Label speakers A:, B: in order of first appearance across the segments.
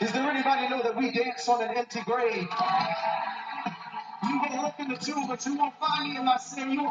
A: Is there anybody know that we dance on an empty grave? You going look in the tomb, but you won't find me in You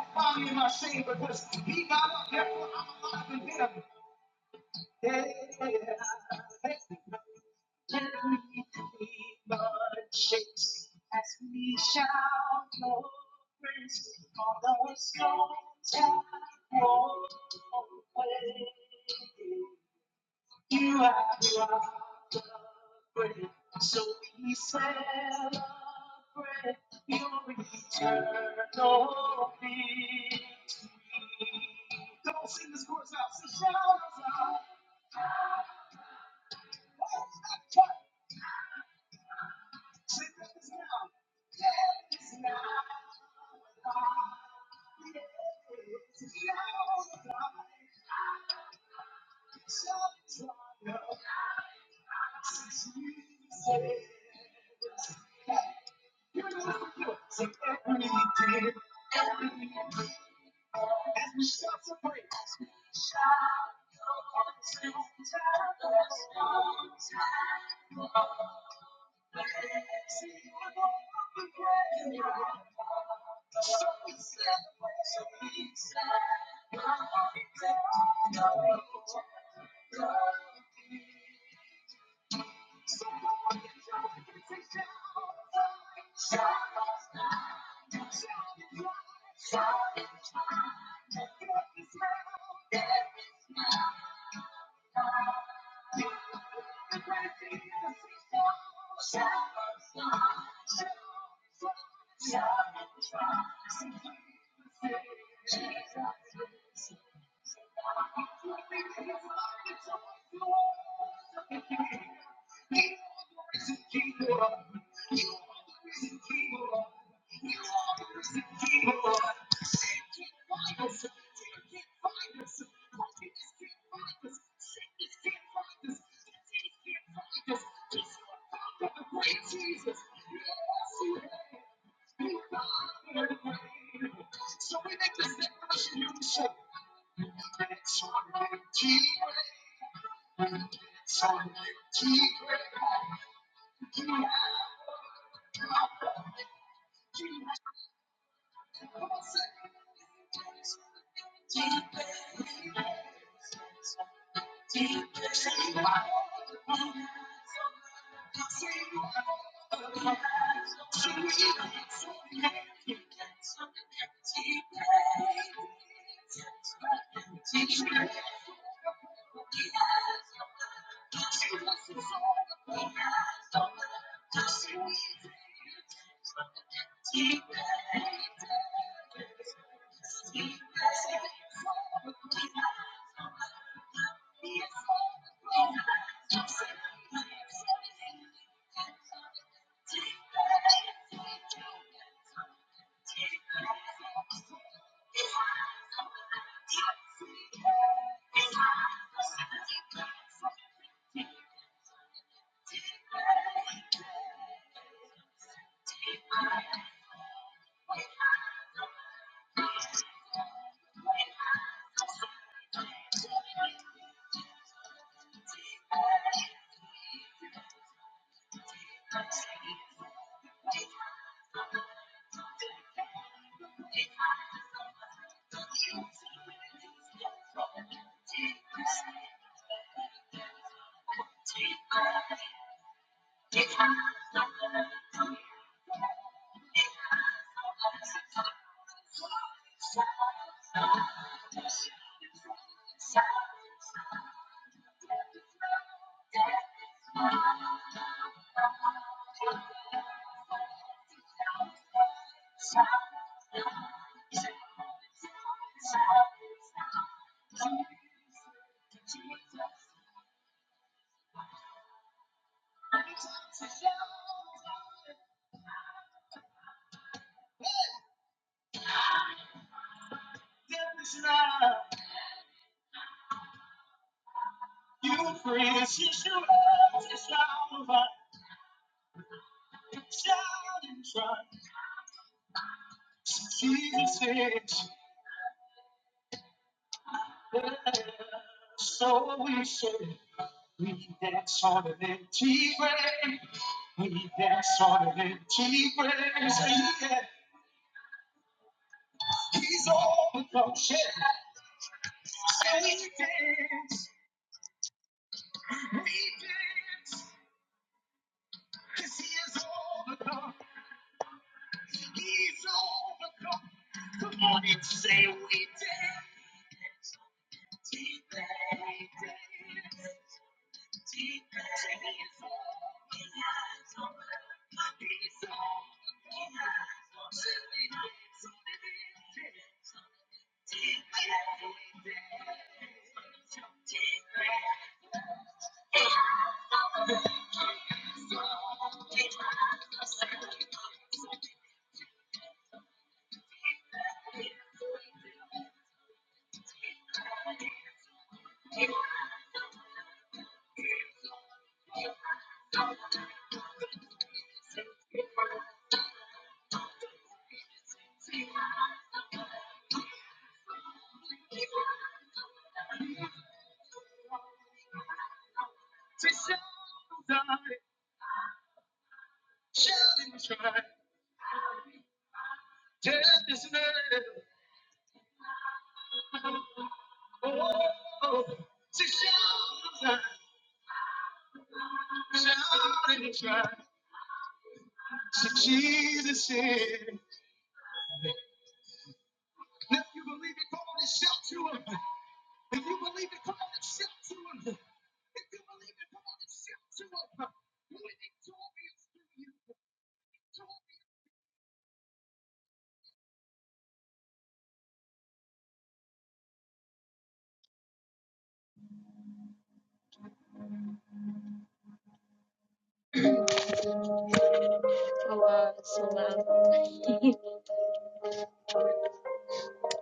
A: Hello, so loud.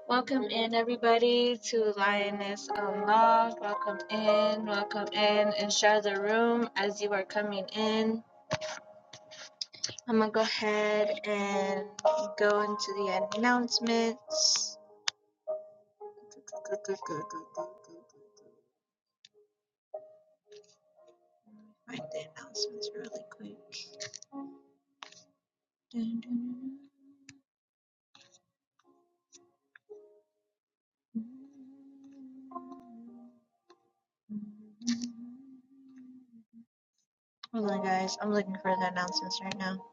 A: Welcome in, everybody, to Lioness Unlocked. Welcome in, welcome in, and share the room as you are coming in. I'm gonna go ahead and go into the announcements. Find the announcements really quick. dun, dun, dun. Hold on, guys. I'm looking for the announcements right now.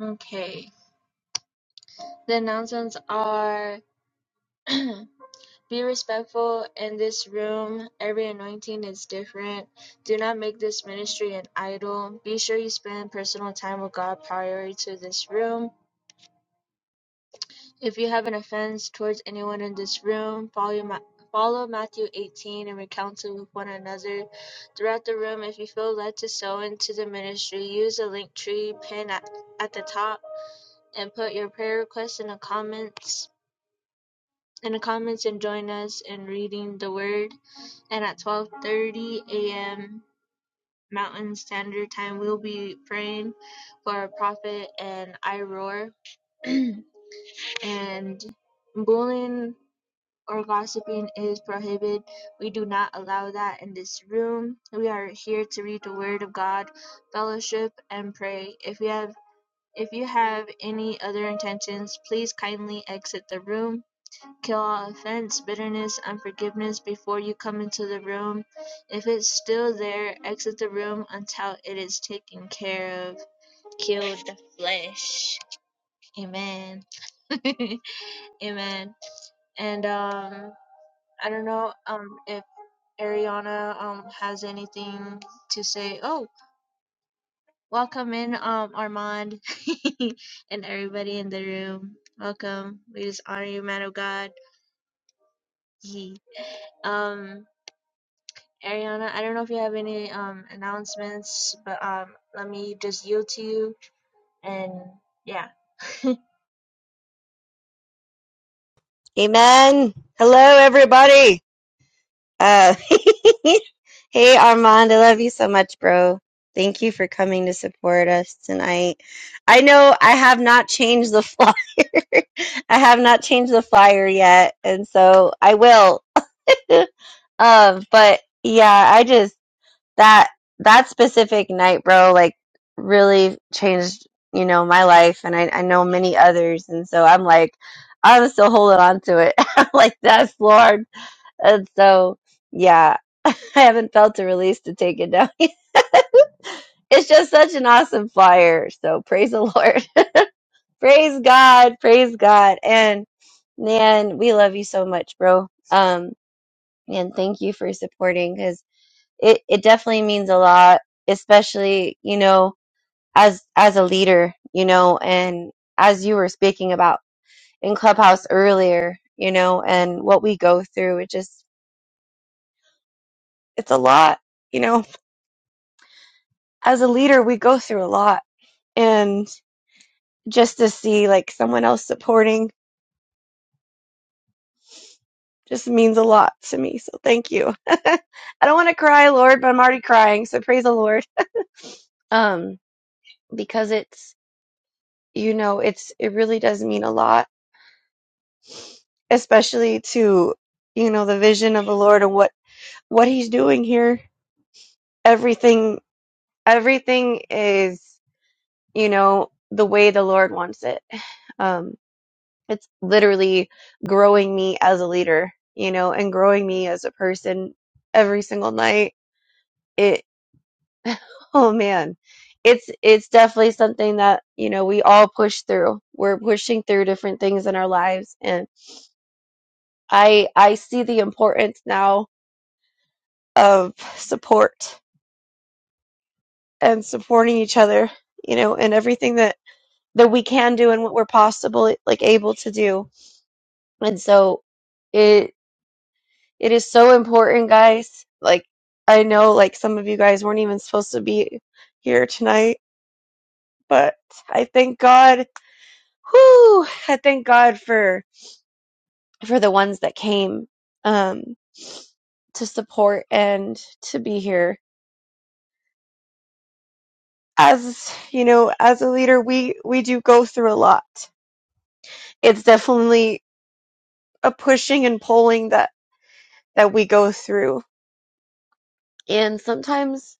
A: Okay. The announcements are Be respectful in this room. Every anointing is different. Do not make this ministry an idol. Be sure you spend personal time with God prior to this room. If you have an offense towards anyone in this room, follow my Follow Matthew 18 and reconcile with one another throughout the room. If you feel led to sow into the ministry, use the link tree pin at, at the top and put your prayer request in the comments. in the comments and join us in reading the word. And at 12:30 a.m. Mountain Standard Time, we'll be praying for our prophet and I R O A R. and bullying or gossiping is prohibited. We do not allow that in this room. We are here to read the word of God, fellowship, and pray. If you have if you have any other intentions, please kindly exit the room Kill all offense, bitterness, unforgiveness before you come into the room. If it's still there, exit the room until it is taken care of. Kill the flesh. Amen. Amen. And um I don't know um if Ariana um has anything to say. Oh, welcome in um Armand and everybody in the room. Welcome. We just honor you, man of God. Yee. Um Ariana, I don't know if you have any um announcements, but um let me just yield to you and yeah.
B: Amen. Hello, everybody. Uh, hey, Armand, I love you so much, bro. Thank you for coming to support us tonight. I know I have not changed the flyer. I have not changed the flyer yet, and so I will. um, but yeah, I just that that specific night, bro, like really changed, you know, my life and I, I know many others and so I'm like I'm still holding on to it. I'm like, that's Lord. And so yeah, I haven't felt a release to take it down. yet. it's just such an awesome flyer. So praise the Lord. Praise God. Praise God. And man, we love you so much, bro. Um, and thank you for supporting 'cause it it definitely means a lot, especially you know as as a leader, you know, and as you were speaking about in Clubhouse earlier, you know, and what we go through, it just it's a lot, you know. As a leader, we go through a lot, and just to see like someone else supporting just means a lot to me. So thank you. I don't want to cry, Lord, but I'm already crying. So praise the Lord, um, because it's you know it's it really does mean a lot especially to you know the vision of the lord and what what he's doing here everything everything is you know the way the lord wants it um it's literally growing me as a leader you know and growing me as a person every single night it oh man it's it's definitely something that you know we all push through we're pushing through different things in our lives and i i see the importance now of support and supporting each other, you know, and everything that that we can do and what we're possible like able to do. And so it it is so important, guys. Like I know like some of you guys weren't even supposed to be here tonight, but I thank God. Whoo, I thank God for for the ones that came um to support and to be here. As you know, as a leader, we we do go through a lot. It's definitely a pushing and pulling that that we go through. And sometimes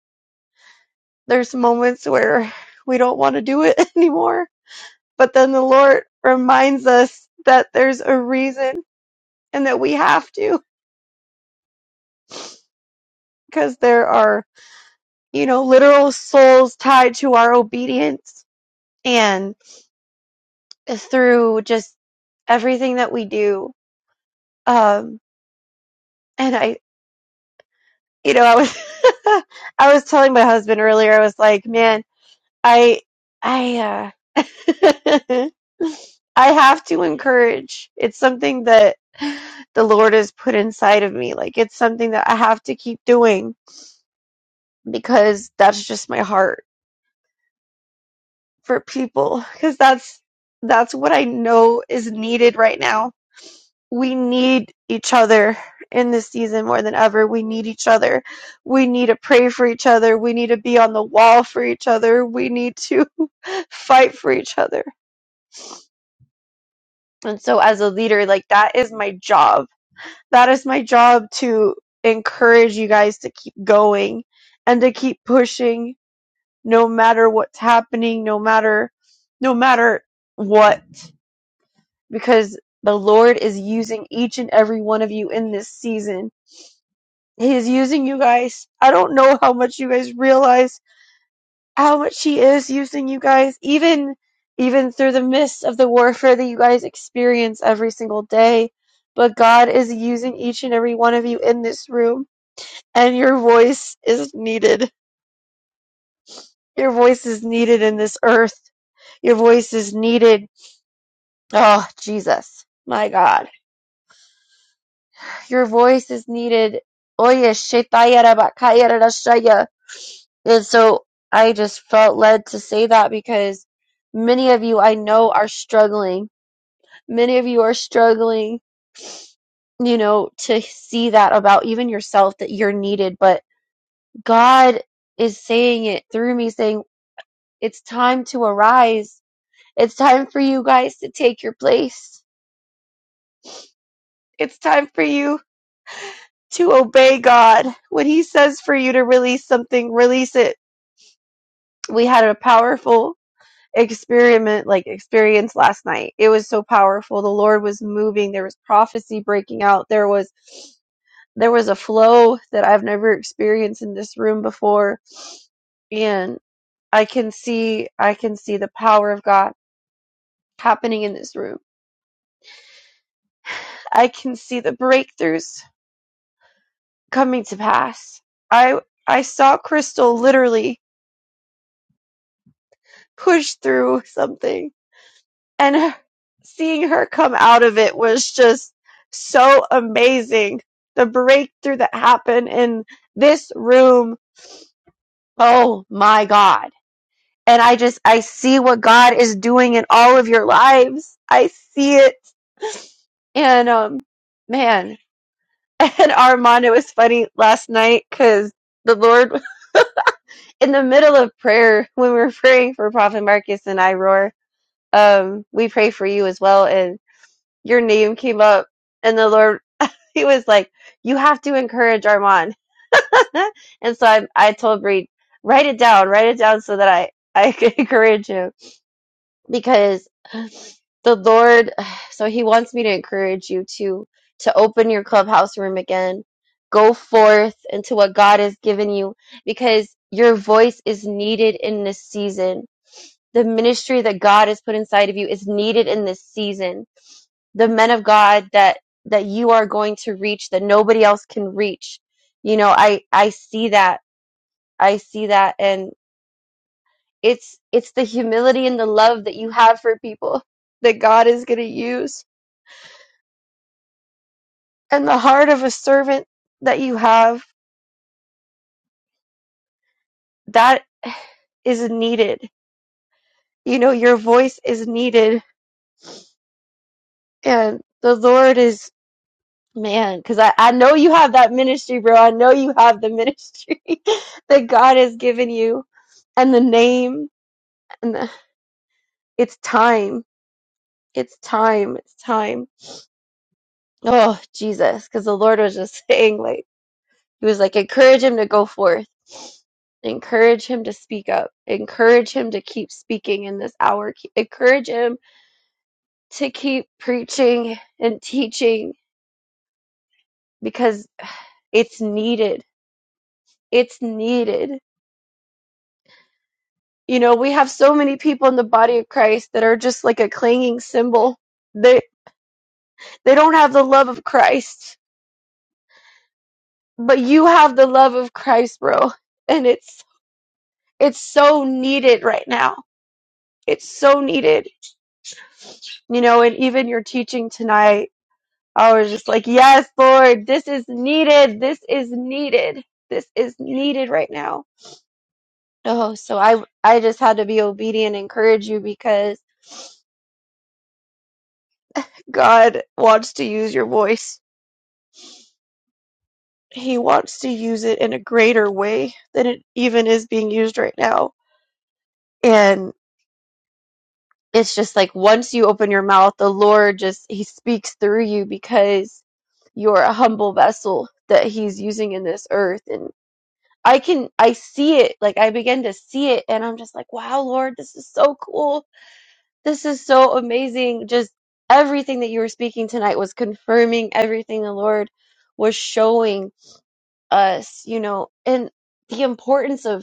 B: there's moments where we don't want to do it anymore, but then the Lord reminds us that there's a reason and that we have to because there are, you know, literal souls tied to our obedience and through just everything that we do. Um and I you know, I was I was telling my husband earlier I was like, "Man, I I uh, I have to encourage. It's something that the Lord has put inside of me. Like it's something that I have to keep doing because that's just my heart for people because that's that's what I know is needed right now. We need each other in this season more than ever. We need each other. We need to pray for each other. We need to be on the wall for each other. We need to fight for each other. And so as a leader, like that is my job that is my job to encourage you guys to keep going and to keep pushing no matter what's happening no matter no matter what because the lord is using each and every one of you in this season he is using you guys i don't know how much you guys realize how much he is using you guys even even through the midst of the warfare that you guys experience every single day but god is using each and every one of you in this room and your voice is needed. Your voice is needed in this earth. Your voice is needed. Oh, Jesus. My God. Your voice is needed. Oye, shetayara bakayara rashaya. And so I just felt led to say that because many of you I know are struggling. Many of you are struggling, you know, to see that about even yourself that you're needed. But God is saying it through me, saying, it's time to arise It's time for you guys to take your place. It's time for you to obey God. When He says for you to release something, release it. We had a powerful experiment, like experience last night. It was so powerful. The Lord was moving. There was prophecy breaking out. There was there was a flow that I've never experienced in this room before. And I can see I can see the power of God happening in this room. I can see the breakthroughs. coming to pass. I I saw Crystal literally push through something and her, seeing her come out of it was just so amazing. The breakthrough that happened in this room. Oh my god. And I just I see what God is doing in all of your lives. I see it. And um man, and Armando it was funny last night cuz the Lord in the middle of prayer when we're praying for Prophet Marcus and I roar, um, we pray for you as well. And your name came up, and the Lord, He was like, "You have to encourage Armand." and so I, I told Reed, write it down, write it down, so that I I could encourage him because the Lord. So He wants me to encourage you to to open your clubhouse room again. Go forth into what God has given you because your voice is needed in this season the ministry that God has put inside of you is needed in this season. The men of God that that you are going to reach that nobody else can reach. You know, I I see that. I see that and it's it's the humility and the love that you have for people that God is going to use and the heart of a servant that you have that is needed. You know, your voice is needed and the Lord is Man, because I, I know you have that ministry, bro. I know you have the ministry that God has given you and the name. And the, it's time. It's time. It's time. Oh, Jesus. Because the Lord was just saying, like, He was like, encourage him to go forth. Encourage him to speak up. Encourage him to keep speaking in this hour. Ke- Encourage him to keep preaching and teaching because it's needed. It's needed. You know, we have so many people in the body of Christ that are just like a clanging cymbal. They they don't have the love of Christ, but you have the love of Christ, bro. And it's it's so needed right now. It's so needed. You know, and even your teaching tonight, I was just like, "Yes, Lord, this is needed. This is needed. This is needed right now." Oh, so I I just had to be obedient and encourage you because God wants to use your voice he wants to use it in a greater way than it even is being used right now. And it's just like once you open your mouth, the Lord just he speaks through you because you're a humble vessel that he's using in this earth and I can I see it like I begin to see it and I'm just like wow Lord this is so cool. This is so amazing. Just everything that you were speaking tonight was confirming everything the Lord was showing us, you know. And the importance of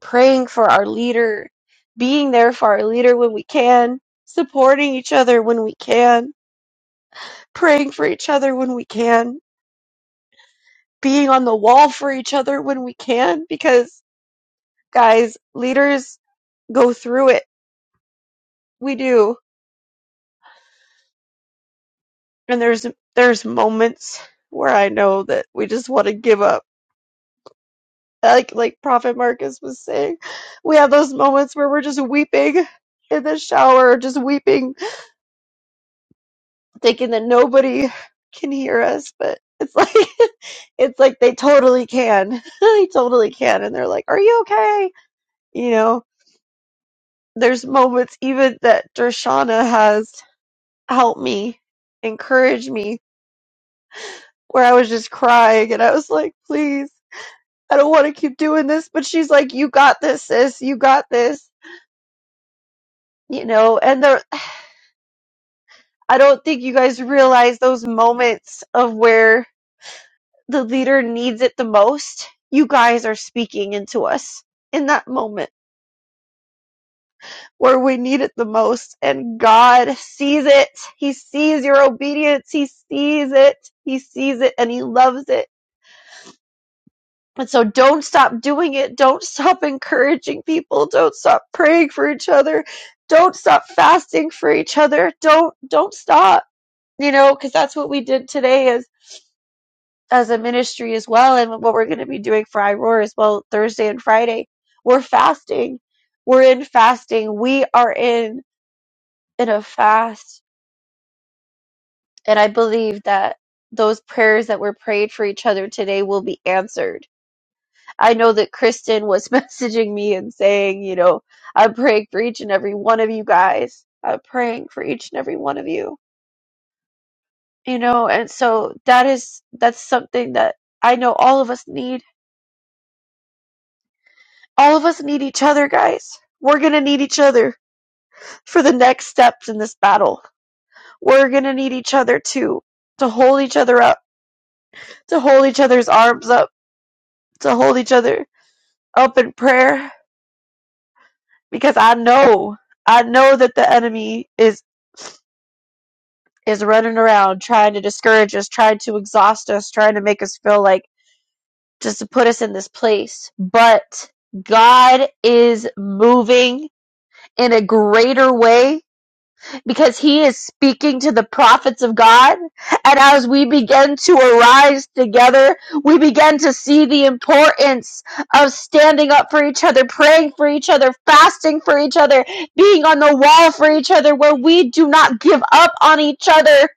B: praying for our leader, being there for our leader when we can, supporting each other when we can, praying for each other when we can, being on the wall for each other when we can, because guys, leaders go through it. We do. And there's there's moments where I know that we just want to give up. Like like Prophet Marcus was saying, we have those moments where we're just weeping in the shower, just weeping thinking that nobody can hear us, but it's like it's like they totally can. they totally can and they're like, "Are you okay?" You know, there's moments even that Dershana has helped me, encouraged me where I was just crying and I was like, "Please, I don't want to keep doing this." But she's like, "You got this, sis. You got this." You know, and there I don't think you guys realize those moments of where the leader needs it the most, you guys are speaking into us in that moment where we need it the most. And God sees it. He sees your obedience. He sees it. He sees it and He loves it. And so don't stop doing it. Don't stop encouraging people. Don't stop praying for each other. Don't stop fasting for each other. Don't, don't stop. You know, cause that's what we did today Is as a ministry as well and what we're going to be doing for iroar as well thursday and friday we're fasting we're in fasting we are in in a fast and i believe that those prayers that were prayed for each other today will be answered i know that kristen was messaging me and saying you know i'm praying for each and every one of you guys i'm praying for each and every one of you you know and so that is that's something that i know all of us need all of us need each other, guys. We're going to need each other for the next steps in this battle. We're going to need each other too, to hold each other up, to hold each other's arms up, to hold each other up in prayer because I know, I know that the enemy is is running around trying to discourage us, trying to exhaust us, trying to make us feel like just to put us in this place. But God is moving in a greater way because he is speaking to the prophets of God. And as we begin to arise together, we begin to see the importance of standing up for each other, praying for each other, fasting for each other, being on the wall for each other, where we do not give up on each other.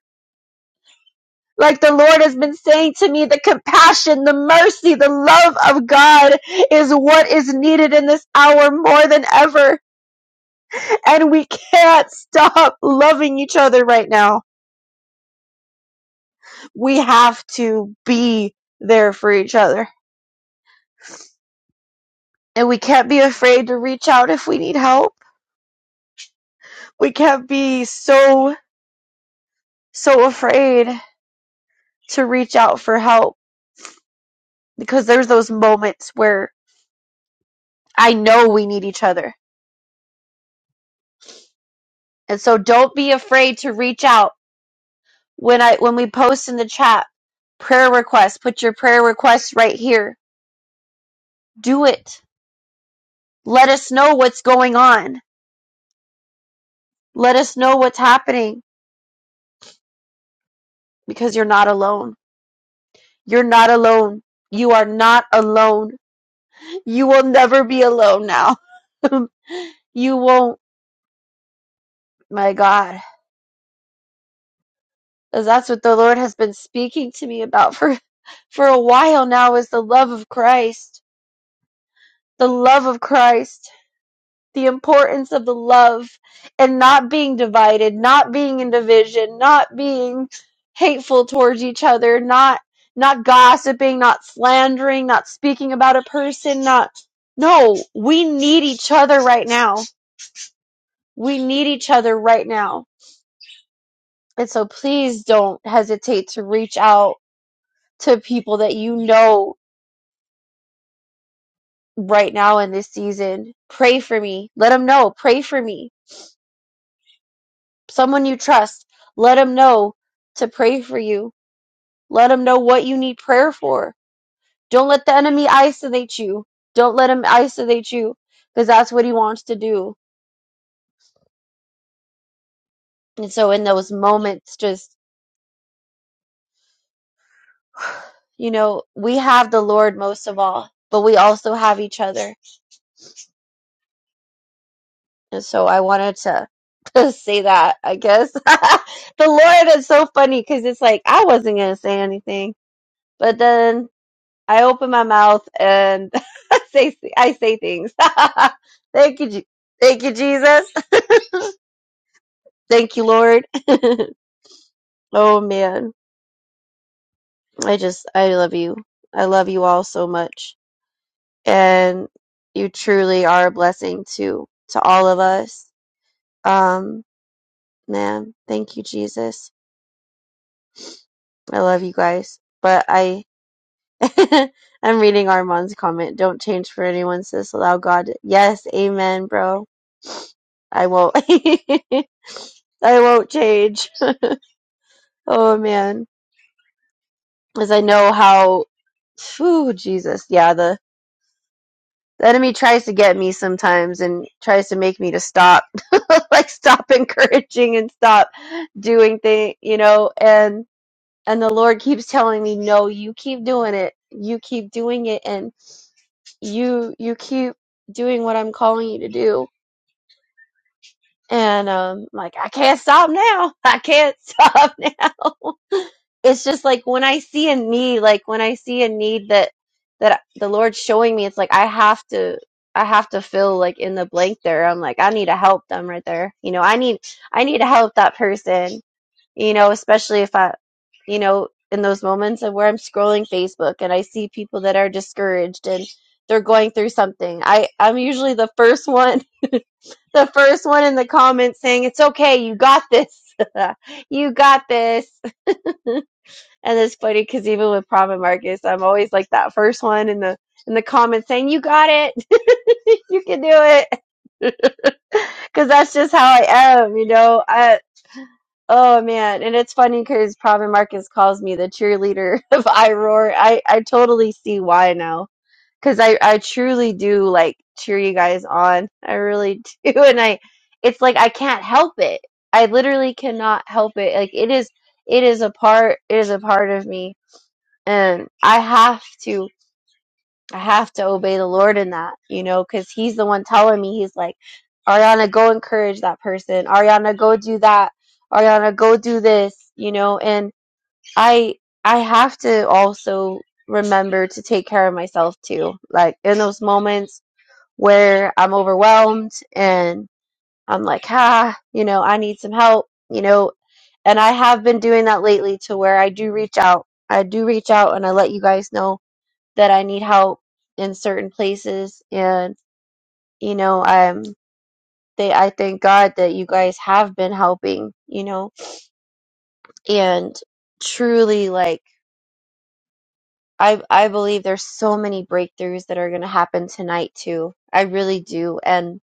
B: Like the Lord has been saying to me, the compassion, the mercy, the love of God is what is needed in this hour more than ever. And we can't stop loving each other right now we have to be there for each other. And we can't be afraid to reach out if we need help. We can't be so, so afraid to reach out for help because there's those moments where I know we need each other. And so don't be afraid to reach out when I, when we post in the chat prayer requests, put your prayer requests right here. Do it. Let us know what's going on. Let us know what's happening because you're not alone You're not alone. You are not alone. You will never be alone now. you won't. My God. 'Cause that's what the Lord has been speaking to me about for, for a while now is the love of Christ. The love of Christ. the importance of the love and not being divided, not being in division, not being hateful towards each other, not not gossiping, not slandering, not speaking about a person, not no, we need each other right now. We need each other right now. And so please don't hesitate to reach out to people that you know right now in this season. Pray for me. Let them know. Pray for me someone you trust. Let them know to pray for you. Let them know what you need prayer for. Don't let the enemy isolate you. Don't let him isolate you because that's what he wants to do. And so, in those moments, just, you know, we have the Lord most of all, but we also have each other. And so, I wanted to. say that, I guess. the Lord is so funny because it's like I wasn't going to say anything. But then I open my mouth and say I say things. Thank you, Je- thank you, Jesus. Thank you, Lord. oh man, I just I love you. I love you all so much, and you truly are a blessing to to all of us. Um, man, thank you, Jesus. I love you guys, but I. I'm reading Armand's comment. Don't change for anyone, sis. Allow God. Yes, amen, bro. I won't. I won't change. Oh man, because I know how. Phew, Jesus, yeah. The, the enemy tries to get me sometimes and tries to make me to stop, like stop encouraging and stop doing things, you know. And and the Lord keeps telling me, no, you keep doing it. You keep doing it, and you you keep doing what I'm calling you to do And um, like, I can't stop now. I can't stop now. it's just like when I see a need, like when I see a need that that the Lord's showing me, it's like I have to I have to fill like in the blank there. I'm like, I need to help them right there. You know, I need I need to help that person. You know, especially if I, you know, in those moments of where I'm scrolling Facebook and I see people that are discouraged and they're going through something. I I'm usually the first one the first one in the comments saying, It's okay, you got this. you got this. And it's funny because even with Prophet Marcus, I'm always like that first one in the in the comments saying, You got it. you can do it. Because that's just how I am, you know. I Oh man, and it's funny because Prophet Marcus calls me the cheerleader of I Roar. I I totally see why now because I I truly do like cheer you guys on. I really do, and I it's like I can't help it. I literally cannot help it. Like it is it is a part it is a part of me, and I have to I have to obey the Lord in that, you know, because He's the one telling me He's like, Ariana, go encourage that person. Ariana, go do that. Ariana, go do this. You know, and I I have to also remember to take care of myself too. Like in those moments where I'm overwhelmed and I'm like, ah, you know, I need some help, you know. And I have been doing that lately to where I do reach out. I do reach out and I let you guys know that I need help in certain places. And, you know, I'm, they, I thank God that you guys have been helping, you know, and truly like, I, I believe there's so many breakthroughs that are going to happen tonight too. I really do. And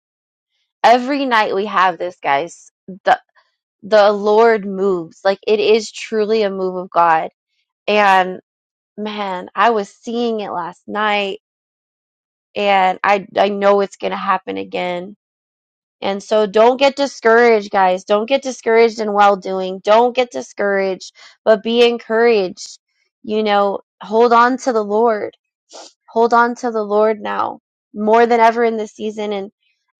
B: every night we have this, guys. The the Lord moves. Like it is truly a move of God. And man, I was seeing it last night and I I know it's going to happen again. And so don't get discouraged, guys. Don't get discouraged in well doing. Don't get discouraged, but be encouraged. You know, hold on to the Lord hold on to the Lord now more than ever in this season and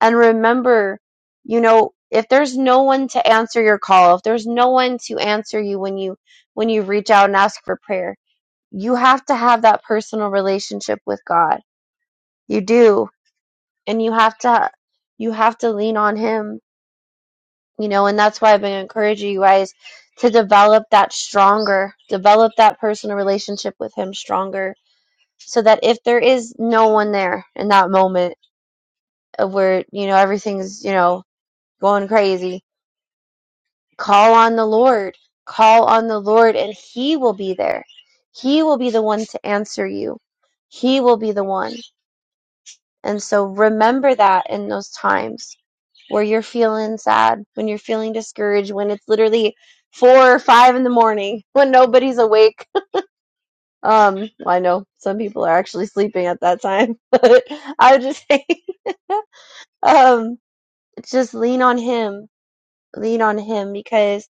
B: and remember, you know, if there's no one to answer your call, if there's no one to answer you when you when you reach out and ask for prayer, you have to have that personal relationship with God. You do. And you have to you have to lean on him, you know, and that's why I've been encouraging you guys to develop that stronger, develop that personal relationship with him stronger so that if there is no one there in that moment uh, where you know everything's you know going crazy call on the lord call on the lord and he will be there he will be the one to answer you he will be the one and so remember that in those times where you're feeling sad when you're feeling discouraged when it's literally four or five in the morning when nobody's awake um well, i know some people are actually sleeping at that time but i would just say um just lean on him lean on him because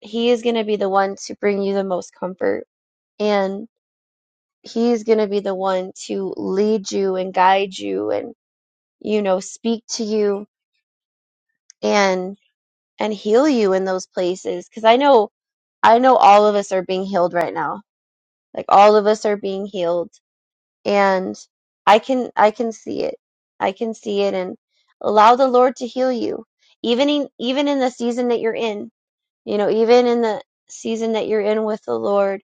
B: he is going to be the one to bring you the most comfort and he is going to be the one to lead you and guide you and you know speak to you and and heal you in those places cuz I know I know all of us are being healed right now like all of us are being healed and I can I can see it I can see it and allow the Lord to heal you even in even in the season that you're in You know, even in the season that you're in with the Lord,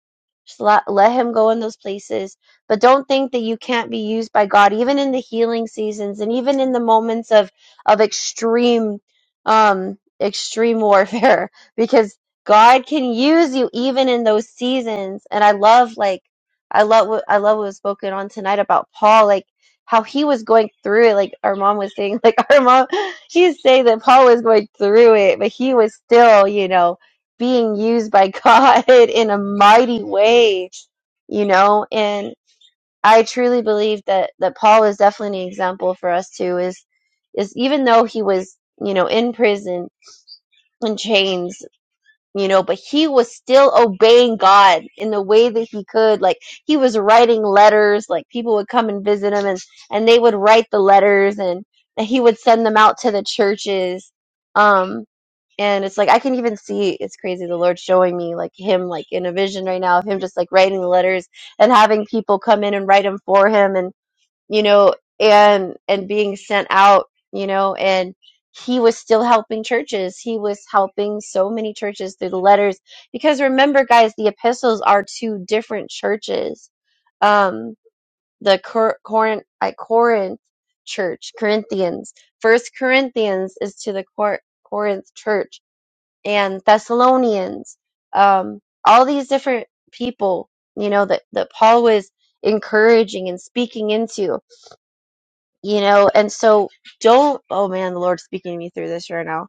B: just let, let Him go in those places. But don't think that you can't be used by God, even in the healing seasons and even in the moments of of extreme, um, extreme warfare, because God can use you even in those seasons. And I love, like, I love what I love what was spoken on tonight about Paul, like how he was going through it. Like our mom was saying, like our mom. She's saying that Paul was going through it, but he was still, you know, being used by God in a mighty way, you know. And I truly believe that that Paul is definitely an example for us too. Is is even though he was, you know, in prison in chains, you know, but he was still obeying God in the way that he could. Like he was writing letters, like people would come and visit him and, and they would write the letters and, he would send them out to the churches. Um, and it's like, I can even see, it's crazy. The Lord showing me like him, like in a vision right now of him just like writing the letters and having people come in and write them for him. and you know, and and being sent out, you know, and he was still helping churches. He was helping so many churches through the letters because remember guys, the epistles are to different churches. Um the Cor- Corinth I Corinth church, Corinthians. First Corinthians is to the Cor- Corinth church and Thessalonians. Um all these different people, you know, that that Paul was encouraging and speaking into you know and so don't oh man the lord's speaking to me through this right now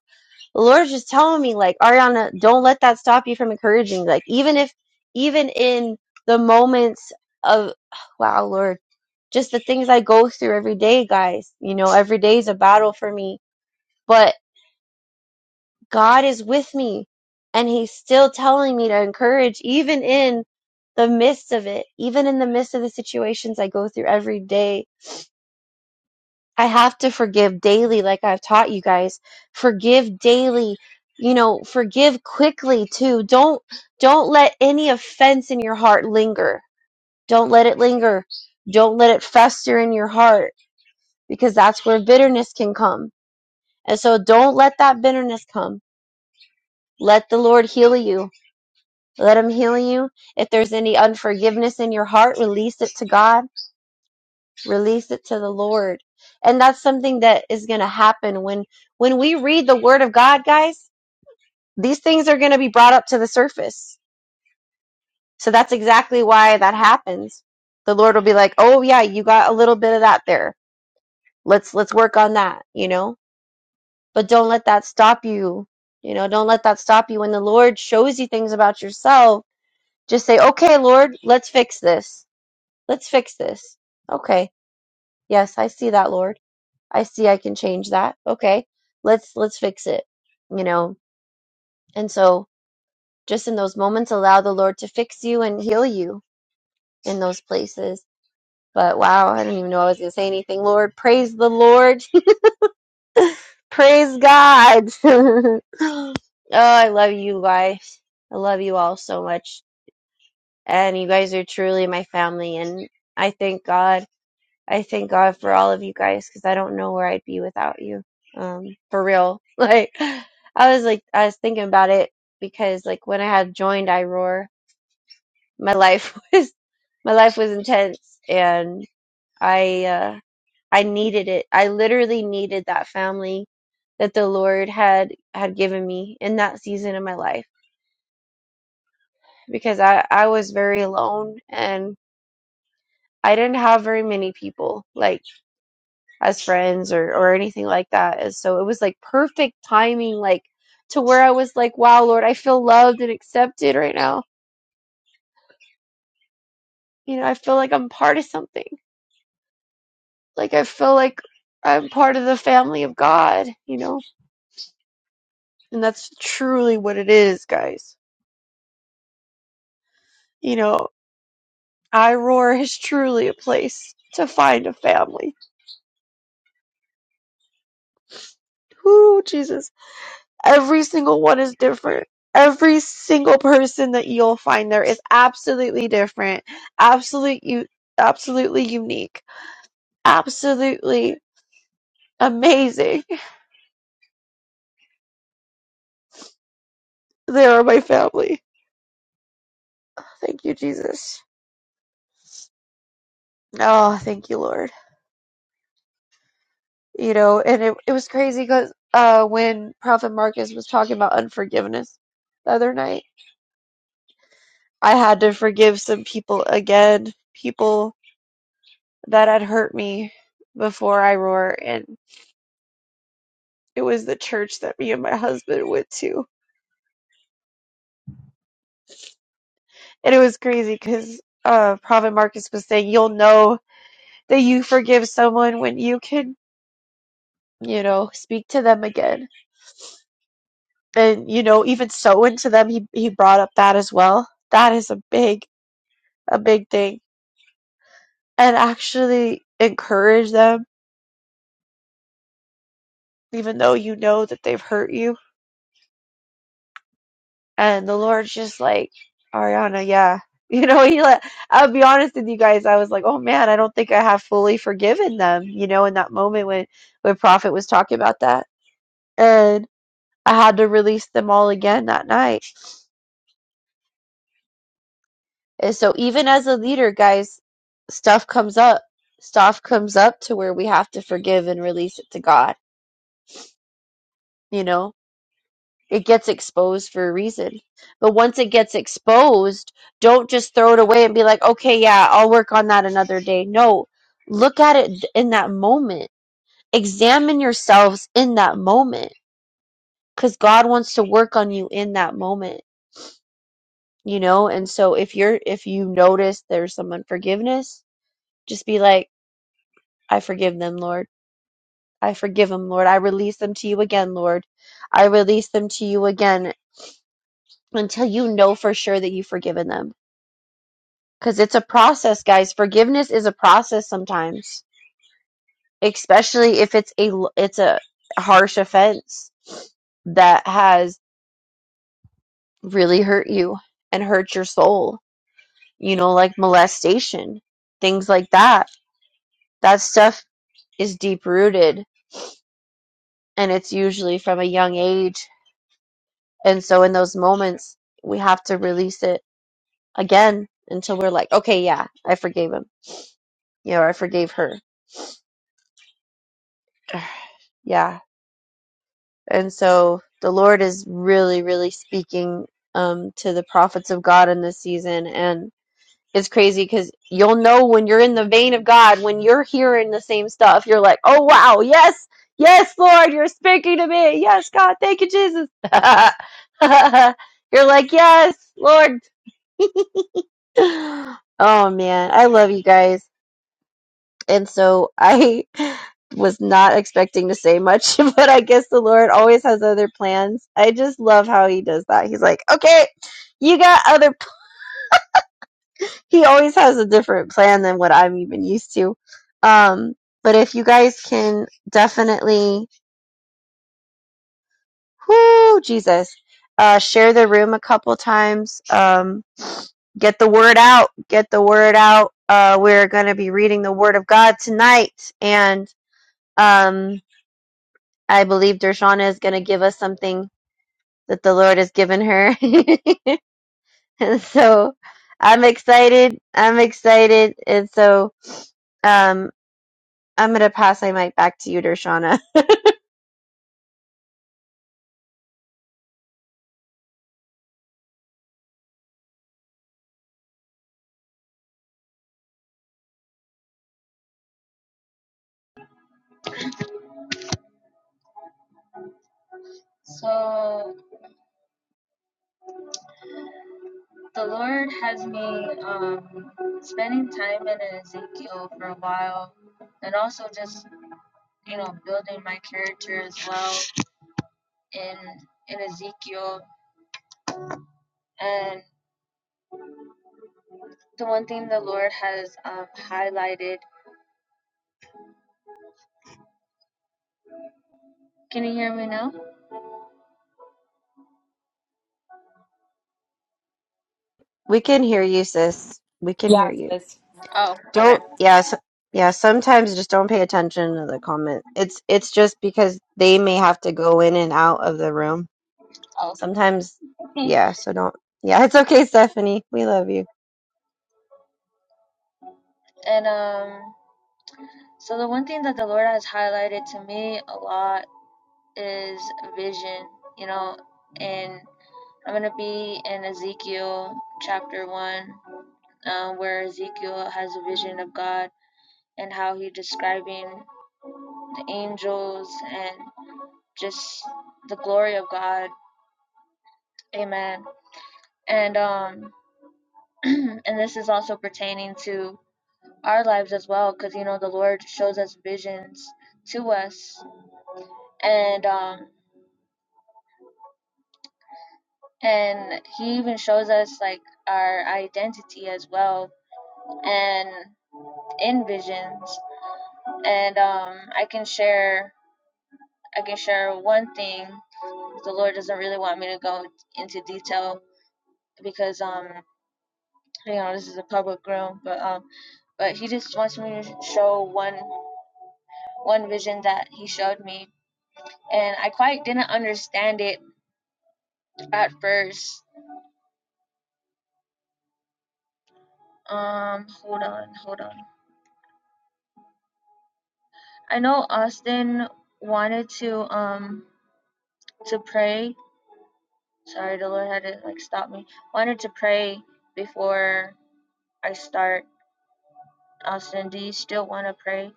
B: the lord's just telling me like ariana don't let that stop you from encouraging like even if even in the moments of wow lord just the things i go through every day guys you know every day is a battle for me but god is with me and he's still telling me to encourage even in the midst of it even in the midst of the situations i go through every day I have to forgive daily, like I've taught you guys. Forgive daily. You know, forgive quickly too. Don't don't let any offense in your heart linger. Don't let it linger. Don't let it fester in your heart because that's where bitterness can come. And so don't let that bitterness come. Let the Lord heal you. Let him heal you. If there's any unforgiveness in your heart, release it to God release it to the lord and that's something that is going to happen when when we read the word of god guys these things are going to be brought up to the surface so that's exactly why that happens the lord will be like oh yeah you got a little bit of that there let's let's work on that you know but don't let that stop you you know don't let that stop you when the lord shows you things about yourself just say okay lord let's fix this let's fix this okay yes i see that lord I see I can change that. Okay. Let's let's fix it. You know. And so just in those moments allow the Lord to fix you and heal you in those places. But wow, I didn't even know I was going to say anything. Lord, praise the Lord. praise God. oh, I love you guys. I love you all so much. And you guys are truly my family and I thank God I thank God for all of you guys because I don't know where I'd be without you. Um, for real. Like, I was like, I was thinking about it because like when I had joined iRoar, my life was, my life was intense and I, uh, I needed it. I literally needed that family that the Lord had, had given me in that season of my life because I, I was very alone and I didn't have very many people. Like, as friends or or anything like that. And so it was like perfect timing, like to where I was like, wow, Lord, I feel loved and accepted right now. You know, I feel like I'm part of something. Like I feel like I'm part of the family of God, you know? And that's truly what it is, guys. You know, I Roar is truly a place to find a family. Ooh, Jesus. Every single one is different. Every single person that you'll find there is absolutely different, absolute, u- absolutely unique, absolutely amazing. They are my family. Thank you, Jesus. Oh, thank you, Lord. You know, and it, it was crazy because uh, when Prophet Marcus was talking about unforgiveness the other night, I had to forgive some people again, people that had hurt me before I roar. and It was the church that me and my husband went to. And it was crazy because uh, Prophet Marcus was saying, You'll know that you forgive someone when you can, you know, speak to them again. And, you know, even so into them, he, he brought up that as well. That is a big, a big thing. And actually encourage them, even though you know that they've hurt you And the Lord's just like, Ariana, yeah. You know, he let, I'll be honest with you guys, I was like, oh man, I don't think I have fully forgiven them, you know, in that moment when, when Prophet was talking about that. And I had to release them all again that night. And so even as a leader, guys, stuff comes up. Stuff comes up to where we have to forgive and release it to God, you know? It gets exposed for a reason. But once it gets exposed, don't just throw it away and be like, okay, yeah, I'll work on that another day. No, look at it in that moment. Examine yourselves in that moment because God wants to work on you in that moment, you know? And so if you're, if you notice there's some unforgiveness, just be like, I forgive them, Lord. I forgive them, Lord. I release them to you again, Lord. I release them to you again until you know for sure that you've forgiven them because it's a process guys forgiveness is a process sometimes especially if it's a it's a harsh offense that has really hurt you and hurt your soul you know like molestation things like that that stuff is deep rooted and it's usually from a young age and so in those moments we have to release it again until we're like okay yeah i forgave him you know i forgave her yeah And so the Lord is really, really speaking um, to the prophets of God in this season. And it's crazy because you'll know when you're in the vein of God, when you're hearing the same stuff, you're like, oh, wow, yes, yes, Lord, you're speaking to me. Yes, God, thank you, Jesus. you're like, yes, Lord. Oh, man, I love you guys. And so I was not expecting to say much, but I guess the Lord always has other plans. I just love how he does that. He's like, okay, you got other, p-" he always has a different plan than what I'm even used to. Um, but if you guys can definitely, whoo, Jesus, uh, share the room a couple times. Um, get the word out get the word out uh, we're going to be reading the word of god tonight and um, I believe Dershana is going to give us something that the Lord has given her. and so I'm excited. I'm excited. And so um, I'm going to pass my mic back to you, Dershana.
A: So the Lord has me um, spending time in Ezekiel for a while, and also just you know building my character as well in in Ezekiel. And the one thing the Lord has um, highlighted. Can you hear me now?
B: We can hear you, sis. We can hear
C: Yeah,
B: you.
C: sis.
A: Oh, okay.
B: Don't, yes. Yeah, sometimes just don't pay attention to the comment. It's it's just because they may have to go in and out of the room.
A: Oh,
B: Sometimes, yeah, so don't. Yeah, it's okay, Stephanie. We love you.
A: and um. So the one thing that the Lord has highlighted to me a lot is vision, you know, and I'm gonna be in Ezekiel chapter one, um, where Ezekiel has a vision of God and how he describing the angels and just the glory of God. Amen. And um and this is also pertaining to our lives as well, because you know the Lord shows us visions to us. And um and he even shows us like our identity as well and in visions and um i can share i can share one thing the lord doesn't really want me to go into detail because um you know this is a public room but um but he just wants me to show one one vision that he showed me and i quite didn't understand it at first um hold on hold on I know Austin wanted to um to pray. Sorry, the Lord had to like stop me. Wanted to pray before I start. Austin, do you still want to pray?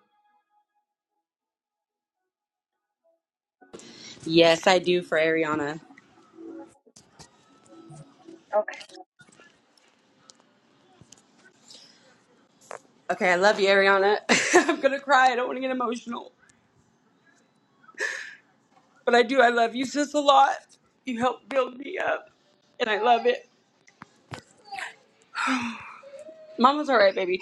C: Yes, I do for Ariana.
A: Okay.
C: Okay, I love you, Ariana. I'm gonna cry. I don't want to get emotional, but I do. I love you, sis, a lot. You helped build me up, and I love it. Mama's all right, baby.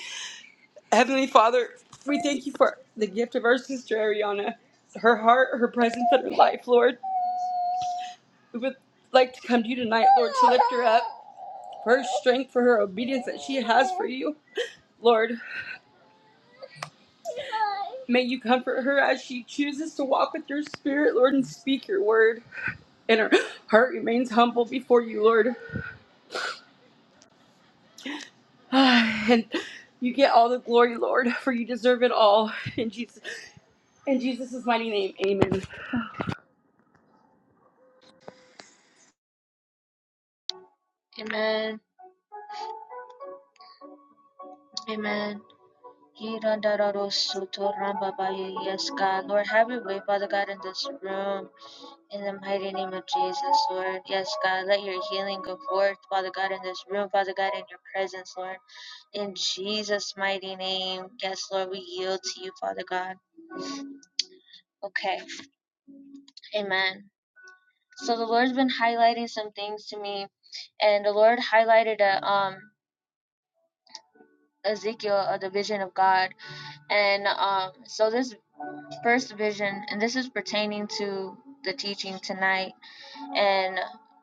C: Heavenly Father, we thank you for the gift of our sister Ariana, her heart, her presence, and her life, Lord. We would like to come to you tonight, Lord, to lift her up, for her strength, for her obedience that she has for you. Lord, may you comfort her as she chooses to walk with your spirit, Lord, and speak your word. and her heart remains humble before you, Lord. And you get all the glory, Lord, for you deserve it all. In Jesus, in Jesus' mighty name, amen.
A: Amen. Amen. Yes, God. Lord, have your way, Father God, in this room. In the mighty name of Jesus, Lord. Yes, God. Let your healing go forth, Father God, in this room, Father God, in your presence, Lord. In Jesus' mighty name, yes, Lord, we yield to you, Father God. Okay, amen. So the Lord's been highlighting some things to me, and the Lord highlighted a, um, Ezekiel, uh, the vision of God. And um, so this first vision, and this is pertaining to the teaching tonight and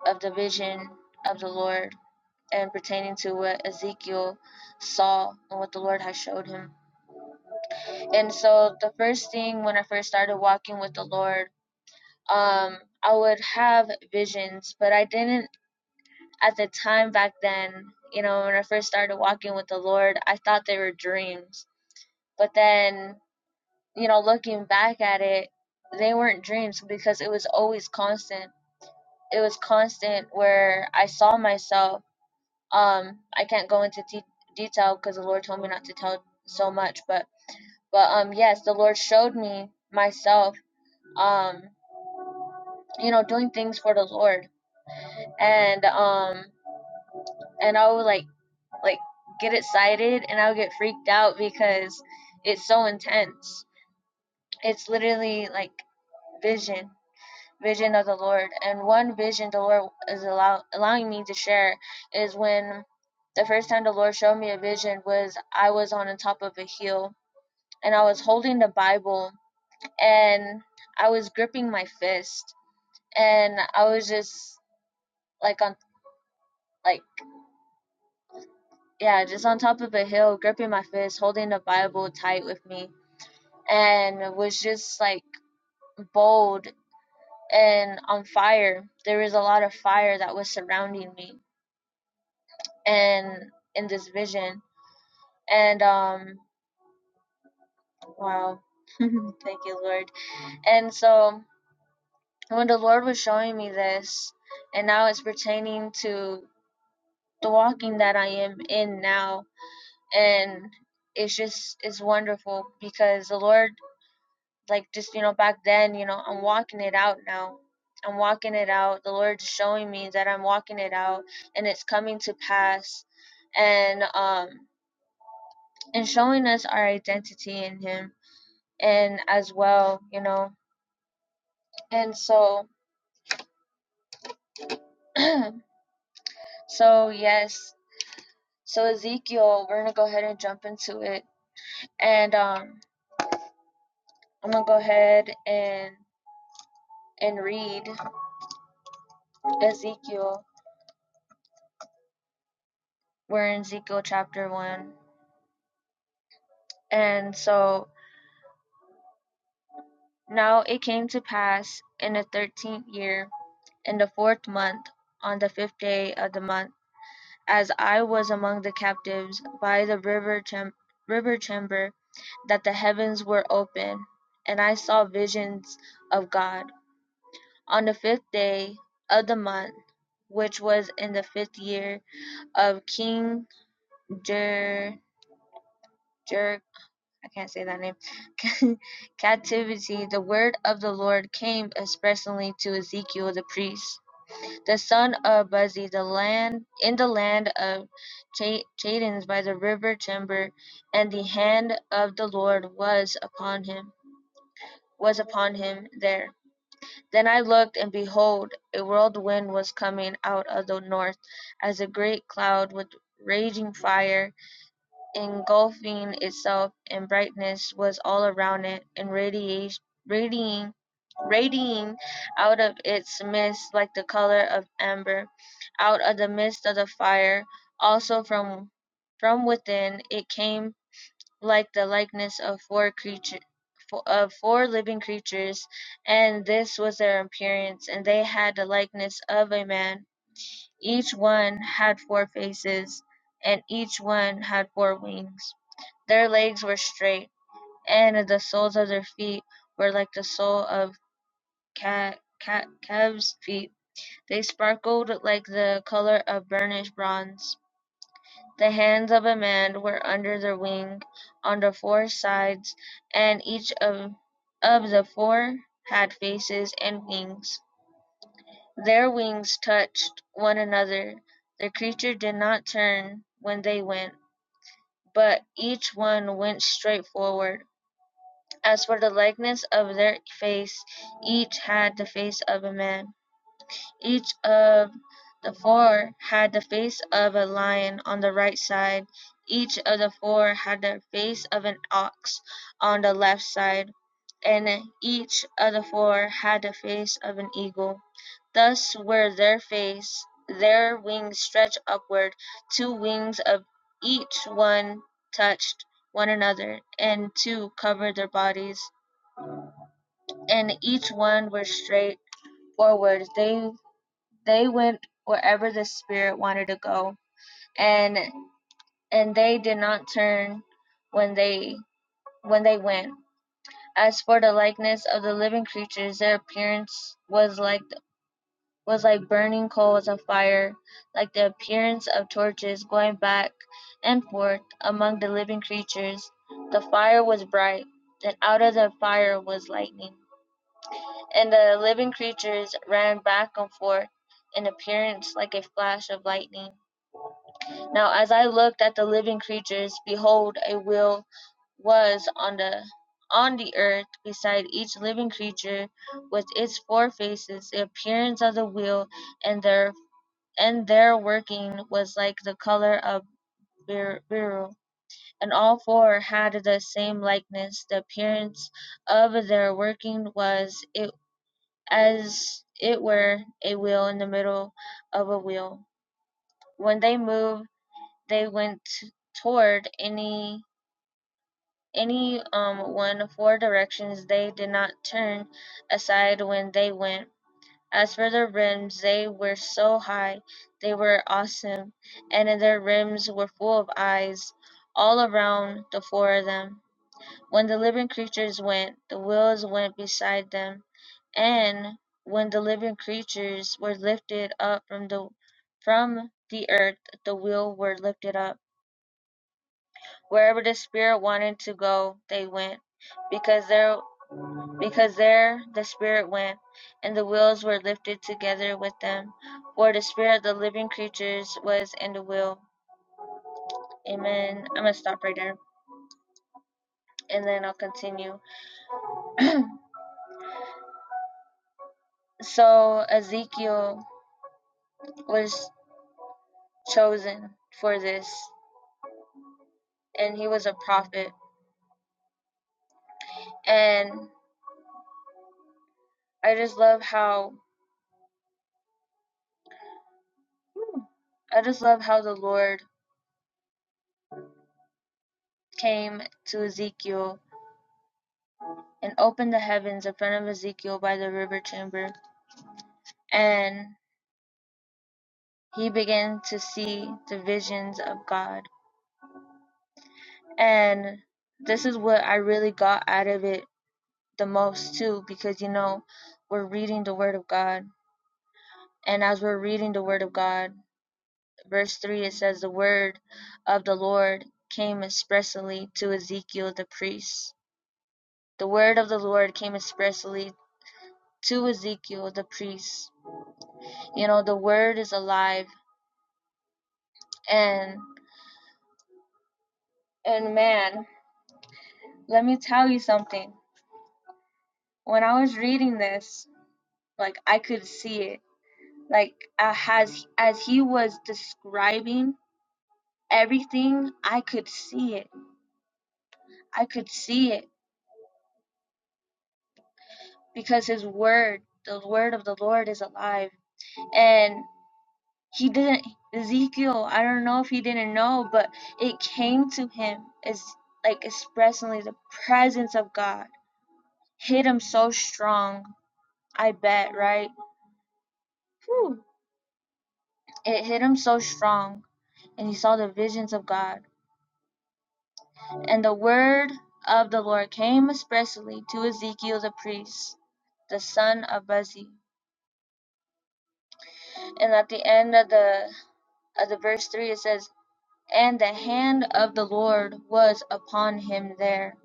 A: of the vision of the Lord and pertaining to what Ezekiel saw and what the Lord has showed him And so the first thing when I first started walking with the Lord, um, I would have visions, but I didn't at the time back then, you know, when I first started walking with the Lord, I thought they were dreams. But then, you know, looking back at it, they weren't dreams because it was always constant. It was constant where I saw myself. Um, I can't go into de- detail because the Lord told me not to tell so much, but but um, yes, the Lord showed me myself um you know doing things for the lord and um and i would like like get excited and i would get freaked out because it's so intense it's literally like vision vision of the lord and one vision the lord is allow- allowing me to share is when the first time the lord showed me a vision was i was on the top of a hill and i was holding the bible and i was gripping my fist and i was just like on like yeah, just on top of a hill, gripping my fist, holding the Bible tight with me, and was just like bold and on fire. There was a lot of fire that was surrounding me and in this vision. And um wow. Thank you, Lord. And so when the Lord was showing me this, and now it's pertaining to the walking that I am in now, and it's just it's wonderful because the Lord like just you know back then you know i'm walking it out now i'm walking it out the lord is showing me that i'm walking it out and it's coming to pass and um and showing us our identity in him and as well you know and so so yes so ezekiel we're gonna go ahead and jump into it and um i'm gonna go ahead and and read ezekiel we're in ezekiel chapter 1 and so Now it came to pass in the thirteenth year, in the fourth month, on the fifth day of the month, as I was among the captives by the river cham- river chamber, that the heavens were open, and I saw visions of God. On the fifth day of the month, which was in the fifth year of King Jer- Jer- I can't say that name. Captivity, the word of the Lord came expressly to Ezekiel the priest, the son of Buzi, the land in the land of Cha- Chadens by the river Timber, and the hand of the Lord was upon him. Was upon him there. Then I looked, and behold, a whirlwind was coming out of the north, as a great cloud with raging fire, engulfing itself in brightness was all around it and radiate, radiating radiating out of its midst like the color of amber out of the midst of the fire also from from within it came like the likeness of four creatures, of four living creatures and this was their appearance and they had the likeness of a man each one had four faces and each one had four wings their legs were straight, and the soles of their feet were like the sole of cat cat calves' feet. They sparkled like the color of burnished bronze. The hands of a man were under their wing, on the four sides, and each of, of the four had faces and wings. Their wings touched one another. The creature did not turn when they went, but each one went straight forward As for the likeness of their face, each had the face of a man. Each of the four had the face of a lion on the right side. Each of the four had the face of an ox on the left side. And each of the four had the face of an eagle. Thus were their face, their wings stretched upward. Two wings of each one touched one another, and two covered their bodies and each one were straightforward. They they went wherever the spirit wanted to go, and and they did not turn when they when they went. As for the likeness of the living creatures, their appearance was like was like burning coals of fire, like the appearance of torches going back and forth among the living creatures. The fire was bright, and out of the fire was lightning And the living creatures ran back and forth in appearance like a flash of lightning. Now as I looked at the living creatures, behold a wheel was on the on the earth beside each living creature with its four faces, the appearance of the wheel and their and their working was like the color of beryl, and all four had the same likeness. The appearance of their working was it as it were a wheel in the middle of a wheel. When they moved, they went toward any any um one four directions. They did not turn aside when they went. As for their rims, they were so high, they were awesome, and their rims were full of eyes all around the four of them. When the living creatures went, the wheels went beside them, and when the living creatures were lifted up from the from the earth, the wheels were lifted up. Wherever the spirit wanted to go, they went, because there because there the spirit went, and the wheels were lifted together with them. For the spirit of the living creatures was in the wheel. Amen. I'm gonna stop right there, and then I'll continue so Ezekiel was chosen for this and he was a prophet and i just love how i just love how the lord came to ezekiel and opened the heavens in front of ezekiel by the river chamber and he began to see the visions of god and this is what i really got out of it the most too because you know we're reading the word of god and as we're reading the word of god Verse 3 it says, The word of the Lord came expressly to Ezekiel the priest. The word of the Lord came expressly to Ezekiel the priest. You know, the word is alive and and man, let me tell you something. When I was reading this, like I could see it. Like uh, as as he was describing everything, I could see it. I could see it because his word, the word of the Lord is alive and he didn't Ezekiel, I don't know if he didn't know, but it came to him as like expressly the presence of God hit him so strong. I bet, right? Whew. It hit him so strong, and he saw the visions of God. And the word of the Lord came expressly to Ezekiel the priest, the son of Buzi. And at the end of the of the verse three, it says, And the hand of the Lord was upon him there.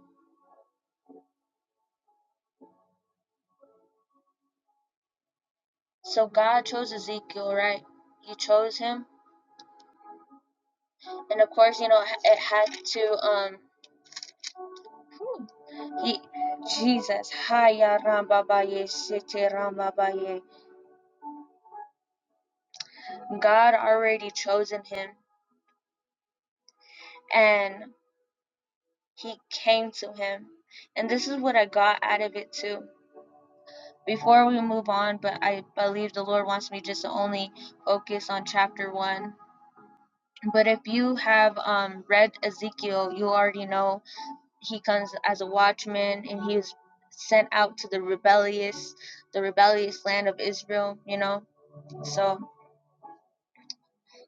A: So God chose Ezekiel, right? He chose him. And of course, you know, it had to, um, he, Jesus, Haya Rambabaye, Sete Rambabaye. God already chosen him and he came to him. And this is what I got out of it too. Before we move on, but I believe the Lord wants me just to only focus on chapter one But if you have um, read Ezekiel, you already know he comes as a watchman and he is sent out to the rebellious, the rebellious land of Israel. You know, so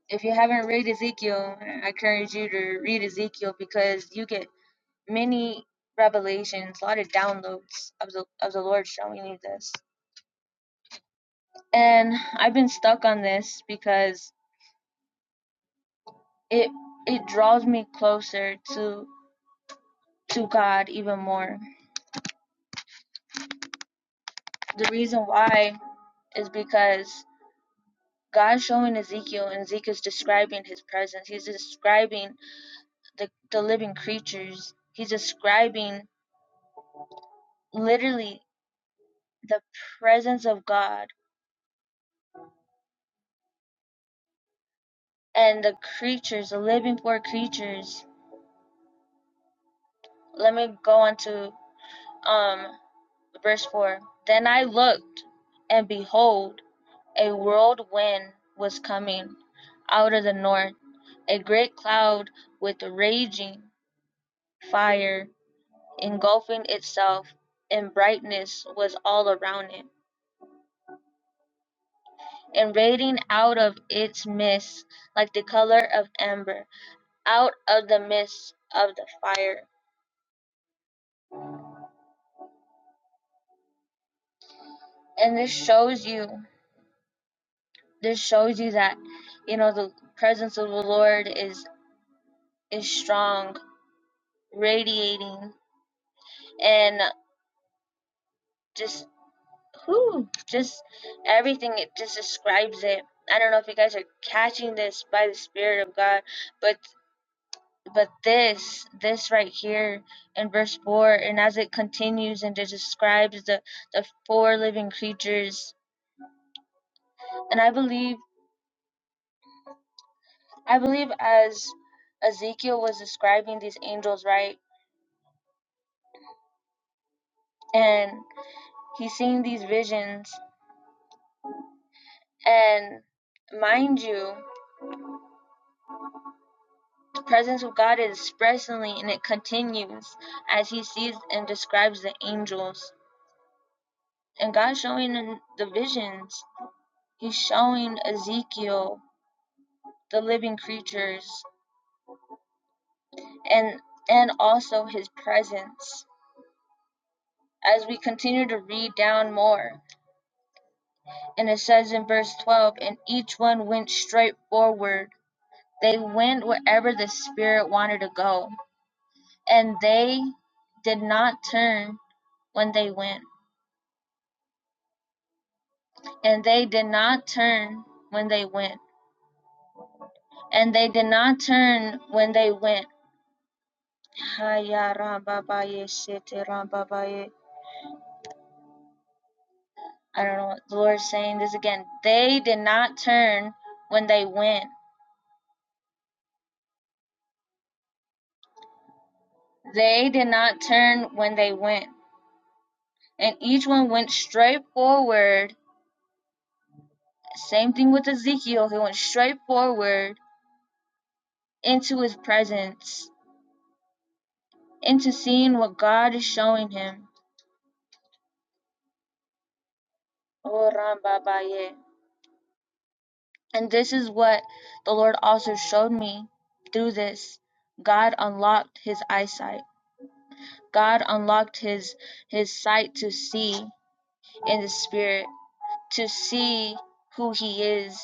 A: if you haven't read Ezekiel, I encourage you to read Ezekiel because you get many revelations, a lot of downloads of the of the Lord showing you this. And I've been stuck on this because it it draws me closer to to God even more The reason why is because God's showing Ezekiel, and Ezekiel's describing his presence. He's describing the, the living creatures. He's describing literally the presence of God and the creatures, the living poor creatures. Let me go on to um, verse 4. Then I looked, and behold, a whirlwind was coming out of the north, a great cloud with raging Fire, engulfing itself in brightness, was all around it, and radiating out of its midst like the color of amber, out of the midst of the fire. And this shows you, this shows you that, you know, the presence of the Lord is is strong, radiating, and just whoo, just everything. It just describes it. I don't know if you guys are catching this by the Spirit of God, but but this this right here in verse 4 and as it continues and it describes the the four living creatures and i believe i believe as ezekiel was describing these angels right and he's seeing these visions and mind you the presence of god is expressly and it continues as he sees and describes the angels and god's showing the visions he's showing ezekiel the living creatures, and and also his presence. As we continue to read down more, and it says in verse 12, and each one went straight forward. They went wherever the Spirit wanted to go, and they did not turn when they went, and they did not turn when they went, and they did not turn when they went. I don't know what the Lord's saying this again. They did not turn when they went. They did not turn when they went. And each one went straight forward. Same thing with Ezekiel. He went straight forward into his presence, into seeing what God is showing him. Oh, And this is what the Lord also showed me through this. God unlocked his eyesight. God unlocked his his sight to see in the spirit to see who he is,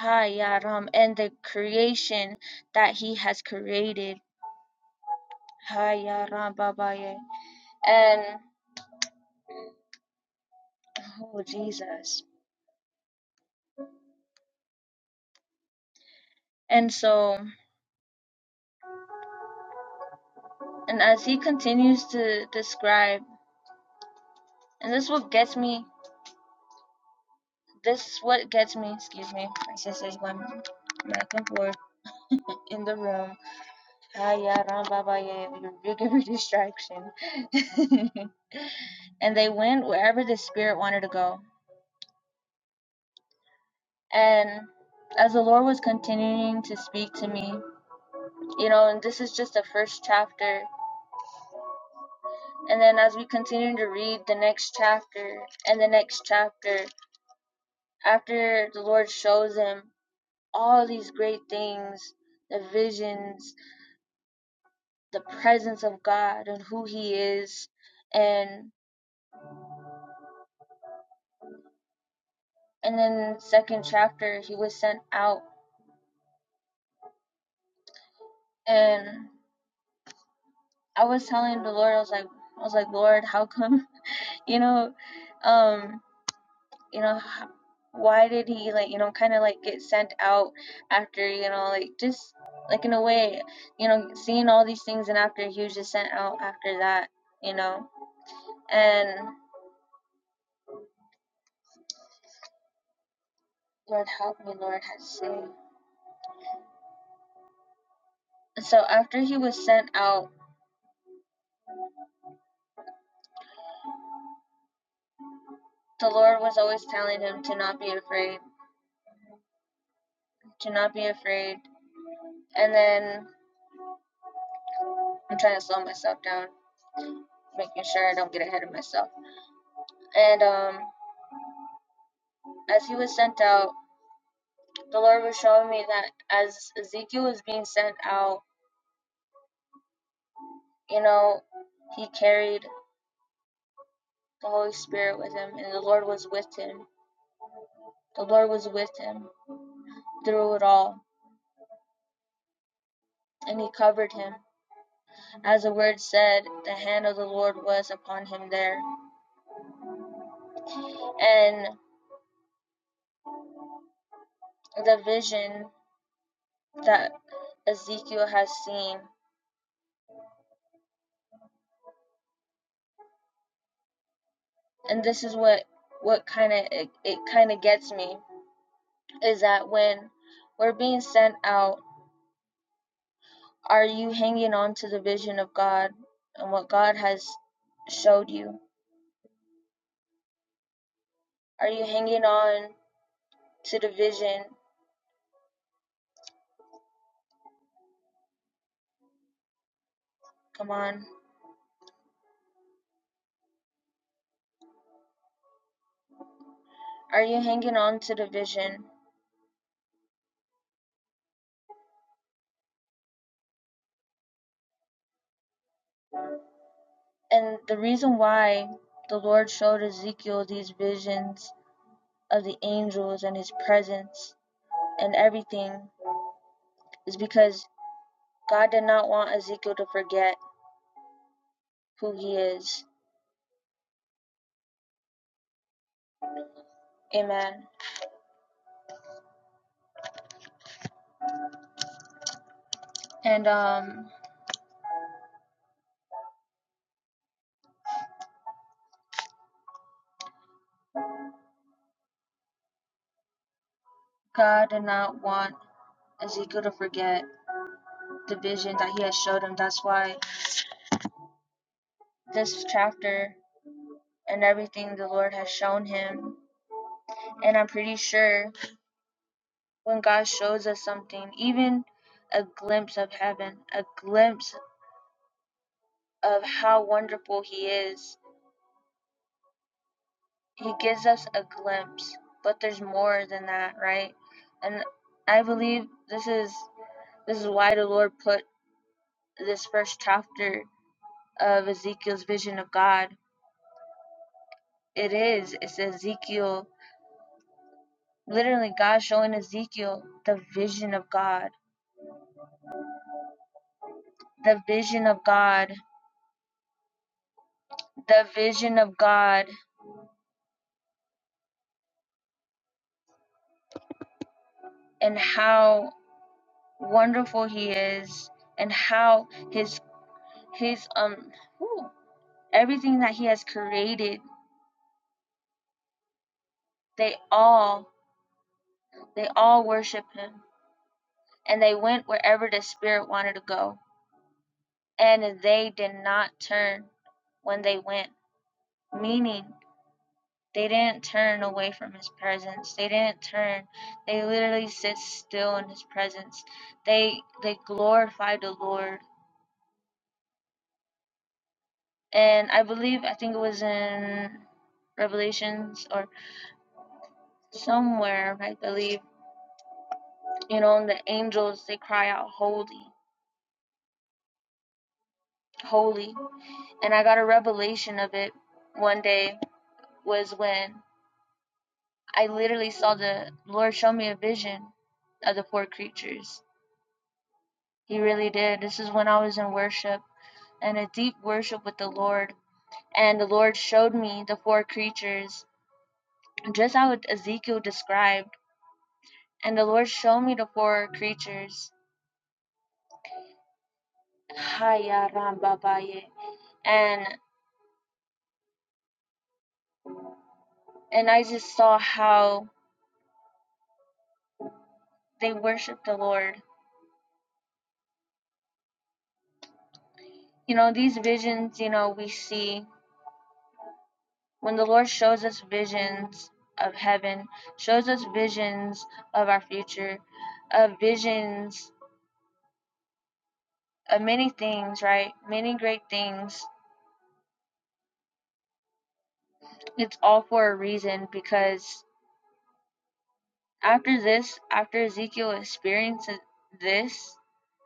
A: Hayaram, and the creation that he has created. Hayaram Babaye. And oh Jesus. And so and as he continues to describe and this is what gets me this is what gets me, excuse me, my sister's going back and forth in the room. Hayaram Babaye, your bigger distraction. and they went wherever the spirit wanted to go. And as the Lord was continuing to speak to me, you know, and this is just the first chapter. And then as we continue to read the next chapter and the next chapter, after the Lord shows him all these great things, the visions, the presence of God and who he is and and then second chapter he was sent out and I was telling the Lord I was like I was like Lord how come you know um you know h- why did he like you know kind of like get sent out after you know like just like in a way you know seeing all these things and after he was just sent out after that you know and lord help me lord has saved so after he was sent out the lord was always telling him to not be afraid to not be afraid and then i'm trying to slow myself down making sure i don't get ahead of myself and um as he was sent out the Lord was showing me that as Ezekiel was being sent out, you know, he carried the Holy Spirit with him, and the Lord was with him. The Lord was with him through it all, and he covered him. As the word said, the hand of the Lord was upon him there. And the vision that Ezekiel has seen, and this is what what kind of it, it kind of gets me is that when we're being sent out Are you hanging on to the vision of God and what God has showed you? Are you hanging on to the vision? Come on. Are you hanging on to the vision? And the reason why the Lord showed Ezekiel these visions of the angels and his presence and everything is because God did not want Ezekiel to forget who he is. Amen. And um God did not want Ezekiel to forget the vision that he has showed him. That's why this chapter and everything the Lord has shown him. And I'm pretty sure when God shows us something, even a glimpse of heaven, a glimpse of how wonderful he is, he gives us a glimpse. But there's more than that, right? And I believe this is this is why the Lord put this first chapter of Ezekiel's vision of God. It is. It's Ezekiel Literally, God showing Ezekiel the vision of God, the vision of God, the vision of God, and how wonderful He is, and how His His um whew, everything that He has created, they all they all worship Him, and they went wherever the Spirit wanted to go, and they did not turn when they went, meaning They didn't turn away from his presence. They didn't turn. They literally sit still in his presence. They they glorified the Lord. And I believe I think it was in Revelations or somewhere, I believe, you know, and the angels they cry out holy, holy. And I got a revelation of it one day was when I literally saw the Lord show me a vision of the four creatures He really did. This is when I was in worship and a deep worship with the Lord. And the Lord showed me the four creatures, just how Ezekiel described. And the Lord showed me the four creatures. Haya rambabaye. And and I just saw how they worship the Lord. You know, these visions, you know, we see when the Lord shows us visions of heaven, shows us visions of our future, of visions of many things, right? Many great things. It's all for a reason because after this, after Ezekiel experiences this,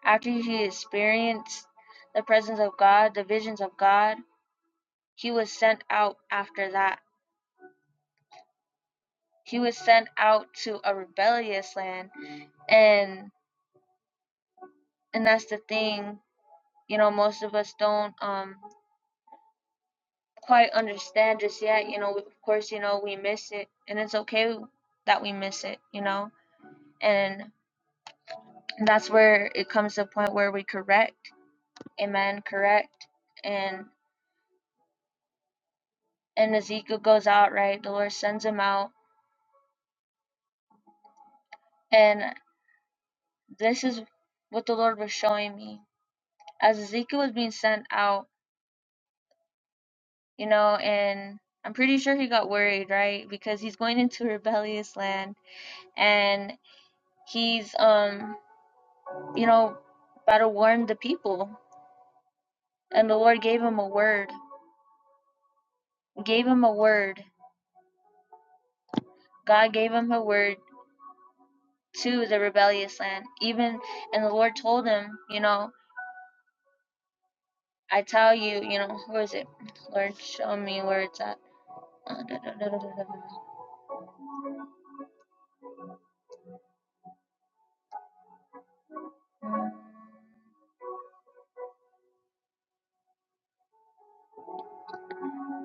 A: after he experienced the presence of God, the visions of God, he was sent out after that. He was sent out to a rebellious land. And and that's the thing, you know, most of us don't um quite understand just yet. You know, of course, you know, we miss it and it's okay that we miss it, you know and And that's where it comes to a point where we correct. Amen. Correct. And and Ezekiel goes out, right? The Lord sends him out. And this is what the Lord was showing me. As Ezekiel was being sent out, you know, and I'm pretty sure he got worried, right? Because he's going into a rebellious land and he's um, you know, about to warn the people. And the Lord gave him a word. Gave him a word. God gave him a word to the rebellious land. Even and the Lord told him, you know, I tell you, you know, where is it? Lord, show me where it's at. Uh, da- da- da- da- da- da-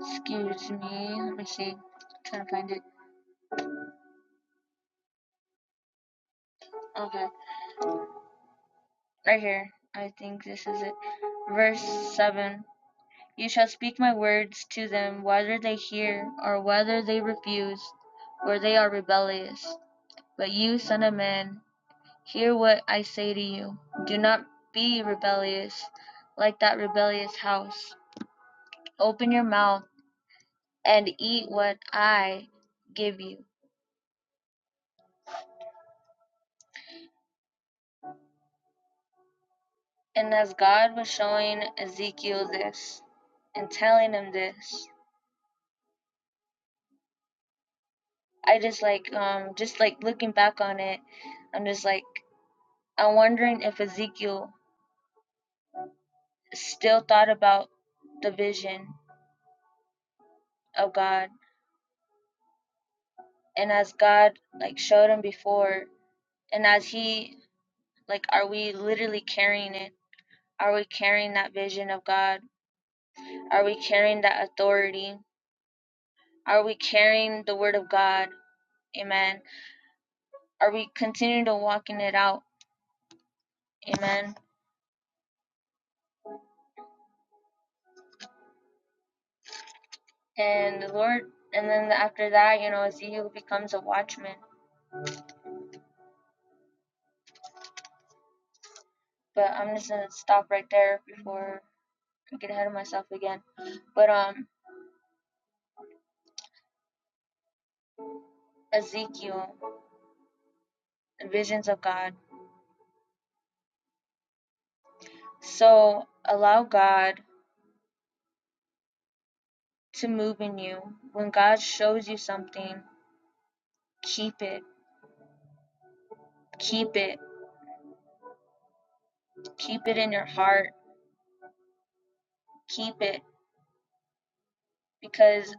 A: Excuse me. Let me see. I'm trying to find it. Okay, right here. I think this is it. Verse seven. You shall speak my words to them, whether they hear or whether they refuse, for they are rebellious. But you, son of man, Hear what I say to you. Do not be rebellious like that rebellious house. Open your mouth and eat what I give you. And as God was showing Ezekiel this and telling him this, I just like um just like looking back on it, I'm just like I'm wondering if Ezekiel still thought about the vision of God and as God like showed him before and as he Like, are we literally carrying it? Are we carrying that vision of God? Are we carrying that authority? Are we carrying the word of God? Amen. Are we continuing to walking it out? Amen. And the Lord, and then after that, you know, Ezekiel becomes a watchman. But I'm just gonna stop right there before I get ahead of myself again. But um, Ezekiel, visions of God. So allow God to move in you. When God shows you something, keep it, keep it, keep it in your heart, keep it, because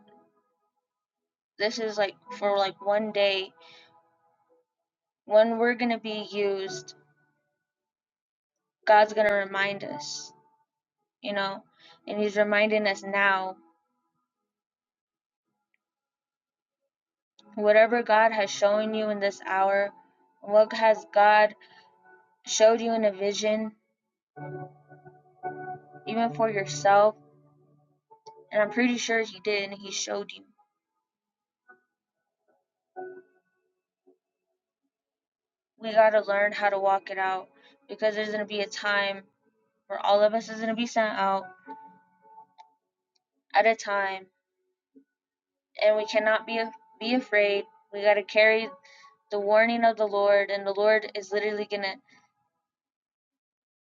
A: this is like for like one day when we're gonna be used, God's gonna remind us, you know, and He's reminding us now. Whatever God has shown you in this hour, what has God showed you in a vision, even for yourself, and I'm pretty sure He did, and He showed you. We gotta learn how to walk it out because there's gonna be a time where all of us is gonna be sent out at a time and we cannot be be afraid. We got to carry the warning of the Lord, and the Lord is literally gonna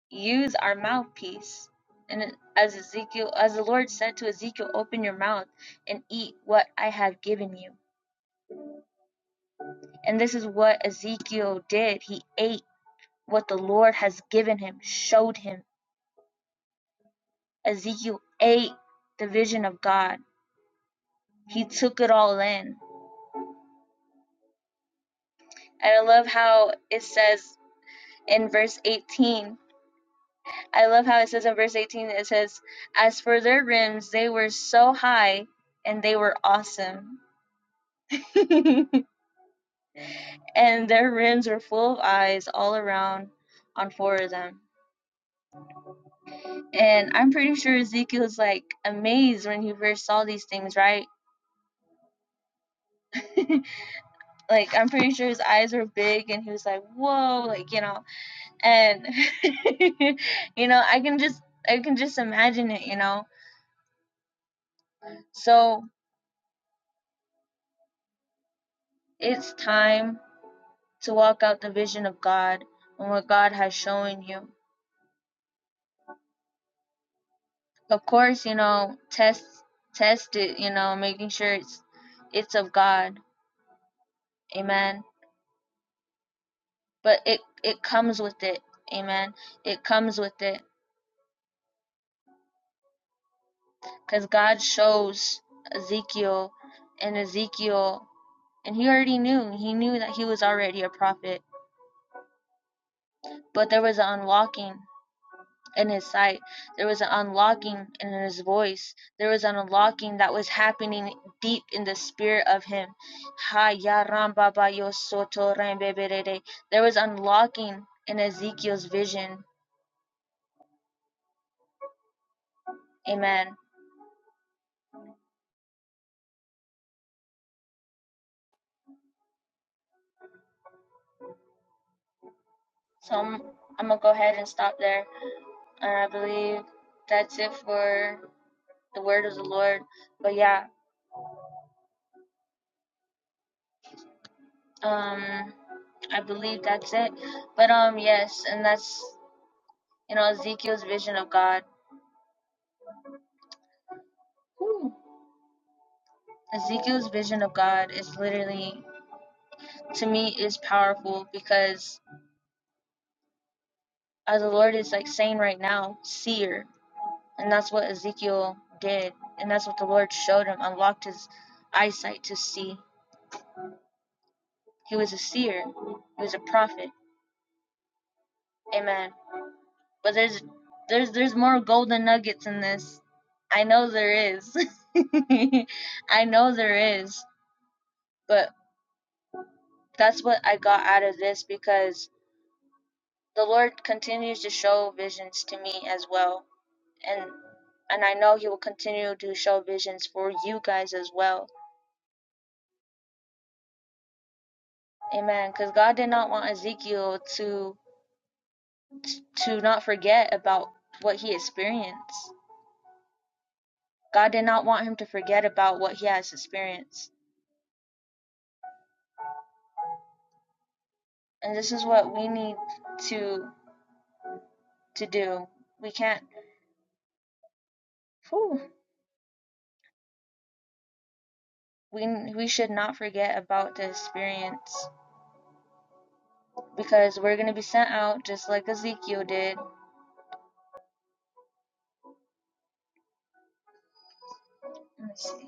A: use our mouthpiece. And as Ezekiel, as the Lord said to Ezekiel, open your mouth and eat what I have given you. And this is what Ezekiel did. He ate what the Lord has given him, showed him. Ezekiel ate the vision of God. He took it all in. And I love how it says in verse 18 I love how it says in verse 18, it says, As for their rims, they were so high and they were awesome. and their rims were full of eyes all around on four of them. And I'm pretty sure Ezekiel was like amazed when he first saw these things, right? like, I'm pretty sure his eyes were big and he was like, whoa, like, you know. And, you know, I can just. I can just imagine it, you know. So it's time to walk out the vision of God and what God has shown you. Of course, you know, test test it, you know, making sure it's it's of God. Amen. But it it comes with it. Amen. It comes with it cuz God shows Ezekiel and Ezekiel and he already knew. He knew that he was already a prophet, but there was an unlocking in his sight. There was an unlocking in his voice. There was an unlocking that was happening deep in the spirit of him. There was unlocking in Ezekiel's vision. Amen. So I'm, I'm going to go ahead and stop there. And I believe that's it for the word of the Lord. But yeah, um, I believe that's it. But um, yes, and that's, you know, Ezekiel's vision of God. Woo. Ezekiel's vision of God is literally, to me, is powerful because as the Lord is like saying right now, seer, and that's what Ezekiel did, and that's what the Lord showed him, unlocked his eyesight to see. He was a seer, he was a prophet. Amen. But there's there's there's more golden nuggets in this. I know there is. I know there is. But that's what I got out of this because The Lord continues to show visions to me as well, and and I know He will continue to show visions for you guys as well. Amen. Because God did not want Ezekiel to to not forget about what he experienced. God did not want him to forget about what he has experienced, and this is what we need to to do. We can't. whew, we we should not forget about the experience because we're gonna be sent out just like Ezekiel did. Let me see.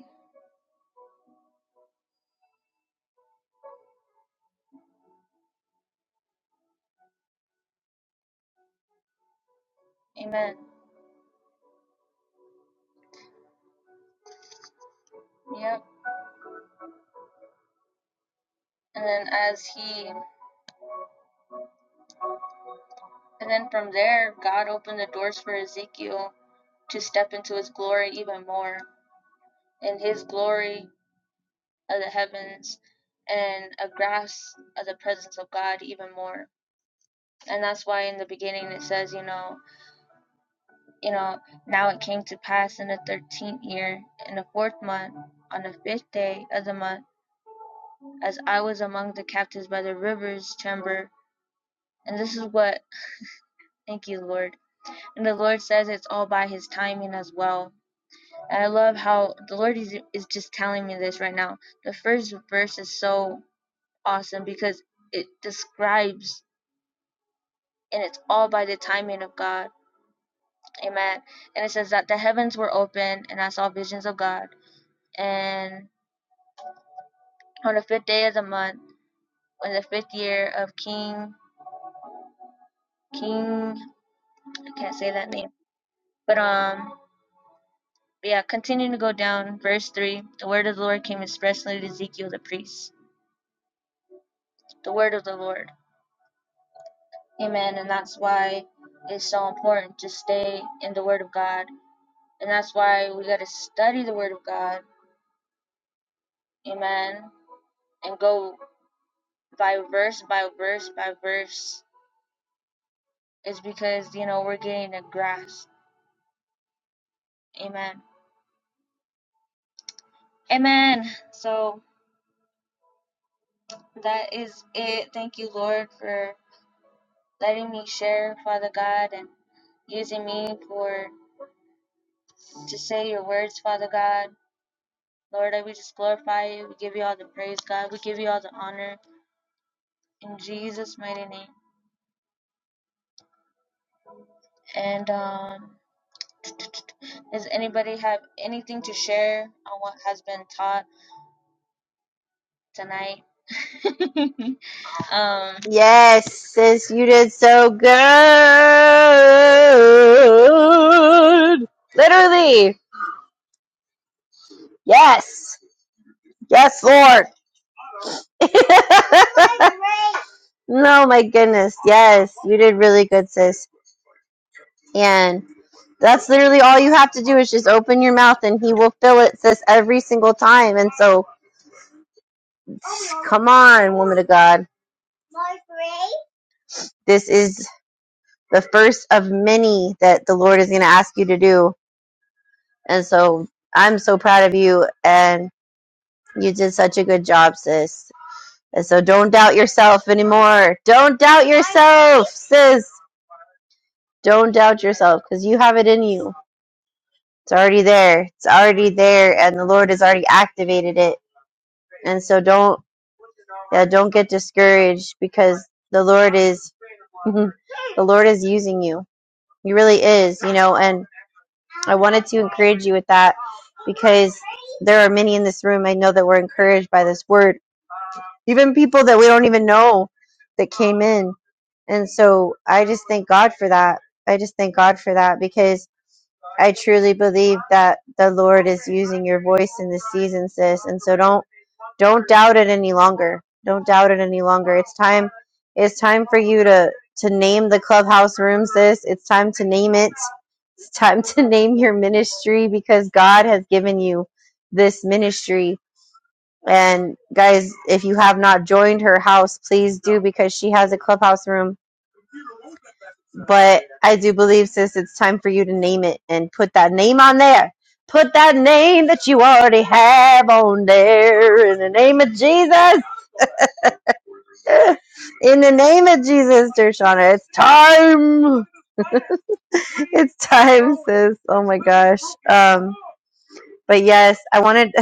A: Amen. Yep. And then as he, and then from there, God opened the doors for Ezekiel to step into his glory even more in his glory of the heavens and a grasp of the presence of God even more. And that's why in the beginning it says, you know, you know, now it came to pass in the thirteenth year, in the fourth month, on the fifth day of the month, as I was among the captives by the river's chamber. And this is what, thank you, Lord And the Lord says it's all by His timing as well. And I love how the Lord is, is just telling me this right now. The first verse is so awesome because it describes, and it's all by the timing of God. Amen. And it says that the heavens were open, and I saw visions of God. And on the fifth day of the month, in the fifth year of King, King, I can't say that name, but um, yeah, continuing to go down, verse 3, the word of the Lord came expressly to Ezekiel the priest the word of the Lord. Amen. And that's why it's so important to stay in the word of God. And that's why we got to study the word of God. Amen. And go by verse by verse by verse. It's because, you know, we're getting a grasp. Amen. Amen. So that is it. Thank you, Lord, for letting me share, Father God, and using me for to say your words, Father God. Lord, we just glorify you. We give you all the praise, God. We give you all the honor in Jesus' mighty name. And um, does anybody have anything to share on what has been taught tonight? um,
B: Yes, sis, you did so good. Literally. Yes. Yes, Lord. no, my goodness. Yes, you did really good, sis. And that's literally all you have to do is just open your mouth and he will fill it, sis, every single time. And so, come on, woman of God. This is the first of many that the Lord is going to ask you to do And so I'm so proud of you and you did such a good job, sis. And so don't doubt yourself anymore. Don't doubt yourself, sis. Don't doubt yourself because you have it in you. It's already there. It's already there and the Lord has already activated it. And so don't yeah, don't get discouraged because the Lord is the Lord is using you. He really is, you know, and I wanted to encourage you with that because there are many in this room I know that were encouraged by this word even people that we don't even know that came in. And so I just thank God for that. I just thank God for that because I truly believe that the Lord is using your voice in this season, sis. And so don't don't doubt it any longer. Don't doubt it any longer. It's time it's time for you to to name the clubhouse room, sis. It's time to name it. It's time to name your ministry because God has given you this ministry and guys, if you have not joined her house, please do because she has a clubhouse room. But I do believe, sis, it's time for you to name it and put that name on there. Put that name that you already have on there in the name of Jesus. In the name of Jesus, Dershana, it's time. It's time, sis. Oh my gosh. Um. But yes, I wanted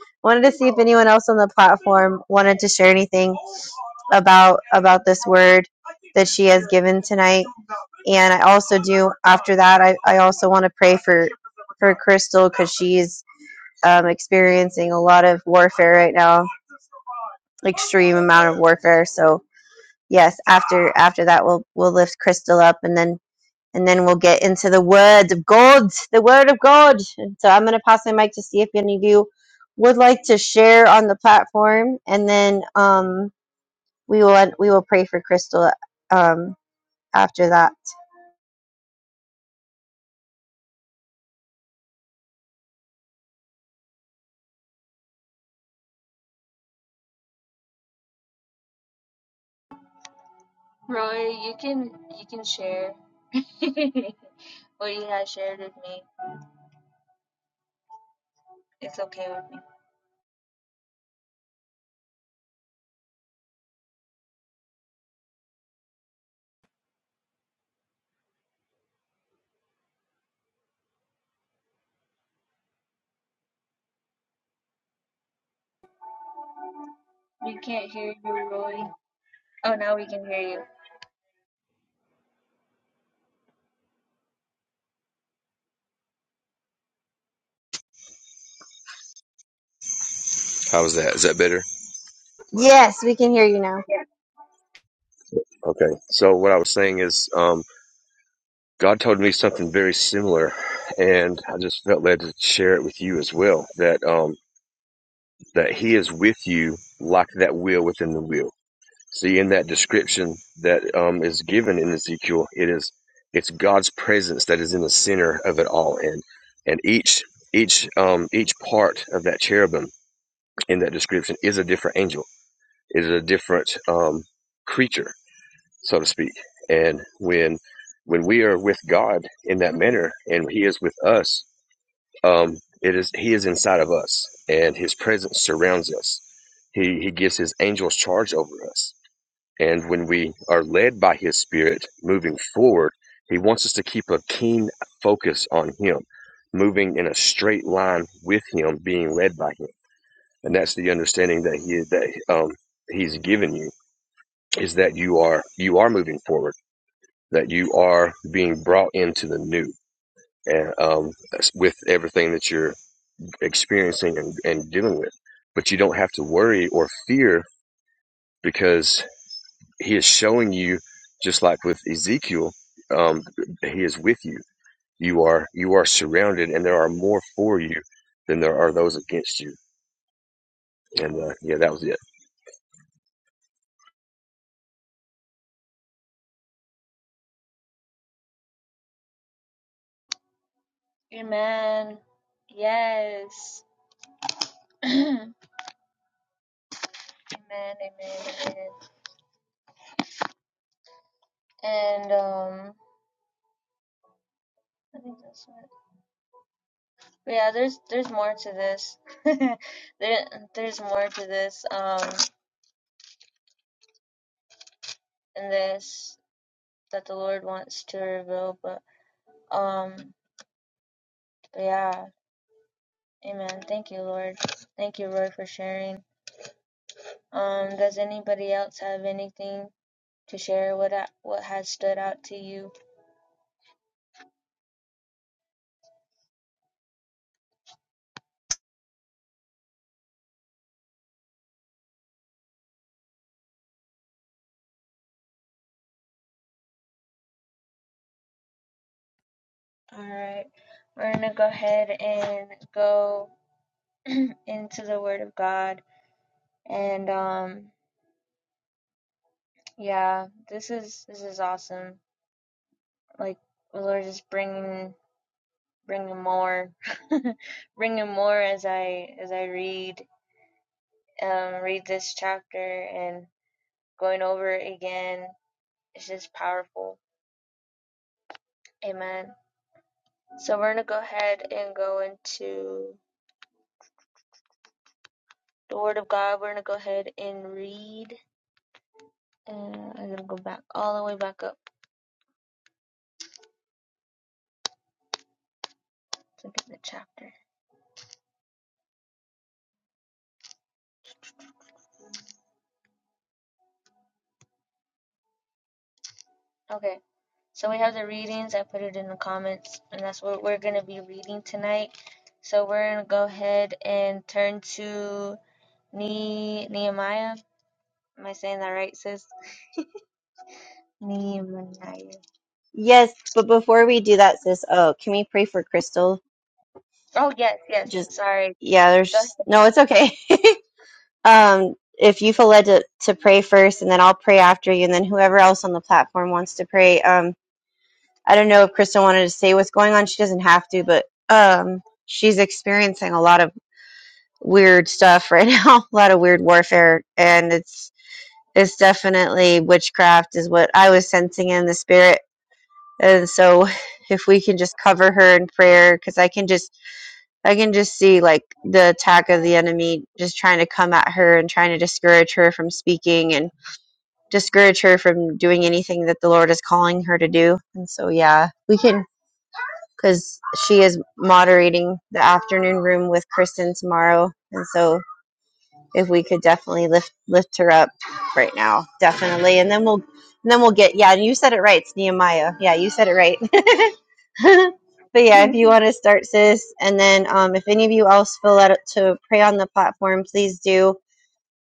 B: wanted to see if anyone else on the platform wanted to share anything about about this word that she has given tonight. And I also do after that I, I also want to pray for for Crystal because she's um, experiencing a lot of warfare right now, extreme amount of warfare. So yes, after after that we'll we'll lift Crystal up and then and then we'll get into the word of God, the word of God. And so I'm going to pass my mic to see if any of you would like to share on the platform, and then um, we will we will pray for Crystal um, after that.
A: Roy, you can you can share what you have shared with me. It's okay with me. We can't hear you, Roy. Oh, now we can hear
D: How is that? Is that better?
B: Yes, we can hear you now.
D: Okay. So what I was saying is, um, God told me something very similar, and I just felt led to share it with you as well. That um, that He is with you, like that wheel within the wheel. See, in that description that um, is given in Ezekiel, it is it's God's presence that is in the center of it all, and and each each um, each part of that cherubim in that description is a different angel, is a different um, creature so to speak. And when when we are with God in that manner, and He is with us, um, it is He is inside of us, and His presence surrounds us. He He gives His angels charge over us, and when we are led by His Spirit, moving forward, He wants us to keep a keen focus on Him, moving in a straight line with Him, being led by Him, and that's the understanding that He that um, He's given you is that you are you are moving forward that you are being brought into the new and um, with everything that you're experiencing and, and dealing with. But you don't have to worry or fear because he is showing you, just like with Ezekiel, um, he is with you. You are you are surrounded, and there are more for you than there are those against you. And uh, yeah, that was it.
A: you. Amen. Yes. amen. Amen. Amen. And um, I think that's it. But yeah, there's there's more to this. there there's more to this um in this that the Lord wants to reveal. But um, but yeah, Amen. Thank you, Lord. Thank you, Lord, for sharing. Um, does anybody else have anything to share? What a- what has stood out to you? All right, we're gonna go ahead and go into the Word of God and um Yeah, this is this is awesome. Like the Lord is bringing bringing more, bringing more as I as I read um read this chapter and going over it again. It's just powerful. Amen. So we're gonna go ahead and go into the Word of God. We're gonna go ahead and read. Uh, I'm gonna go back all the way back up to get the chapter. Okay. So we have the readings. I put it in the comments, and that's what we're going to be reading tonight. So we're going to go ahead and turn to ne- Nehemiah. Am I saying that right, sis? Nehemiah.
B: Yes, but before we do that, sis, oh, can we pray for Crystal?
A: Oh, yes, yes.
B: Just
A: Sorry.
B: yeah, there's
A: Go
B: just- no, it's okay. Um, if you feel led to, to pray first, and then I'll pray after you, and then whoever else on the platform wants to pray, um, I don't know if Kristen wanted to say what's going on. She doesn't have to, but um, she's experiencing a lot of weird stuff right now, a lot of weird warfare, and it's it's definitely witchcraft is what I was sensing in the spirit. And so, if we can just cover her in prayer, because I can just I can just see like the attack of the enemy just trying to come at her and trying to discourage her from speaking and discourage her from doing anything that the Lord is calling her to do. And so, yeah, we can because she is moderating the afternoon room with Kristen tomorrow, and so if we could definitely lift lift her up right now, definitely, and then we'll and then we'll get yeah. And you said it right, it's Nehemiah. Yeah, you said it right. but yeah, if you want to start, sis, and then um, if any of you else feel led to pray on the platform, please do,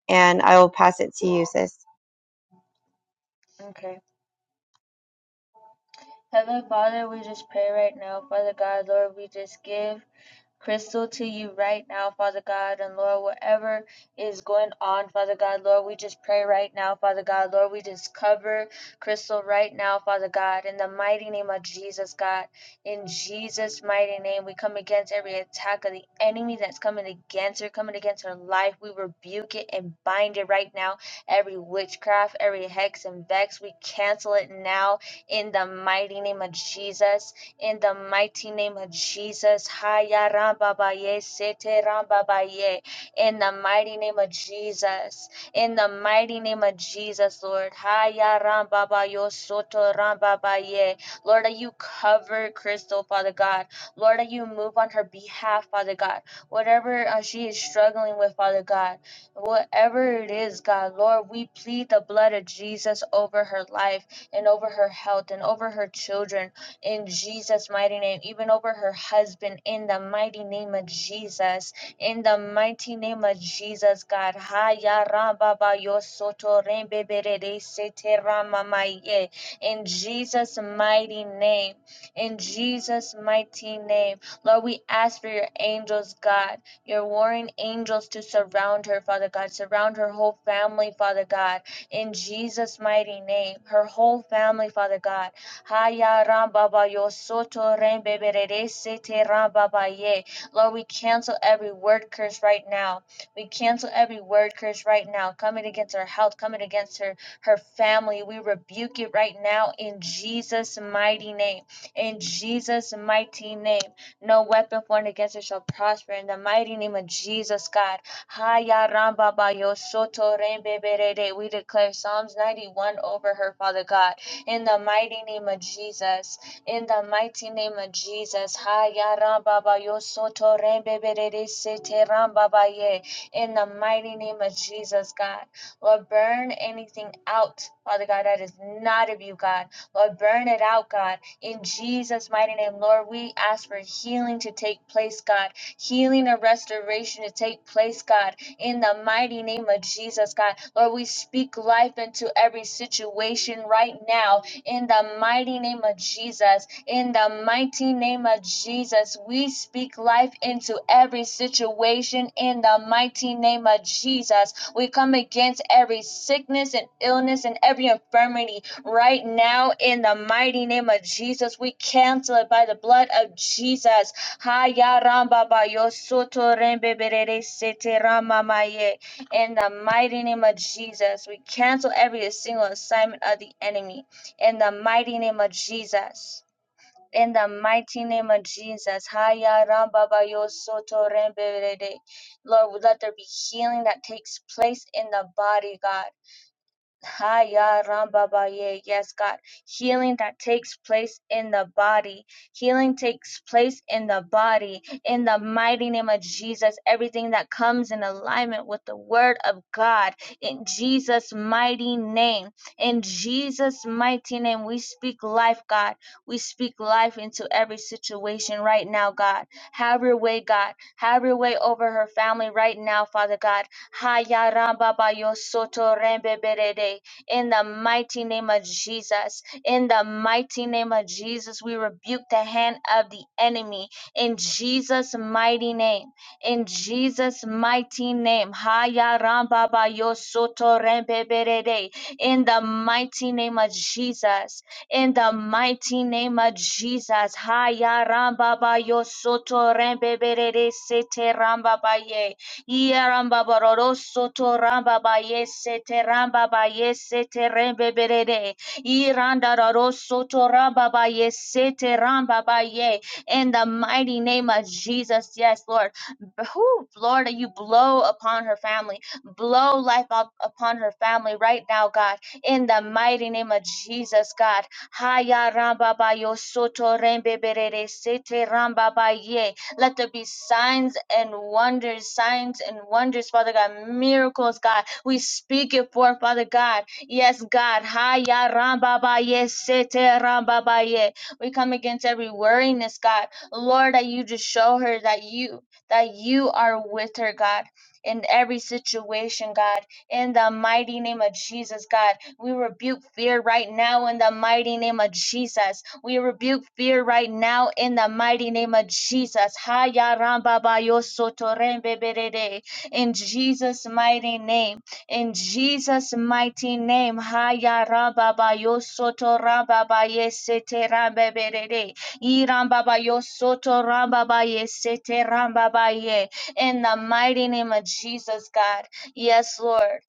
B: and I will pass it to you, sis.
A: ahead. Okay. Heavenly Father, we just pray right now, Father God, Lord, we just give Crystal to you right now, Father God, and Lord, whatever is going on, Father God, Lord, we just pray right now, Father God, Lord, we just cover Crystal right now, Father God, in the mighty name of Jesus, God. In Jesus' mighty name, we come against every attack of the enemy that's coming against her, coming against her life. We rebuke it and bind it right now. Every witchcraft, every hex and vex, we cancel it now in the mighty name of Jesus. In the mighty name of Jesus. Haya rambabaye, sete rambabaye. In the mighty name of Jesus. In the mighty name of Jesus, Lord. Haya rambabayo, soto rambabaye. Lord, that you cover Crystal, Father God. Lord, that you move on her behalf, Father God. Whatever uh, she is struggling with, Father God. Whatever it is, God, Lord, we plead the blood of Jesus over her life and over her health and over her children in Jesus' mighty name, even over her husband in the mighty name of Jesus. In the mighty name of Jesus, God. Ha ya ra ba ba yo soto re be be re re se te ra ma ma ye. In Jesus' mighty name. In Jesus' mighty name. Lord, we ask for your angels, God, your warring angels to surround her, Father God. Surround her whole family, Father God in Jesus' mighty name. Her whole family, Father God. Lord, we cancel every word curse right now. We cancel every word curse right now, coming against her health, coming against her her family. We rebuke it right now in Jesus' mighty name. In Jesus' mighty name, no weapon formed against her shall prosper. In the mighty name of Jesus, God. Haya ramba ba soto rembe berere. We declare Psalms 91 over her, Father God, in the mighty name of Jesus. In the mighty name of Jesus. Haya ramba ba yo soto rembe berere sete ramba ba ye. In the mighty name of Jesus, God. Lord, burn anything out, Father God, that is not of you, God. Lord, burn it out, God. In Jesus' mighty name, Lord, we ask for healing to take place, God healing and restoration to take place, God, in the mighty name of Jesus, God. Lord, we speak life into every situation right now in the mighty name of Jesus. In the mighty name of Jesus, we speak life into every situation in the mighty name of Jesus. We come against every sickness and illness and every infirmity right now in the mighty name of Jesus. We cancel it by the blood of Jesus. In the mighty name of Jesus, we cancel every single assignment of the enemy. In the mighty name of Jesus. In the mighty name of Jesus. Haya ramba ba Lord, let there be healing that takes place in the body, God Haya Rambabaye. Yes, God. Healing that takes place in the body. Healing takes place in the body. In the mighty name of Jesus, everything that comes in alignment with the word of God. In Jesus' mighty name. In Jesus' mighty name, we speak life, God. We speak life into every situation right now, God. Have your way, God. Have your way over her family right now, Father God Hayaramba In the mighty name of Jesus, in the mighty name of Jesus, we rebuke the hand of the enemy in Jesus' mighty name. In Jesus' mighty name. Haya ramba ba yo soto rembe berede. In the mighty name of Jesus. In the mighty name of Jesus. Haya ramba ba yo soto rembe berede sete ramba ba ye. Ye ramba ba ro ro soto ramba ba ye yesete ramba ba yesete rembe berede. Iranda raro soto ramba ba yesete ramba ba ye. In the mighty name of Jesus, yes, Lord. Who, Lord, you blow upon her family. Blow life up upon her family right now, God. In the mighty name of Jesus, God. Haya ramba ba yo soto rembe berere sete ramba ba Let there be signs and wonders, signs and wonders, Father God, miracles, God. We speak it forth, Father God. Yes, God. Haya ramba ba ye sete ramba ba We come against every worriness, God. Lord, that you just show her that you that you are with her, God, in every situation, God in the mighty name of Jesus, God. We rebuke fear right now in the mighty name of Jesus. We rebuke fear right now in the mighty name of Jesus. Haya ramba ba yo soto In Jesus' mighty name. In Jesus' mighty name, Haya Rababa Yosoto Rababa Yesete Rambebere, Irambaba Yosoto Rababa Yesete Rambaba Ye. In the mighty name of Jesus, God. Yes, Lord.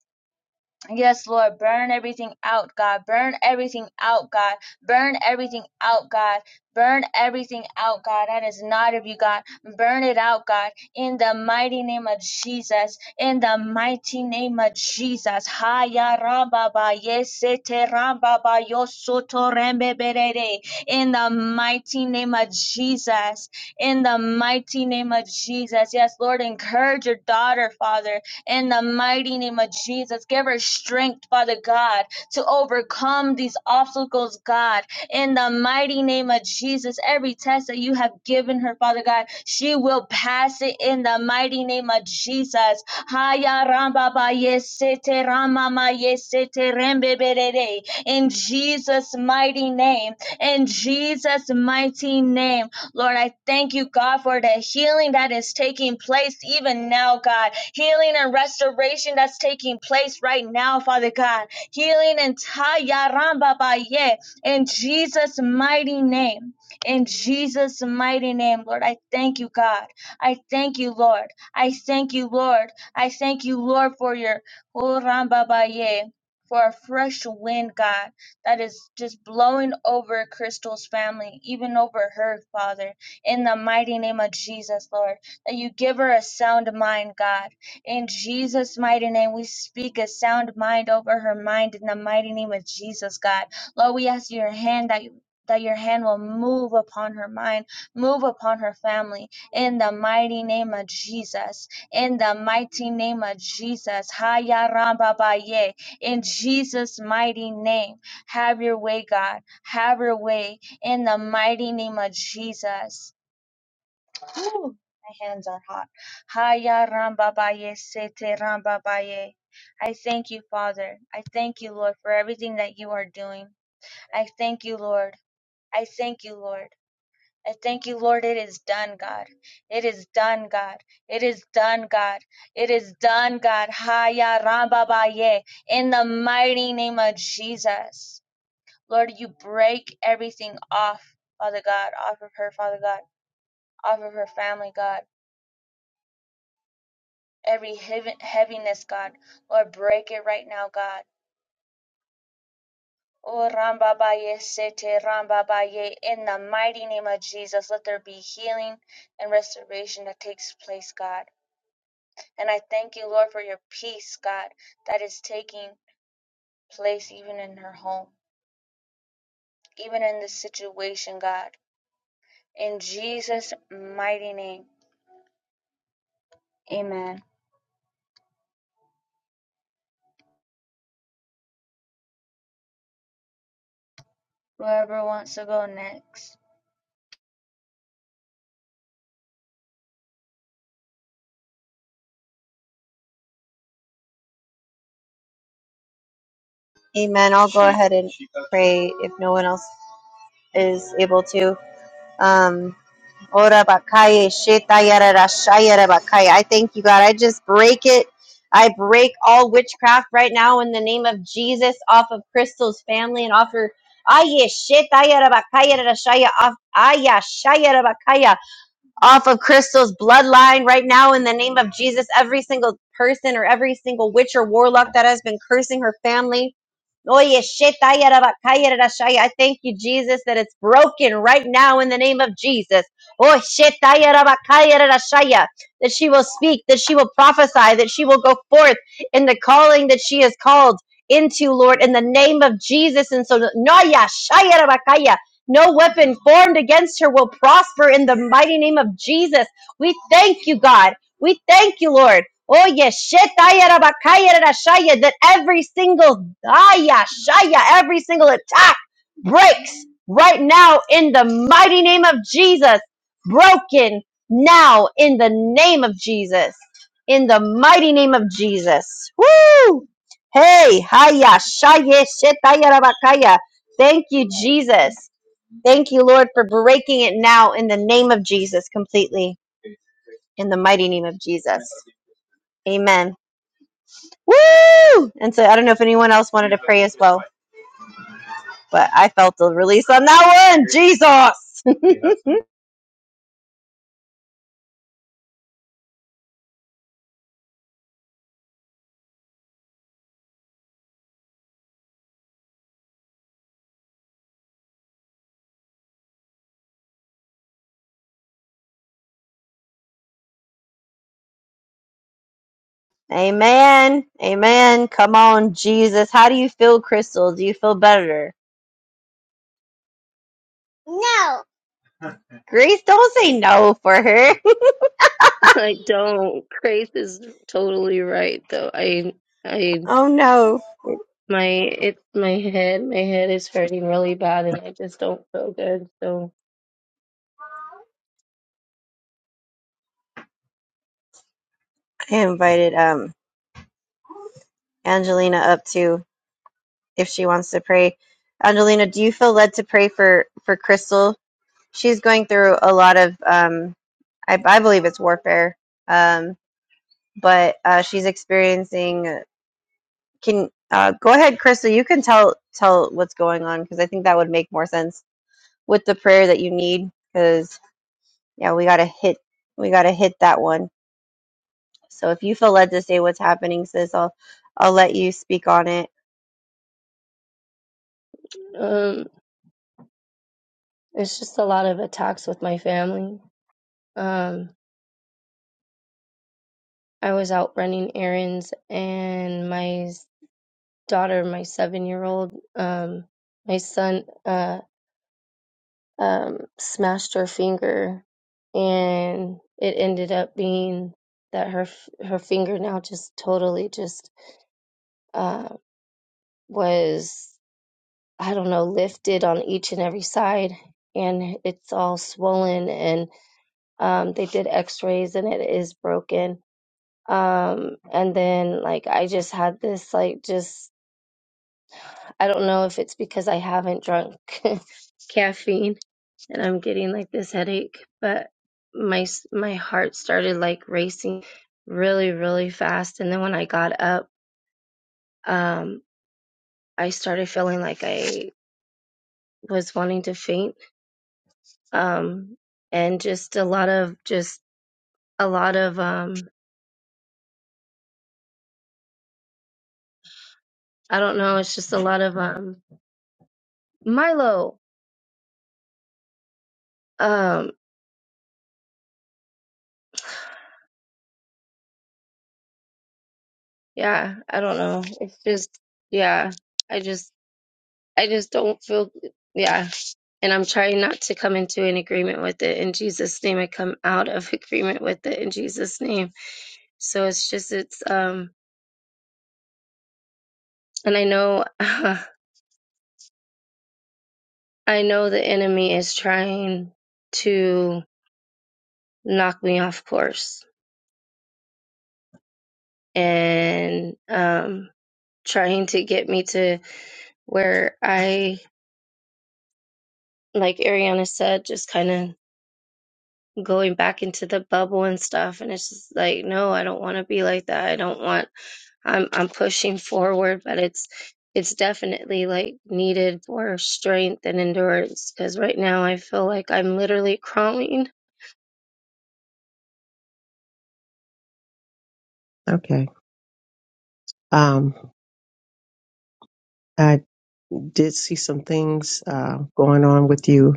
A: Yes, Lord, burn everything out, God. Burn everything out, God. Burn everything out, God. Burn everything out, God. That is not of you, God. Burn it out, God. In the mighty name of Jesus. In the mighty name of Jesus. Haya ramba ba yesete ramba ba yosoto rembe berere. In the mighty name of Jesus. In the mighty name of Jesus. Yes, Lord, encourage your daughter, Father in the mighty name of Jesus. Give her strength, Father God, to overcome these obstacles, God, in the mighty name of Jesus. Every test that you have given her, Father God, she will pass it in the mighty name of Jesus. Haya ramba ba yesete rama ma yesete rembe berere. In Jesus' mighty name. In Jesus' mighty name. Lord, I thank you, God, for the healing that is taking place even now, God. Healing and restoration that's taking place right now, Father God. Healing and tayarambabaye in Jesus' mighty name. In Jesus' mighty name, Lord, I thank you, God. I thank you, Lord. I thank you, Lord. I thank you, Lord, for your Orambabaye, for a fresh wind, God that is just blowing over Crystal's family, even over her, Father, in the mighty name of Jesus, Lord. That you give her a sound mind, God. In Jesus' mighty name, we speak a sound mind over her mind in the mighty name of Jesus, God. Lord, we ask your hand that you. That your hand will move upon her mind, move upon her family, in the mighty name of Jesus. In the mighty name of Jesus. Haya Ramba Baye. In Jesus' mighty name. Have your way, God. Have your way in the mighty name of Jesus. Whew, my hands are hot. Haya rambabaye sete rambabaye. I thank you, Father. I thank you, Lord, for everything that you are doing. I thank you, Lord. I thank you, Lord. I thank you, Lord. It is done, God. It is done, God. It is done, God. It is done, God. Haya Rambabaye. In the mighty name of Jesus. Lord, you break everything off, Father God, off of her, Father God, off of her family, God. Every heavi- heaviness, God. Lord, break it right now, God. Oh, Rambabaye, Baye Sete, Ramba in the mighty name of Jesus, let there be healing and restoration that takes place, God. And I thank you, Lord, for your peace, God, that is taking place even in her home, even in this situation, God. In Jesus' mighty name, amen. Whoever wants to go next.
B: Amen. I'll go ahead and pray if no one else is able to. Um, Ora bakaya shetayara rashayara bakaya. I thank you, God. I just break it. I break all witchcraft right now in the name of Jesus off of Crystal's family and offer. her. Aya shetayara rashaya off. Aya shayara off of Crystal's bloodline right now in the name of Jesus. Every single person or every single witch or warlock that has been cursing her family. Oye, shetaya rabakaya rarashaya. I thank you, Jesus, that it's broken right now in the name of Jesus. Oh, shetaya rabakaya rarashaya. that she will speak, that she will prophesy, that she will go forth in the calling that she is called into, Lord, in the name of Jesus. And so, Noya, shaya rabakaya. No weapon formed against her will prosper in the mighty name of Jesus. We thank you, God. We thank you, Lord. Oh yes, shetayarabakayarashaya, that every single daya, shaya, every single attack breaks right now in the mighty name of Jesus. Broken now in the name of Jesus. In the mighty name of Jesus. Woo! Hey, haya, shaya, shetayarabakaya. Thank you, Jesus. Thank you, Lord, for breaking it now in the name of Jesus completely, in the mighty name of Jesus. Amen. Woo! And so I don't know if anyone else wanted to pray as well, but I felt the release on that one. Jesus! Amen. Amen. Come on, Jesus. How do you feel, Crystal? Do you feel better? No. Grace, don't say no for her.
E: I don't. Craze is totally right though. I I
B: oh no.
E: it, my it's my head. My head is hurting really bad and I just don't feel good. So
B: I invited um Angelina up too if she wants to pray. Angelina, do you feel led to pray for for Crystal she's going through a lot of um, I, I believe it's warfare um, but uh, she's experiencing can uh, go ahead crystal you can tell tell what's going on because i think that would make more sense with the prayer that you need because yeah we gotta hit we gotta hit that one so if you feel led to say what's happening sis i'll i'll let you speak on it
E: um it's just a lot of attacks with my family. Um I was out running errands and my s- daughter, my 7-year-old, um my son uh. um, smashed her finger, and it ended up being that her f- her finger now just totally just uh, was I don't know lifted on each and every side, and it's all swollen, and um, they did X rays, and it is broken. Um, and then like I just had this like just I don't know if it's because I haven't drunk caffeine and I'm getting like this headache, but my my heart started like racing really really fast and then when I got up um I started feeling like I was wanting to faint um and just a lot of just a lot of um I don't know it's just a lot of um Milo um yeah I don't know it's just yeah I just I just don't feel yeah And I'm trying not to come into an agreement with it in Jesus' name. I come out of agreement with it in Jesus' name. So it's just, it's, um, and I know, I know the enemy is trying to knock me off course and, um, trying to get me to where I, like Ariana said, just kind of going back into the bubble and stuff and it's just like no i don't want to be like that i don't want I'm I'm pushing forward, but it's it's definitely like needed for strength and endurance because right now I feel like I'm literally crawling.
F: Okay. Um, I did see some things uh, going on with you,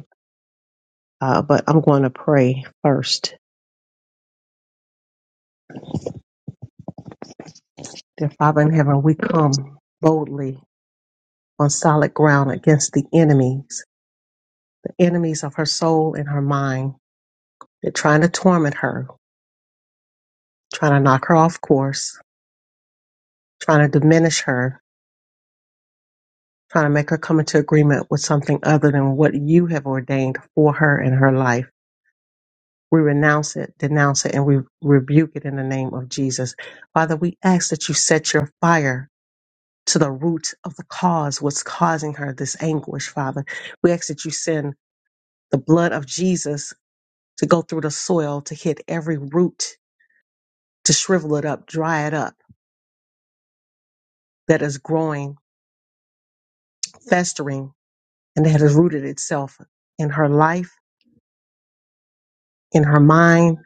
F: uh, but I'm going to pray first. Dear Father in heaven, we come boldly on solid ground against the enemies, the enemies of her soul and her mind. They're trying to torment her, trying to knock her off course, trying to diminish her, trying to make her come into agreement with something other than what you have ordained for her in her life. We renounce it, denounce it, and we rebuke it in the name of Jesus. Father, we ask that you set your fire to the root of the cause, what's causing her this anguish, Father. We ask that you send the blood of Jesus to go through the soil, to hit every root, to shrivel it up, dry it up, that is growing, festering, and that has rooted itself in her life, in her mind,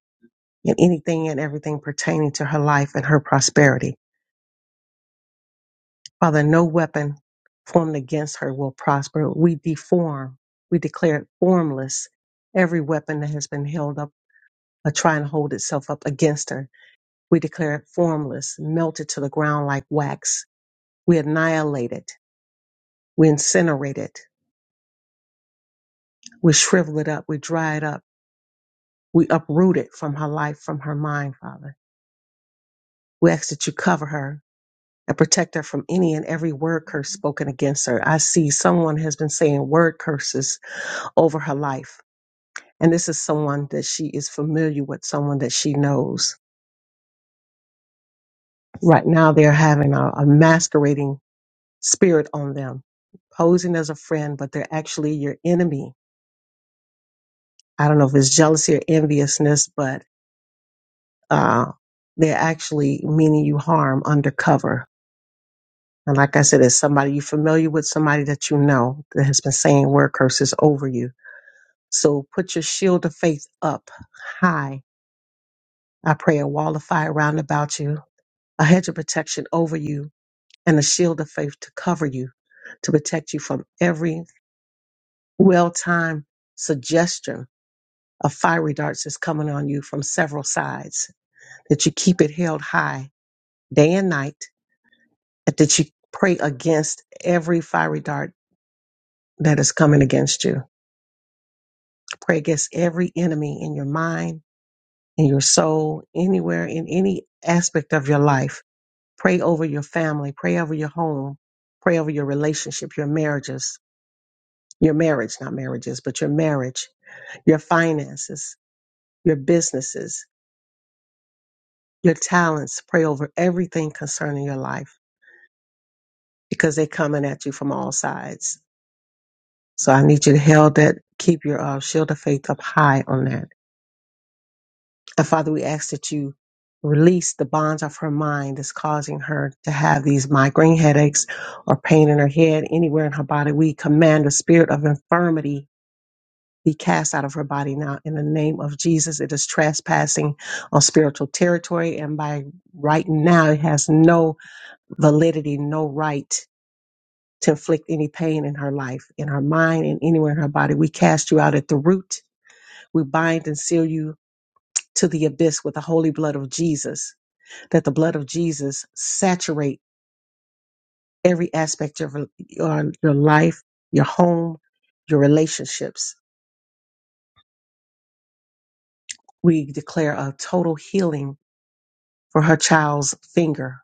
F: in anything and everything pertaining to her life and her prosperity. Father, no weapon formed against her will prosper. We deform, we declare it formless. Every weapon that has been held up, uh, try and hold itself up against her, we declare it formless, melted to the ground like wax. We annihilate it, we incinerate it, we shrivel it up, we dry it up, we uproot it from her life, from her mind, Father. We ask that you cover her and protect her from any and every word curse spoken against her. I see someone has been saying word curses over her life And this is someone that she is familiar with, someone that she knows. Right now, they're having a, a masquerading spirit on them, posing as a friend, but they're actually your enemy. I don't know if it's jealousy or enviousness, but uh, they're actually meaning you harm undercover. And like I said, it's somebody you're familiar with, somebody that you know that has been saying word curses over you. So put your shield of faith up high. I pray a wall of fire round about you, a hedge of protection over you and a shield of faith to cover you, to protect you from every well timed suggestion of fiery darts that's coming on you from several sides, that you keep it held high day and night, and that you pray against every fiery dart that is coming against you. Pray against every enemy in your mind, in your soul, anywhere, in any aspect of your life. Pray over your family, pray over your home, pray over your relationship, your marriages, your marriage, not marriages, but your marriage, your finances, your businesses, your talents. Pray over everything concerning your life because they're coming at you from all sides. So I need you to held that, keep your uh, shield of faith up high on that. And Father, we ask that you release the bonds of her mind that's causing her to have these migraine headaches or pain in her head, anywhere in her body. We command the spirit of infirmity be cast out of her body now in the name of Jesus. It is trespassing on spiritual territory, and by right now, it has no validity, no right to inflict any pain in her life, in her mind, and anywhere in her body. We cast you out at the root. We bind and seal you to the abyss with the holy blood of Jesus, that the blood of Jesus saturate every aspect of your, your life, your home, your relationships. We declare a total healing for her child's finger.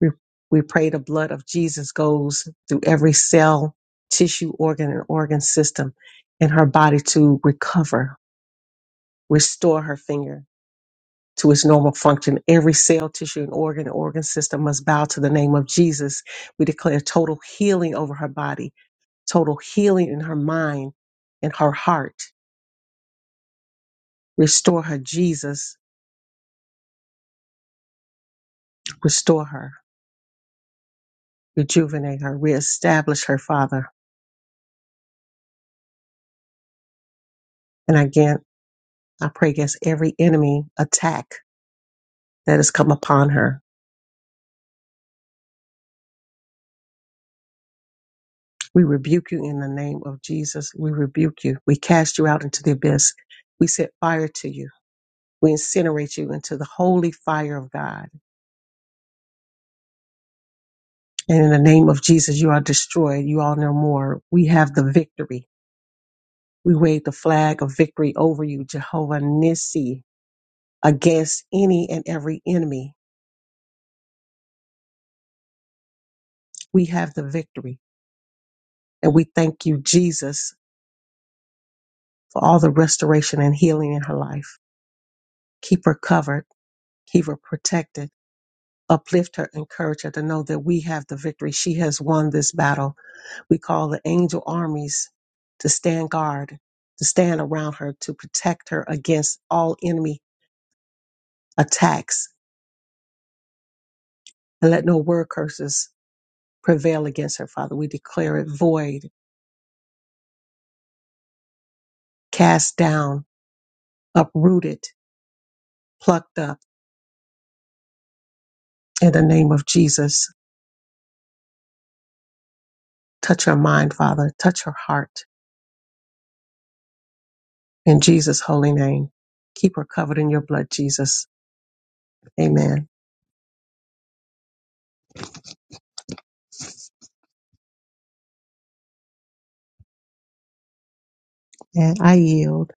F: We, we pray the blood of Jesus goes through every cell, tissue, organ, and organ system in her body to recover, restore her finger to its normal function. Every cell, tissue, and organ, and organ system must bow to the name of Jesus. We declare total healing over her body, total healing in her mind in her heart. Restore her, Jesus. Restore her. Rejuvenate her. Reestablish her, Father. And again. I pray against every enemy attack that has come upon her. We rebuke you in the name of Jesus. We rebuke you. We cast you out into the abyss. We set fire to you. We incinerate you into the holy fire of God. And in the name of Jesus, you are destroyed. You are no more. We have the victory. We wave the flag of victory over you, Jehovah Nissi, against any and every enemy. We have the victory. And we thank you, Jesus, for all the restoration and healing in her life. keep her covered, keep her protected, uplift her, encourage her to know that we have the victory. She has won this battle. We call the angel armies to stand guard, to stand around her, to protect her against all enemy attacks, and let no word curses prevail against her, Father. We declare it void, cast down, uprooted, plucked up in the name of Jesus. Touch her mind, Father. Touch her heart in Jesus' holy name. Keep her covered in your blood, Jesus Amen. And I yield.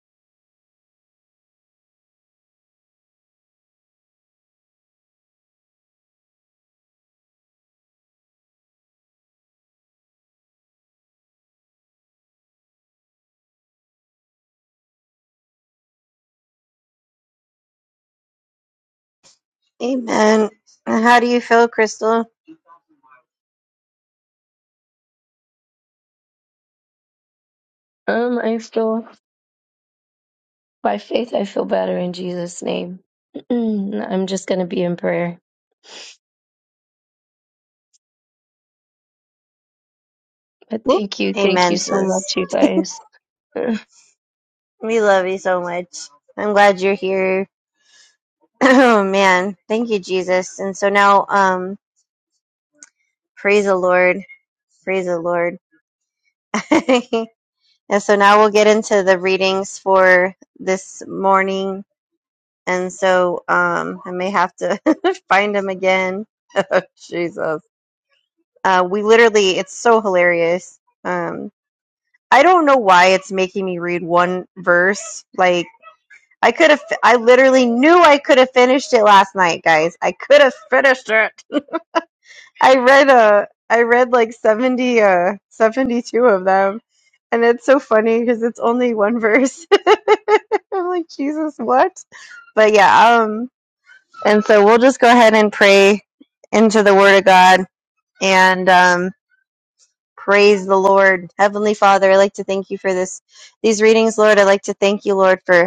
B: amen And how do you feel crystal
E: Um, I feel by faith I feel better in Jesus' name. I'm just gonna be in prayer. But
B: Whoop.
E: thank you, thank you
B: amen
E: so
B: sis
E: much, you guys.
B: we love you so much i'm glad you're here Oh man, thank you, Jesus. And so now, um, praise the Lord, praise the Lord. and so now we'll get into the readings for this morning. And so, um, I may have to find them again. Jesus. Uh, we literally, it's so hilarious. Um, I don't know why it's making me read one verse. Like, I could have, I literally knew I could have finished it last night, guys. I could have finished it. I read uh I read like 70 uh 72 of them and it's so funny because it's only one verse. I'm like, Jesus, what? But yeah, um and so we'll just go ahead and pray into the word of God and um praise the Lord. Heavenly Father, I'd like to thank you for this these readings, Lord. I'd like to thank you, Lord, for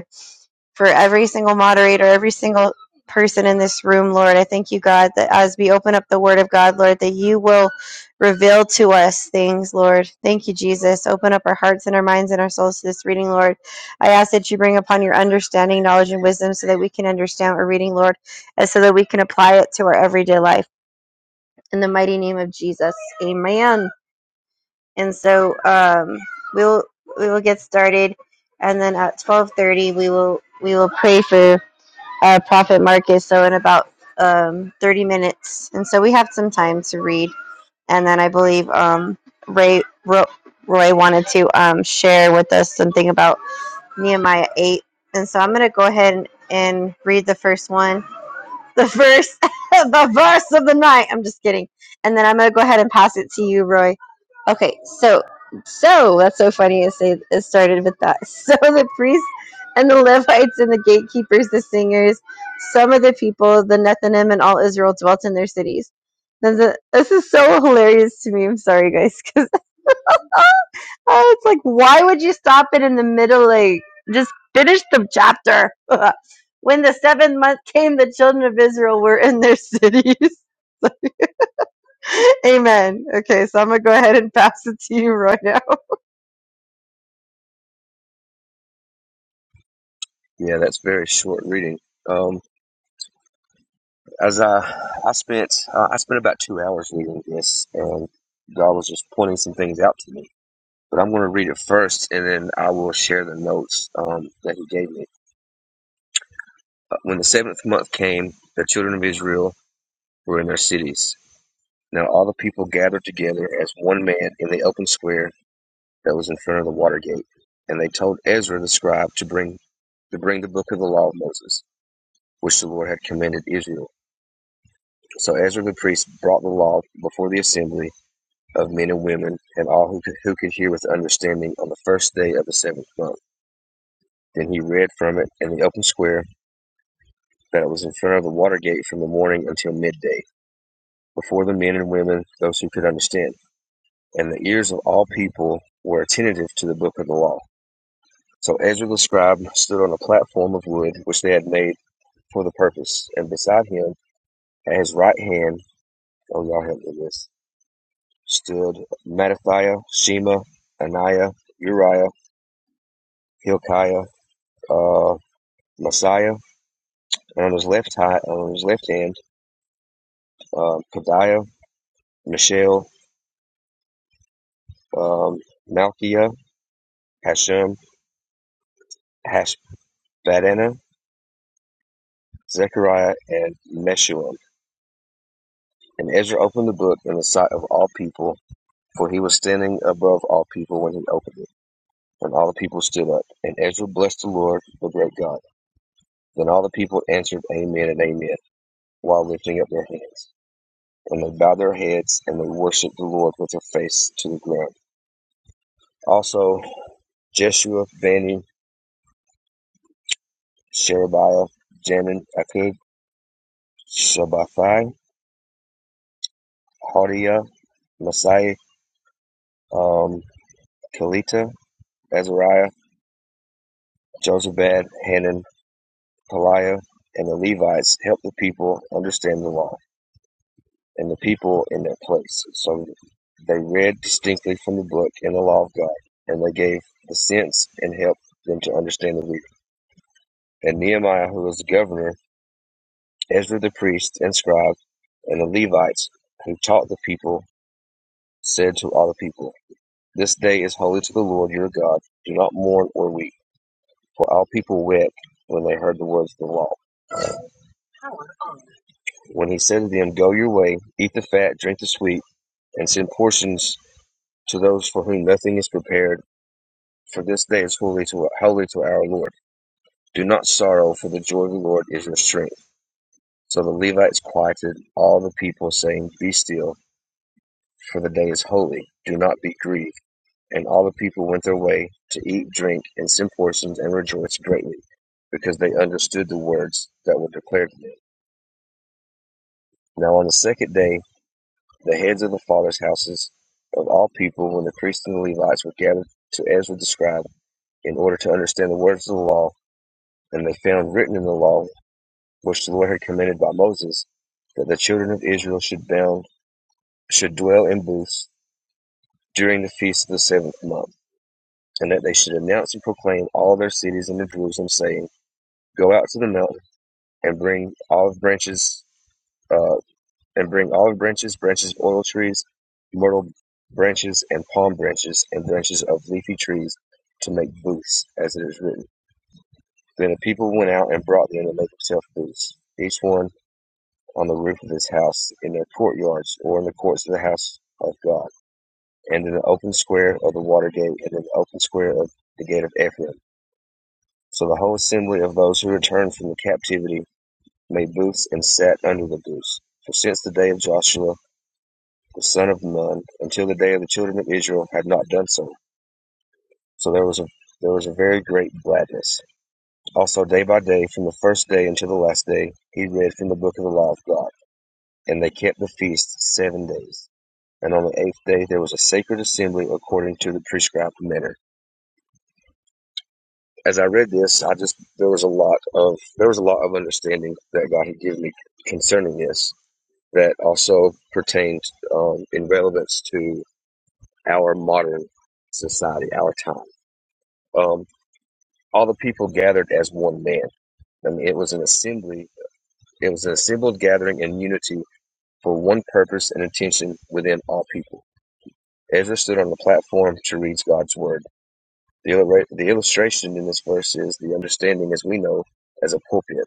B: for every single moderator, every single person in this room, Lord. I thank you, God, that as we open up the Word of God, Lord, that you will reveal to us things, Lord. Thank you, Jesus. Open up our hearts and our minds and our souls to this reading, Lord. I ask that you bring upon your understanding, knowledge, and wisdom so that we can understand what we're reading, Lord, and so that we can apply it to our everyday life. In the mighty name of Jesus, amen. And so um, we'll we will get started and then at 12:30 we will we will pray for uh, Prophet Marcus, so in about um, 30 minutes. And so we have some time to read. And then I believe um, Ray Ro- Roy wanted to um, share with us something about Nehemiah 8. And so I'm going to go ahead and, and read the first one the verse, the verse of the night. I'm just kidding. And then I'm gonna go ahead and pass it to you, Roy. Okay, so, so that's so funny. It say it started with that. So the priests and the Levites and the gatekeepers, the singers, some of the people, the Nethinim and all Israel dwelt in their cities. Then the, this is so hilarious to me. I'm sorry, guys, because Oh, it's like, why would you stop it in the middle? Like, just finish the chapter. when the seventh month came, the children of Israel were in their cities. Amen. Okay, so I'm gonna go ahead and pass it to you right now.
D: Yeah, that's very short reading. Um, As uh, I spent, uh, I spent about two hours reading this, and God was just pointing some things out to me. But I'm going to read it first, and then I will share the notes um, that He gave me. Uh, When the seventh month came, the children of Israel were in their cities. Now all the people gathered together as one man in the open square that was in front of the water gate, and they told Ezra the scribe to bring to bring the book of the law of Moses, which the Lord had commanded Israel. So Ezra the priest brought the law before the assembly of men and women, and all who could, who could hear with understanding on the first day of the seventh month. Then he read from it in the open square that it was in front of the water gate from the morning until midday, before the men and women, those who could understand. And the ears of all people were attentive to the book of the law. So Ezra the scribe stood on a platform of wood which they had made for the purpose, and beside him, at his right hand, oh y'all help me with this, stood Mattathiah, Shema, Ananiah, Uriah, Hilkiah, uh, Messiah, and on his left hand, on his left hand, um, Padiah, Michelle, um, Malkiah, Hashem, Hashbadana, Zechariah, and Meshullam. And Ezra opened the book in the sight of all people, for he was standing above all people when he opened it. And all the people stood up, and Ezra blessed the Lord, the great God. Then all the people answered, Amen and Amen, while lifting up their hands. And they bowed their heads, and they worshipped the Lord with their face to the ground. Also, Jeshua, Benny, Sherebiah, Jamin, Akub, Shabbathai, Hodiah, Messiah, um, Kelita, Azariah, Josabad, Hanan, Peliah, and the Levites helped the people understand the law and the people in their place. So they read distinctly from the book and the law of God, and they gave the sense and helped them to understand the reader. And Nehemiah, who was the governor, Ezra the priest and scribe, and the Levites who taught the people, said to all the people, This day is holy to the Lord your God. Do not mourn or weep. For all people wept when they heard the words of the law. When he said to them, Go your way, eat the fat, drink the sweet, and send portions to those for whom nothing is prepared, for this day is holy to, holy to our Lord. Do not sorrow, for the joy of the Lord is your strength. So the Levites quieted all the people, saying, Be still, for the day is holy. Do not be grieved And all the people went their way to eat, drink, and send portions, and rejoiced greatly, because they understood the words that were declared to them. Now on the second day, the heads of the fathers' houses of all people, when the priests and the Levites were gathered to Ezra the scribe, in order to understand the words of the law, and they found written in the law, which the Lord had commanded by Moses, that the children of Israel should bound should dwell in booths during the feast of the seventh month, and that they should announce and proclaim all their cities and in Jerusalem, saying, Go out to the mill and bring olive branches, uh, and bring olive branches, branches of oil trees, myrtle branches, and palm branches, and branches of leafy trees to make booths, as it is written. Then the people went out and brought them to make themselves booths, each one on the roof of his house, in their courtyards, or in the courts of the house of God, and in the open square of the water gate, and in the open square of the gate of Ephraim. So the whole assembly of those who returned from the captivity made booths and sat under the booths. For since the day of Joshua the son of Nun until the day of the children of Israel had not done so. So there was a there was a very great gladness. Also day by day, from the first day until the last day, he read from the book of the law of God. And they kept the feast seven days. And on the eighth day there was a sacred assembly according to the prescribed manner. As I read this, I just there was a lot of there was a lot of understanding that God had given me concerning this that also pertains um, in relevance to our modern society, our time. Um, all the people gathered as one man. I mean, it was an assembly. It was an assembled gathering in unity for one purpose and intention within all people. Ezra stood on the platform to read God's word. The, illera- the illustration in this verse is the understanding, as we know, as a pulpit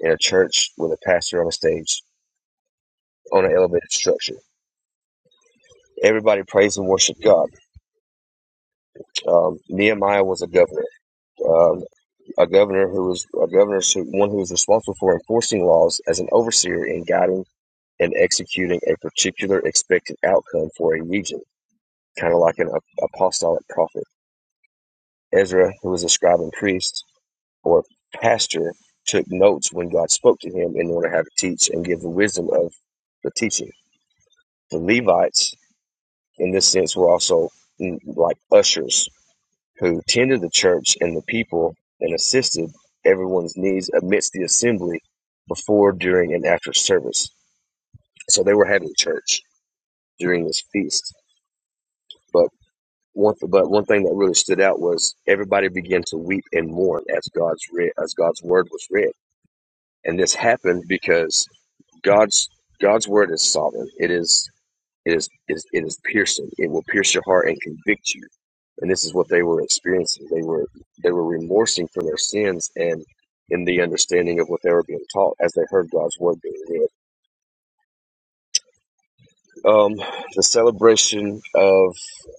D: in a church with a pastor on a stage on an elevated structure. Everybody praised and worshiped God. Um, Nehemiah was a governor um, a governor who was a governor, one who- was responsible for enforcing laws as an overseer in guiding and executing a particular expected outcome for a region, kind of like an apostolic prophet. Ezra, who was a scribe and priest or pastor, took notes when God spoke to him in order how to teach and give the wisdom of the teaching. The Levites, in this sense, were also mm, like ushers who tended the church and the people and assisted everyone's needs amidst the assembly before, during, and after service. So they were having church during this feast. But one, but one thing that really stood out was everybody began to weep and mourn as God's read, as God's word was read, and this happened because God's God's word is sovereign. It is It is, it is it is piercing. It will pierce your heart and convict you. And this is what they were experiencing. They were they were remorsing for their sins and in the understanding of what they were being taught as they heard God's word being read. Um, the celebration of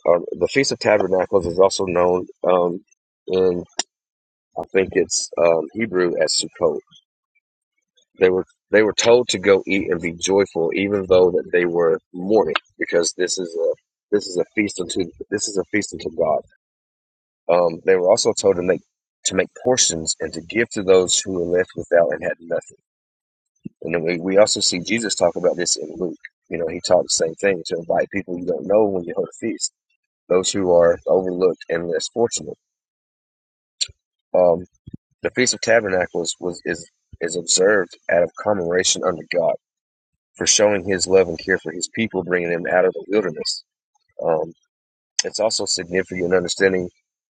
D: uh, the Feast of Tabernacles is also known um, in I think it's um, Hebrew as Sukkot. They were they were told to go eat and be joyful, even though that they were mourning, because this is a this is a feast unto this is a feast unto God Um, they were also told to make to make portions and to give to those who were left without and had nothing. And then we, we also see Jesus talk about this in Luke. You know, he taught the same thing to invite people you don't know when you hold a feast, those who are overlooked and less fortunate. Um, the Feast of Tabernacles was is is observed out of commemoration under God for showing His love and care for His people, bringing them out of the wilderness. Um, it's also significant in understanding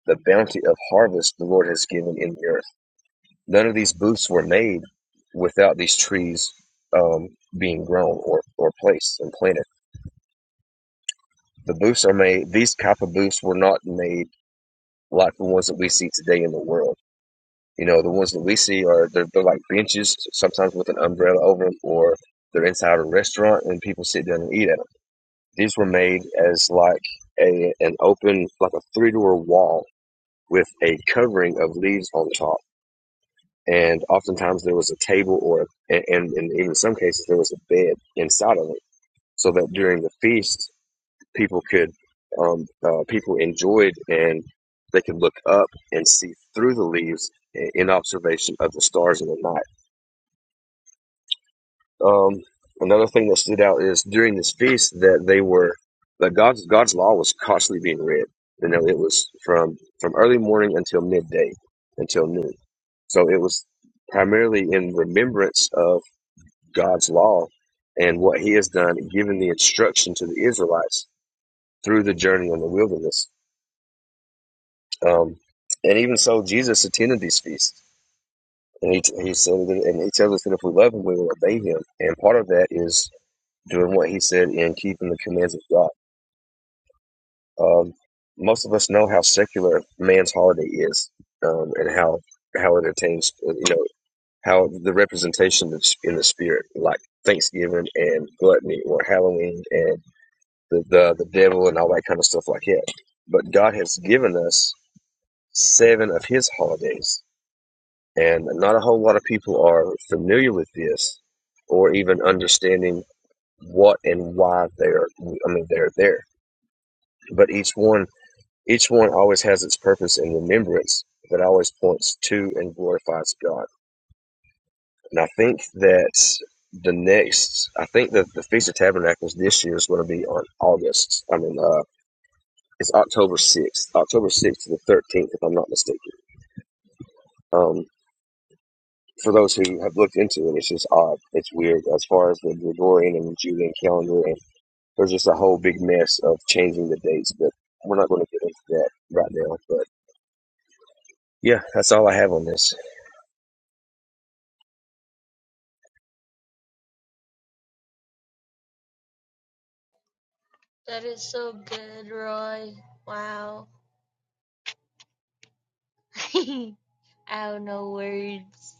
D: the bounty of harvest the Lord has given in the earth None of these booths were made without these trees um, being grown or, or placed and planted. The booths are made, these type of booths were not made like the ones that we see today in the world. You know, the ones that we see are, they're, they're like benches, sometimes with an umbrella over them, or they're inside a restaurant and people sit down and eat at them. These were made as like a an open, like a three-door wall with a covering of leaves on top and oftentimes there was a table or and, and in even some cases there was a bed inside of it so that during the feast people could um, uh, people enjoyed and they could look up and see through the leaves in observation of the stars in the night um, another thing that stood out is during this feast that they were that god's god's law was constantly being read you know it was from from early morning until midday until noon so it was primarily in remembrance of God's law and what He has done, given the instruction to the Israelites through the journey in the wilderness. Um, and even so, Jesus attended these feasts, and he, he said, that, and he tells us that if we love Him, we will obey Him. And part of that is doing what He said and keeping the commands of God. Um, most of us know how secular man's holiday is, um, and how how it attains, uh, you know, how the representation in the spirit, like Thanksgiving and gluttony, or Halloween and the, the the devil and all that kind of stuff like that. But God has given us seven of His holidays, and not a whole lot of people are familiar with this, or even understanding what and why they're. I mean, they're there. But each one, each one always has its purpose and remembrance that always points to and glorifies God. And I think that the next, I think that the Feast of Tabernacles this year is going to be on August. I mean, uh, It's October 6th, October 6th to the 13th, if I'm not mistaken. Um, for those who have looked into it, it's just odd. It's weird as far as the Gregorian and the Julian calendar. And there's just a whole big mess of changing the dates, but we're not going to get into that right now. But yeah, that's all I have on this.
A: That is so good, Roy. Wow. I have no words.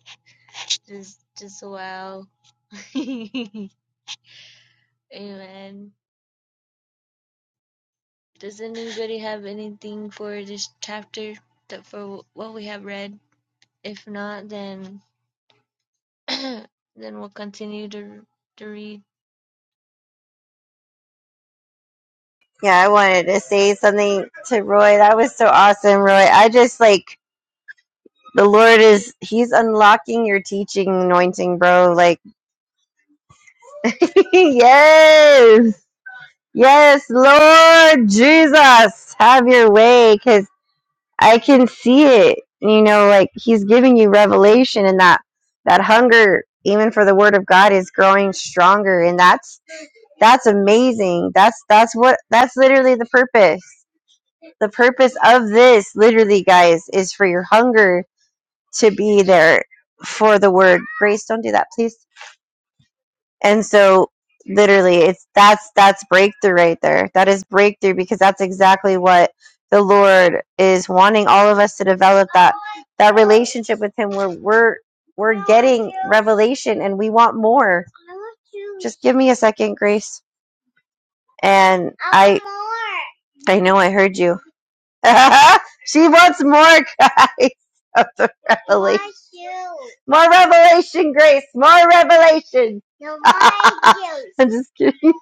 A: Just just wow. Amen. Does anybody have anything for this chapter that for what we have read? If not, then then we'll continue to to read.
B: Yeah, I wanted to say something to Roy. That was so awesome, Roy. I just like the Lord is He's unlocking your teaching anointing, bro. Like yes. Yes, Lord Jesus, have your way, cause. I can see it. You know, like he's giving you revelation and that that hunger even for the word of God is growing stronger and that's that's amazing. That's that's what that's literally the purpose. The purpose of this literally guys is for your hunger to be there for the word. Grace, don't do that, please. And so literally it's that's that's breakthrough right there. That is breakthrough because that's exactly what the Lord is wanting all of us to develop that that relationship with him where we're we're getting revelation and we want more. Just give me a second, Grace. And I I know I heard you. she wants more, guys, of the revelation. More revelation, Grace. More revelation. No, I'm just kidding.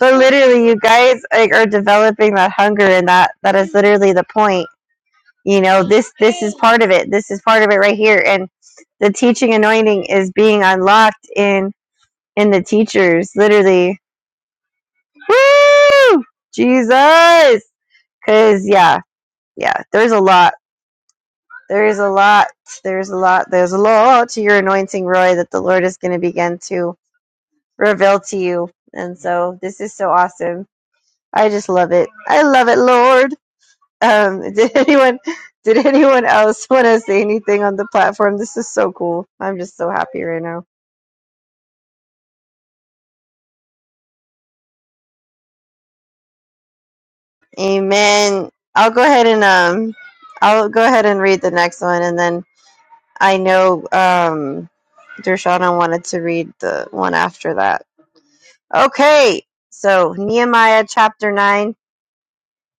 B: But literally, you guys like are developing that hunger, and that that is literally the point. You know, this this is part of it. This is part of it right here, and the teaching anointing is being unlocked in in the teachers. Literally, woo, Jesus, because yeah, yeah, there's a lot. There is a lot. There's a lot. There's a lot to your anointing, Roy, that the Lord is going to begin to reveal to you. And so this is so awesome. I just love it. I love it, Lord. Um, did anyone, did anyone else want to say anything on the platform? This is so cool. I'm just so happy right now. Amen. I'll go ahead and um, I'll go ahead and read the next one, and then I know um, Dershana wanted to read the one after that. Okay, so Nehemiah chapter 9.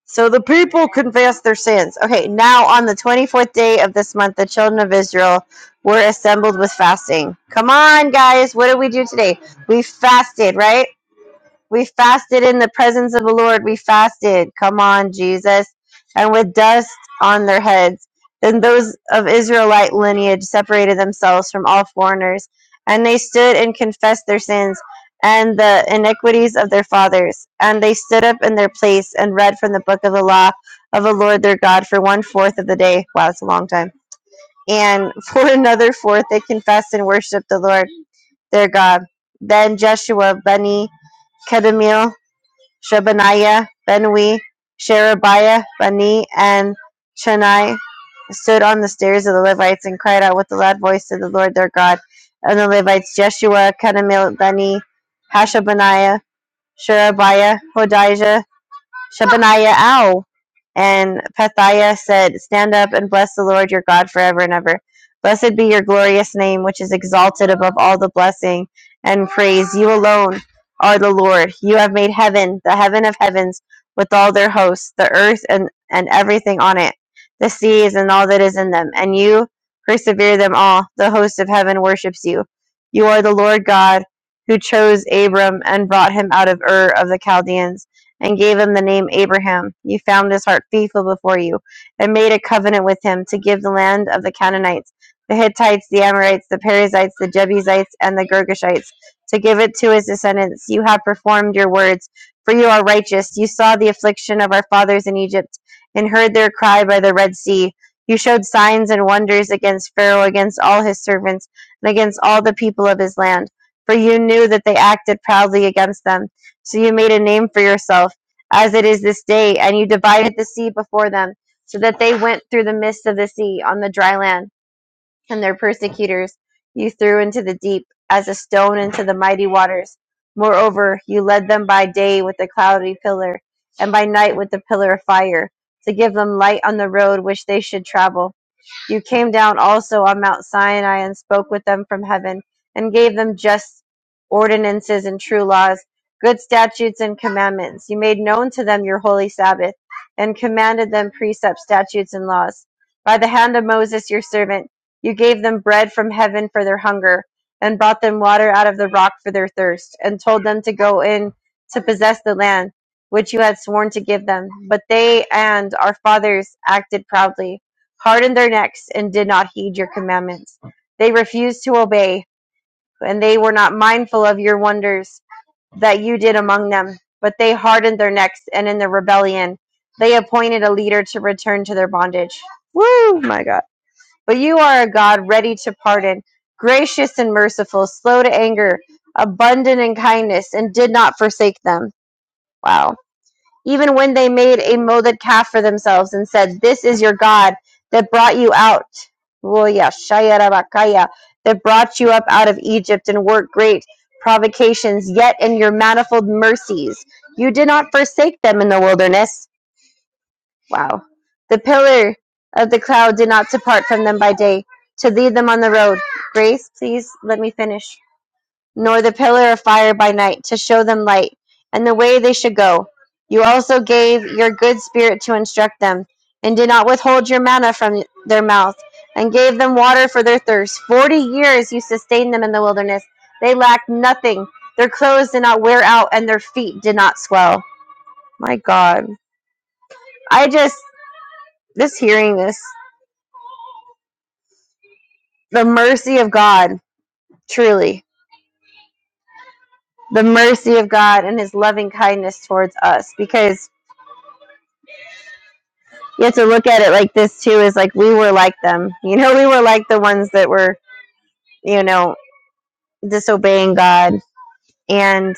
B: So the people confessed their sins. Okay, now on the 24th day of this month, the children of Israel were assembled with fasting. Come on, guys, what did we do today? We fasted, right? We fasted in the presence of the Lord. We fasted. Come on, Jesus. And with dust on their heads. Then those of Israelite lineage separated themselves from all foreigners, and they stood and confessed their sins and the iniquities of their fathers. And they stood up in their place and read from the book of the law of the Lord their God for one fourth of the day. Wow, it's a long time. And for another fourth, they confessed and worshiped the Lord their God. Then Joshua, Bani, Kadmiel. Shebaniah, Benui, Sherebiah, Bani, and Chani stood on the stairs of the Levites and cried out with a loud voice to the Lord their God. And the Levites, Jeshua, Kadmiel, Bani, Hashabaniah, Sherebiah, Hodijah, Shebaniah Ow. And Pethiah said, Stand up and bless the Lord your God forever and ever. Blessed be your glorious name, which is exalted above all the blessing and praise. You alone are the Lord. You have made heaven, the heaven of heavens, with all their hosts, the earth and, and everything on it, the seas and all that is in them. And you persevere them all. The host of heaven worships you. You are the Lord God who chose Abram and brought him out of Ur of the Chaldeans and gave him the name Abraham. You found his heart faithful before you, and made a covenant with him to give the land of the Canaanites, the Hittites, the Amorites, the Perizzites, the Jebusites, and the Girgashites, to give it to his descendants. You have performed your words, for you are righteous. You saw the affliction of our fathers in Egypt, and heard their cry by the Red Sea. You showed signs and wonders against Pharaoh, against all his servants, and against all the people of his land. For you knew that they acted proudly against them. So you made a name for yourself as it is this day, and you divided the sea before them, so that they went through the midst of the sea on the dry land, and their persecutors you threw into the deep, as a stone into the mighty waters. Moreover, you led them by day with a cloudy pillar, and by night with a pillar of fire, to give them light on the road which they should travel. You came down also on Mount Sinai and spoke with them from heaven, and gave them just ordinances and true laws, good statutes and commandments. You made known to them your holy Sabbath, and commanded them precepts, statutes, and laws. By the hand of Moses your servant, you gave them bread from heaven for their hunger, and brought them water out of the rock for their thirst, and told them to go in to possess the land which you had sworn to give them. But they and our fathers acted proudly hardened their necks and did not heed your commandments. They refused to obey, and they were not mindful of your wonders that you did among them. But they hardened their necks, and in their rebellion, they appointed a leader to return to their bondage. Woo, my God. But you are a God ready to pardon, gracious and merciful, slow to anger, abundant in kindness, and did not forsake them. Wow even when they made a molded calf for themselves and said, This is your God that brought you out. That brought you up out of Egypt and worked great provocations, yet in your manifold mercies you did not forsake them in the wilderness. Wow. The pillar of the cloud did not depart from them by day to lead them on the road. Grace, please let me finish nor the pillar of fire by night to show them light and the way they should go. You also gave your good spirit to instruct them, and did not withhold your manna from their mouth, and gave them water for their thirst. Forty years you sustained them in the wilderness. They lacked nothing. Their clothes did not wear out, and their feet did not swell. My God. I just, this hearing this, the mercy of God, truly, the mercy of God and his loving kindness towards us, because you have to look at it like this too is like we were like them you know we were like the ones that were you know disobeying god and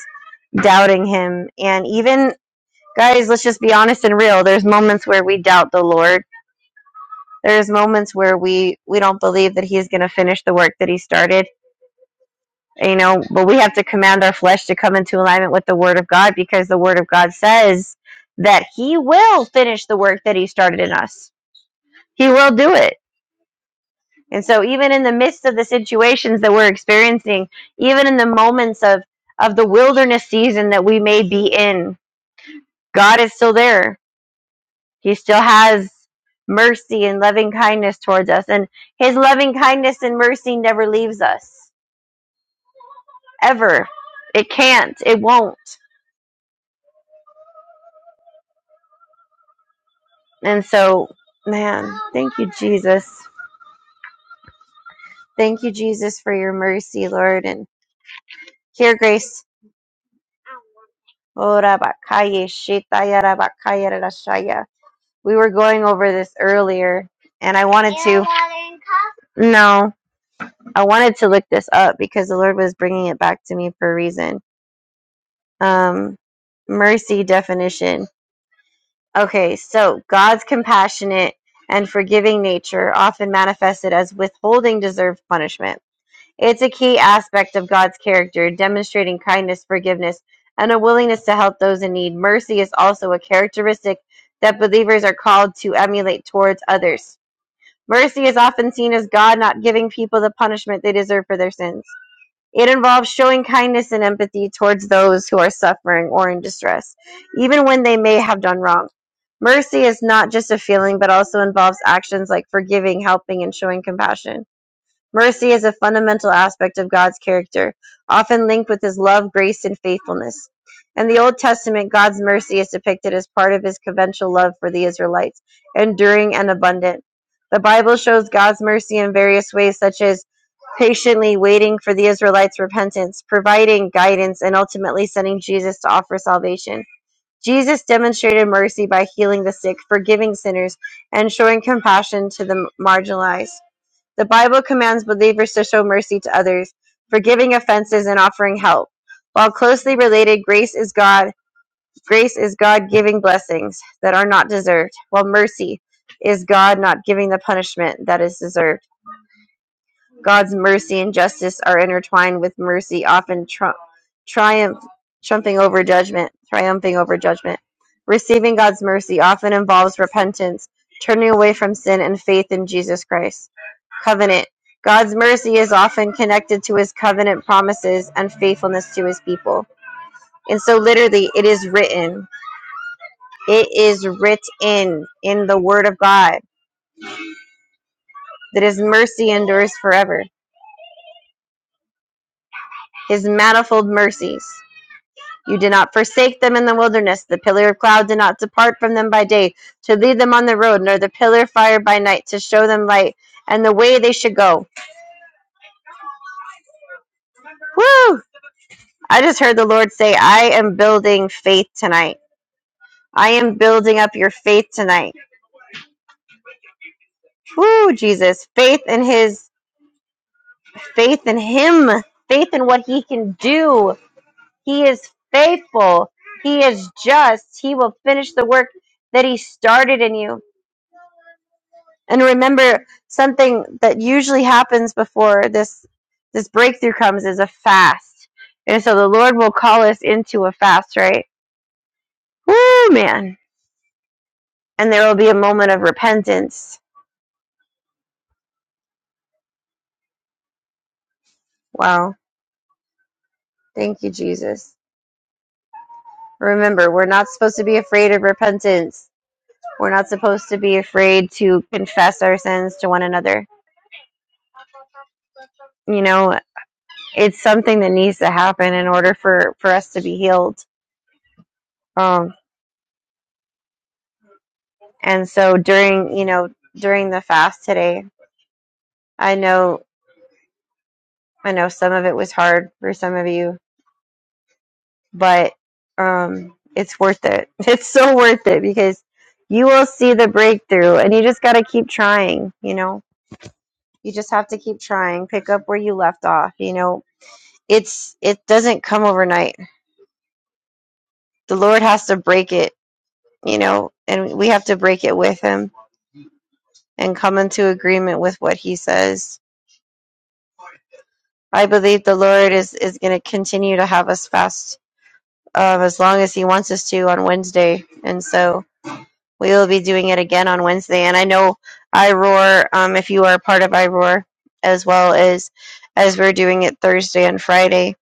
B: doubting him and even guys let's just be honest and real there's moments where we doubt the lord there's moments where we we don't believe that he's going to finish the work that he started you know but we have to command our flesh to come into alignment with the word of god because the word of god says that he will finish the work that he started in us he will do it And so even in the midst of the situations that we're experiencing, even in the moments of of the wilderness season that we may be in, God is still there. He still has mercy and loving kindness towards us and his loving kindness and mercy never leaves us ever. It can't. It won't. And so, man, thank you Jesus. Thank you Jesus for your mercy, Lord, and here grace. Ora bakaya shitaya rabakaya rashaya. We were going over this earlier, and I wanted to. No, I wanted to look this up because the Lord was bringing it back to me for a reason. Um, mercy definition. Okay, so God's compassionate and forgiving nature, often manifested as withholding deserved punishment. It's a key aspect of God's character, demonstrating kindness, forgiveness, and a willingness to help those in need. Mercy is also a characteristic that believers are called to emulate towards others. Mercy is often seen as God not giving people the punishment they deserve for their sins. It involves showing kindness and empathy towards those who are suffering or in distress, even when they may have done wrong. Mercy is not just a feeling, but also involves actions like forgiving, helping, and showing compassion. Mercy is a fundamental aspect of God's character, often linked with his love, grace, and faithfulness. In the Old Testament, God's mercy is depicted as part of his covenantal love for the Israelites, enduring and abundant. The Bible shows God's mercy in various ways, such as patiently waiting for the Israelites' repentance, providing guidance, and ultimately sending Jesus to offer salvation. Jesus demonstrated mercy by healing the sick, forgiving sinners, and showing compassion to the marginalized. The Bible commands believers to show mercy to others, forgiving offenses and offering help. While closely related, grace is God. Grace is God giving blessings that are not deserved, while mercy is God not giving the punishment that is deserved. God's mercy and justice are intertwined with mercy, often tru- triumph, triumphing over judgment, triumphing over judgment. Receiving God's mercy often involves repentance, turning away from sin, and faith in Jesus Christ. Covenant. God's mercy is often connected to his covenant promises and faithfulness to his people. And so, literally, it is written. It is written in the Word of God that his mercy endures forever, his manifold mercies. You did not forsake them in the wilderness. The pillar of cloud did not depart from them by day to lead them on the road, nor the pillar of fire by night to show them light and the way they should go. Woo! I just heard the Lord say, I am building faith tonight. I am building up your faith tonight. Woo, Jesus. Faith in his faith in him. Faith in what he can do. He is faithful. He is just. He will finish the work that he started in you. And remember, something that usually happens before this this breakthrough comes is a fast. And so the Lord will call us into a fast, right? Woo, man. And there will be a moment of repentance. Wow. Thank you, Jesus. Remember, we're not supposed to be afraid of repentance. We're not supposed to be afraid to confess our sins to one another. You know, it's something that needs to happen in order for, for us to be healed. Um, And so during, you know, during the fast today, I know I know some of it was hard for some of you, but um it's worth it. It's so worth it because you will see the breakthrough and you just got to keep trying, you know. You just have to keep trying, pick up where you left off, you know. It's it doesn't come overnight. The Lord has to break it, you know, and we have to break it with him and come into agreement with what he says I believe the Lord is is going to continue to have us fast um, as long as He wants us to on Wednesday, and so we will be doing it again on Wednesday. And I know iRoar, um, if you are a part of iRoar, as well as as we're doing it Thursday and Friday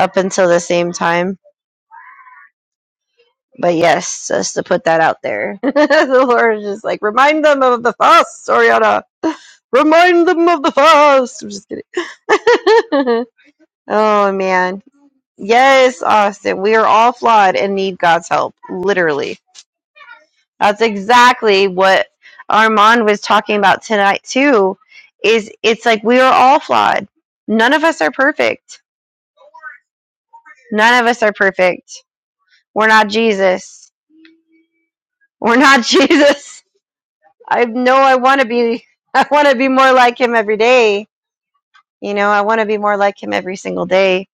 B: up until the same time. But yes, just to put that out there, the Lord is just like remind them of the fast, Oriana. Remind them of the fast. I'm just kidding. oh man Yes, Austin, we are all flawed and need God's help. Literally. That's exactly what Armand was talking about tonight too. Is it's like we are all flawed. None of us are perfect. None of us are perfect. We're not Jesus. We're not Jesus. I know I want to be I want to be more like him every day. You know, I want to be more like him every single day.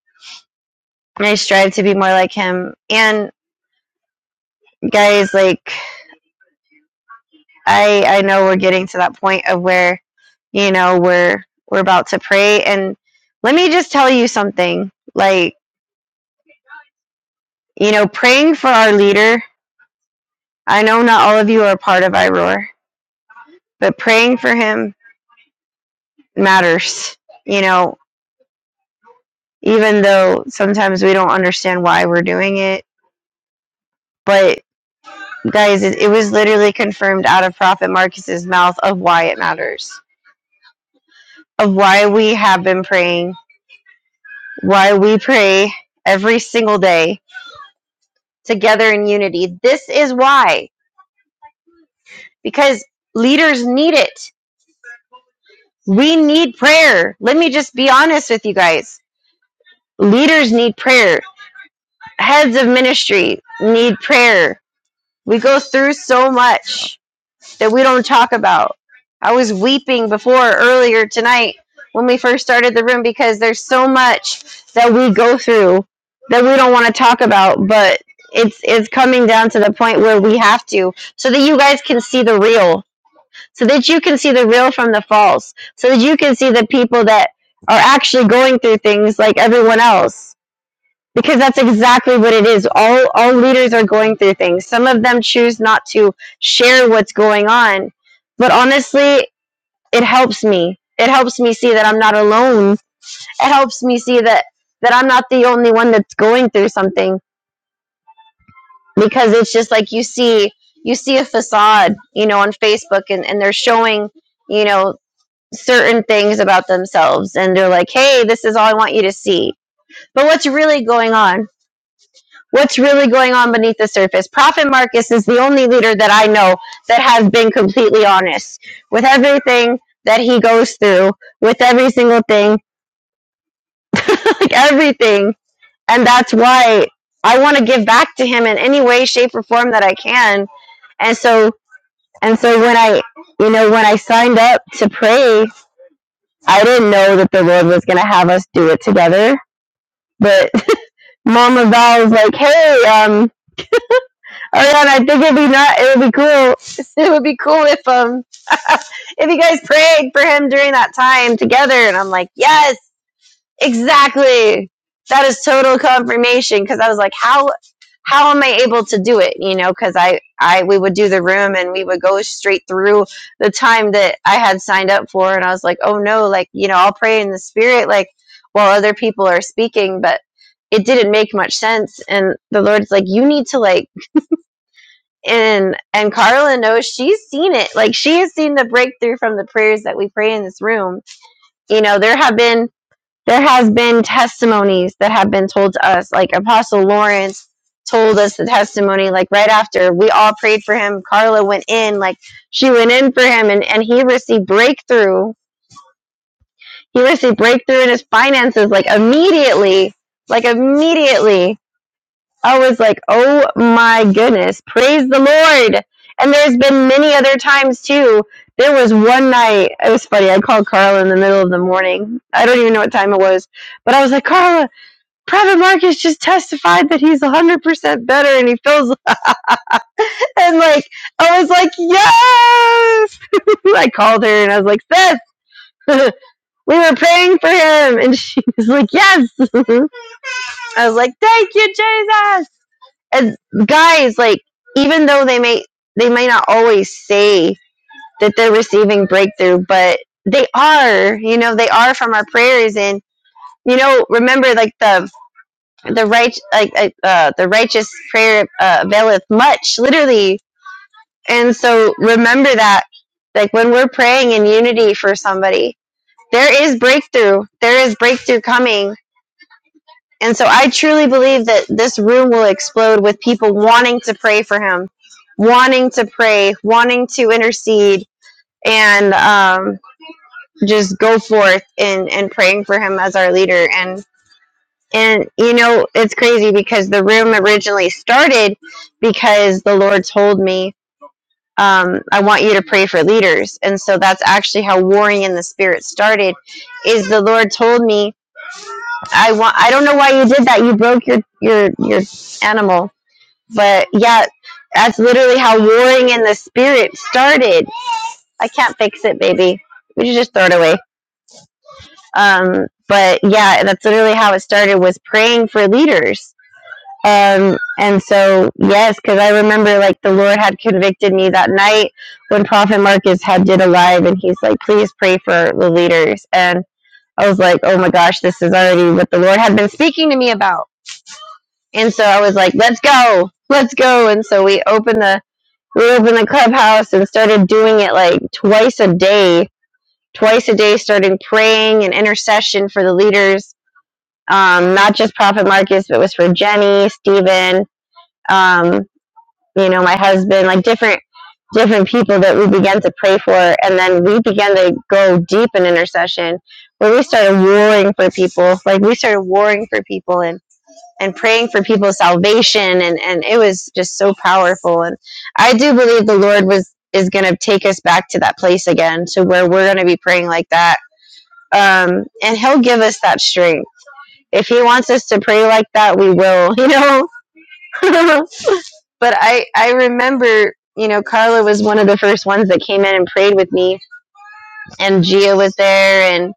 B: And I strive to be more like him. And guys, like I I know we're getting to that point of where you know we're we're about to pray and let me just tell you something like you know praying for our leader I know not all of you are part of IROAR but praying for him matters you know even though sometimes we don't understand why we're doing it but guys it, it was literally confirmed out of prophet Marcus's mouth of why it matters of why we have been praying why we pray every single day together in unity. This is why, because leaders need it. We need prayer. Let me just be honest with you guys. Leaders need prayer. Heads of ministry need prayer. We go through so much that we don't talk about. I was weeping before earlier tonight when we first started the room because there's so much that we go through that we don't want to talk about, but it's it's coming down to the point where we have to so that you guys can see the real so that you can see the real from the false, so that you can see the people that are actually going through things like everyone else. Because that's exactly what it is. All all leaders are going through things. Some of them choose not to share what's going on. But honestly, it helps me. It helps me see that I'm not alone. It helps me see that that I'm not the only one that's going through something because it's just like you see you see a facade, you know, on Facebook and, and they're showing you know certain things about themselves and they're like, hey, this is all I want you to see. But what's really going on? What's really going on beneath the surface? Prophet Marcus is the only leader that I know that has been completely honest with everything that he goes through, with every single thing, like everything. And that's why I want to give back to him in any way, shape, or form that I can. And so, and so when I, you know, when I signed up to pray, I didn't know that the Lord was going to have us do it together But Mama Val was like, "Hey, um, Ariana, I think it'd be not. It would be cool. It would be cool if um, if you guys prayed for him during that time together." And I'm like, "Yes." Exactly. That is total confirmation because I was like, how how am I able to do it? You know, because I I we would do the room and we would go straight through the time that I had signed up for, and I was like, oh no, like you know, I'll pray in the spirit, like while other people are speaking, but it didn't make much sense. And the Lord's like, you need to like, and and Carla knows she's seen it, like she has seen the breakthrough from the prayers that we pray in this room. You know, there have been there has been testimonies that have been told to us like apostle lawrence told us the testimony like right after we all prayed for him carla went in like she went in for him and, and he received breakthrough he received breakthrough in his finances like immediately like immediately i was like oh my goodness praise the lord and there's been many other times too there was one night it was funny i called carla in the middle of the morning i don't even know what time it was but i was like carla Private Marcus just testified that he's 100% better and he feels, and like, I was like, yes! I called her and I was like, sis, we were praying for him. And she was like, yes! I was like, thank you, Jesus! And guys, like, even though they may, they may not always say that they're receiving breakthrough, but they are, you know, they are from our prayers. And, you know, remember like the the right like uh, uh, the righteous prayer uh, availeth much literally and so remember that like when we're praying in unity for somebody there is breakthrough there is breakthrough coming and so i truly believe that this room will explode with people wanting to pray for him wanting to pray wanting to intercede and um, just go forth in and praying for him as our leader And And you know, it's crazy because the room originally started because the Lord told me, um, I want you to pray for leaders. And so that's actually how warring in the spirit started is the Lord told me, I want I don't know why you did that. You broke your your your animal. But yeah, that's literally how warring in the spirit started. I can't fix it, baby. We should just throw it away. Um, but yeah, that's literally how it started was praying for leaders Um, and so, yes, because I remember like the Lord had convicted me that night when Prophet Marcus had did a live, and he's like, "Please pray for the leaders." And I was like, "Oh my gosh, this is already what the Lord had been speaking to me about." And so I was like, "Let's go, let's go!" And so we opened the we opened the clubhouse and started doing it like twice a day, twice a day, starting praying and intercession for the leaders. Um, not just Prophet Marcus, but it was for Jenny, Stephen, um, you know, my husband, like different different people that we began to pray for and then we began to go deep in intercession where we started warring for people. Like we started warring for people and and praying for people's salvation and and it was just so powerful and I do believe the Lord was is going to take us back to that place again to where we're going to be praying like that. Um and he'll give us that strength. If he wants us to pray like that, we will, you know. but I I remember you know Carla was one of the first ones that came in and prayed with me, and Gia was there, and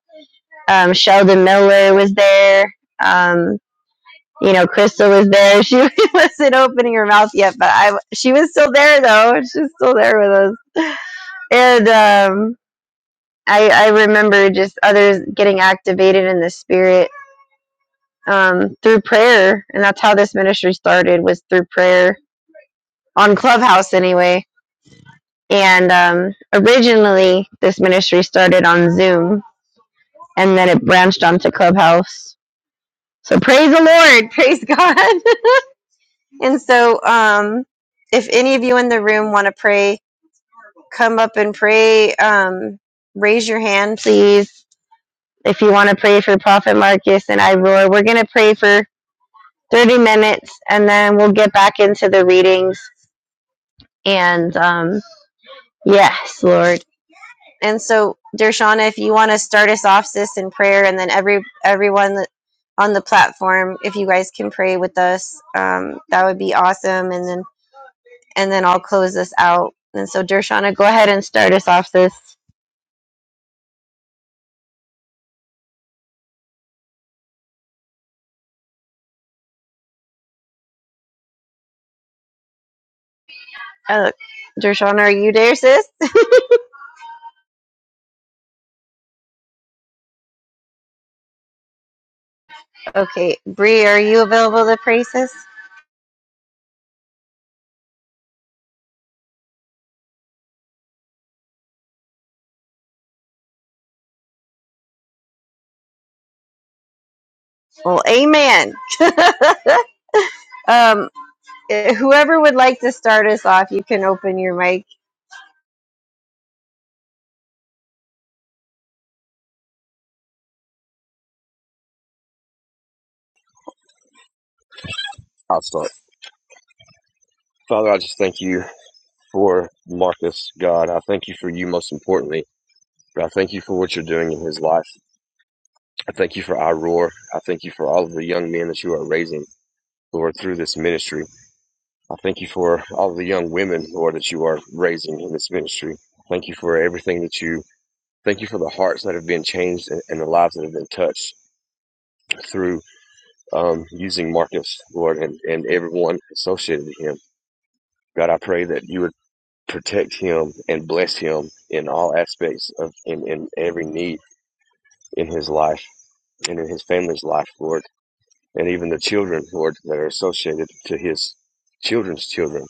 B: um, Sheldon Miller was there. Um, you know, Crystal was there. She wasn't opening her mouth yet, but I she was still there though. She's still there with us, and um, I I remember just others getting activated in the spirit um, through prayer, and that's how this ministry started was through prayer on Clubhouse anyway And um, originally, this ministry started on Zoom and then it branched onto Clubhouse. So praise the Lord, praise God. and so, um, if any of you in the room want to pray, come up and pray. Um, raise your hand, please. If you want to pray for Prophet Marcus and Ivor, we're going to pray for 30 minutes and then we'll get back into the readings. And um, yes, Lord. And so, Dershana, if you want to start us off, sis, in prayer, and then every everyone on the platform, if you guys can pray with us, um, that would be awesome. And then and then I'll close this out. And so, Dershana, go ahead and start us off, sis. Uh, Dershana, are you there, sis? okay, Bree, are you available to pray, sis? Well, amen. um, eh, whoever would like to start us off, you can open your mic.
D: I'll start. Father, I just thank you for Marcus, God. I thank you for you most importantly. But I thank you for what you're doing in his life. I thank you for Iroar. I thank you for all of the young men that you are raising, Lord, through this ministry. I thank you for all the young women, Lord, that you are raising in this ministry. Thank you for everything that you. Thank you for the hearts that have been changed and, and the lives that have been touched through um, using Marcus, Lord, and, and everyone associated with him. God, I pray that you would protect him and bless him in all aspects of in, in every need in his life and in his family's life, Lord, and even the children, Lord, that are associated to his children's children.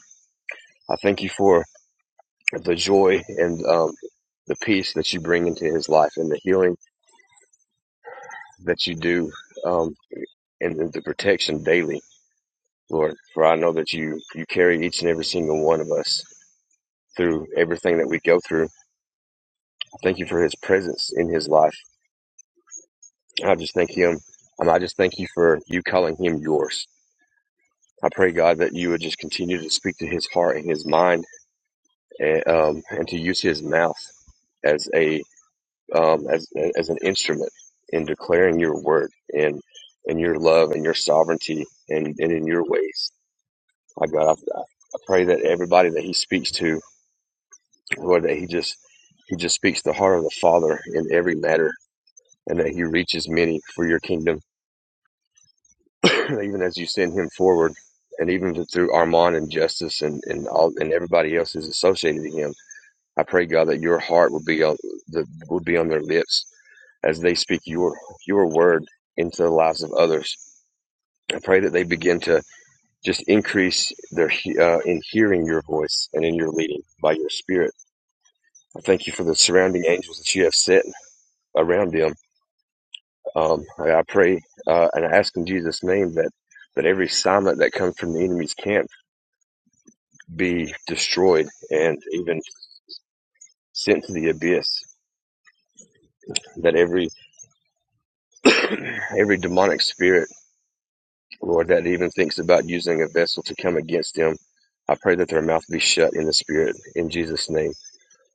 D: I thank you for the joy and um, the peace that you bring into his life and the healing that you do um, and the the protection daily, Lord. For I know that you, you carry each and every single one of us through everything that we go through. Thank you for his presence in his life. I just thank him. And I just thank you for you calling him yours. I pray, God, that you would just continue to speak to his heart and his mind and, um, and to use his mouth as a um, as as an instrument in declaring your word and and your love and your sovereignty and, and in your ways. I God, I, I pray that everybody that He speaks to, Lord, that He just He just speaks the heart of the Father in every matter, and that He reaches many for Your kingdom, even as You send Him forward, and even through Armand and Justice and and all and everybody else who's associated with Him. I pray God that Your heart will be on the will be on their lips as they speak your your word into the lives of others. I pray that they begin to just increase their uh, in hearing your voice and in your leading by your spirit. I thank you for the surrounding angels that you have set around them. Um, I I pray uh, and I ask in Jesus' name that that every assignment that comes from the enemy's camp be destroyed and even sent to the abyss. That every every demonic spirit Lord, that even thinks about using a vessel to come against them. I pray that their mouth be shut in the spirit in Jesus' name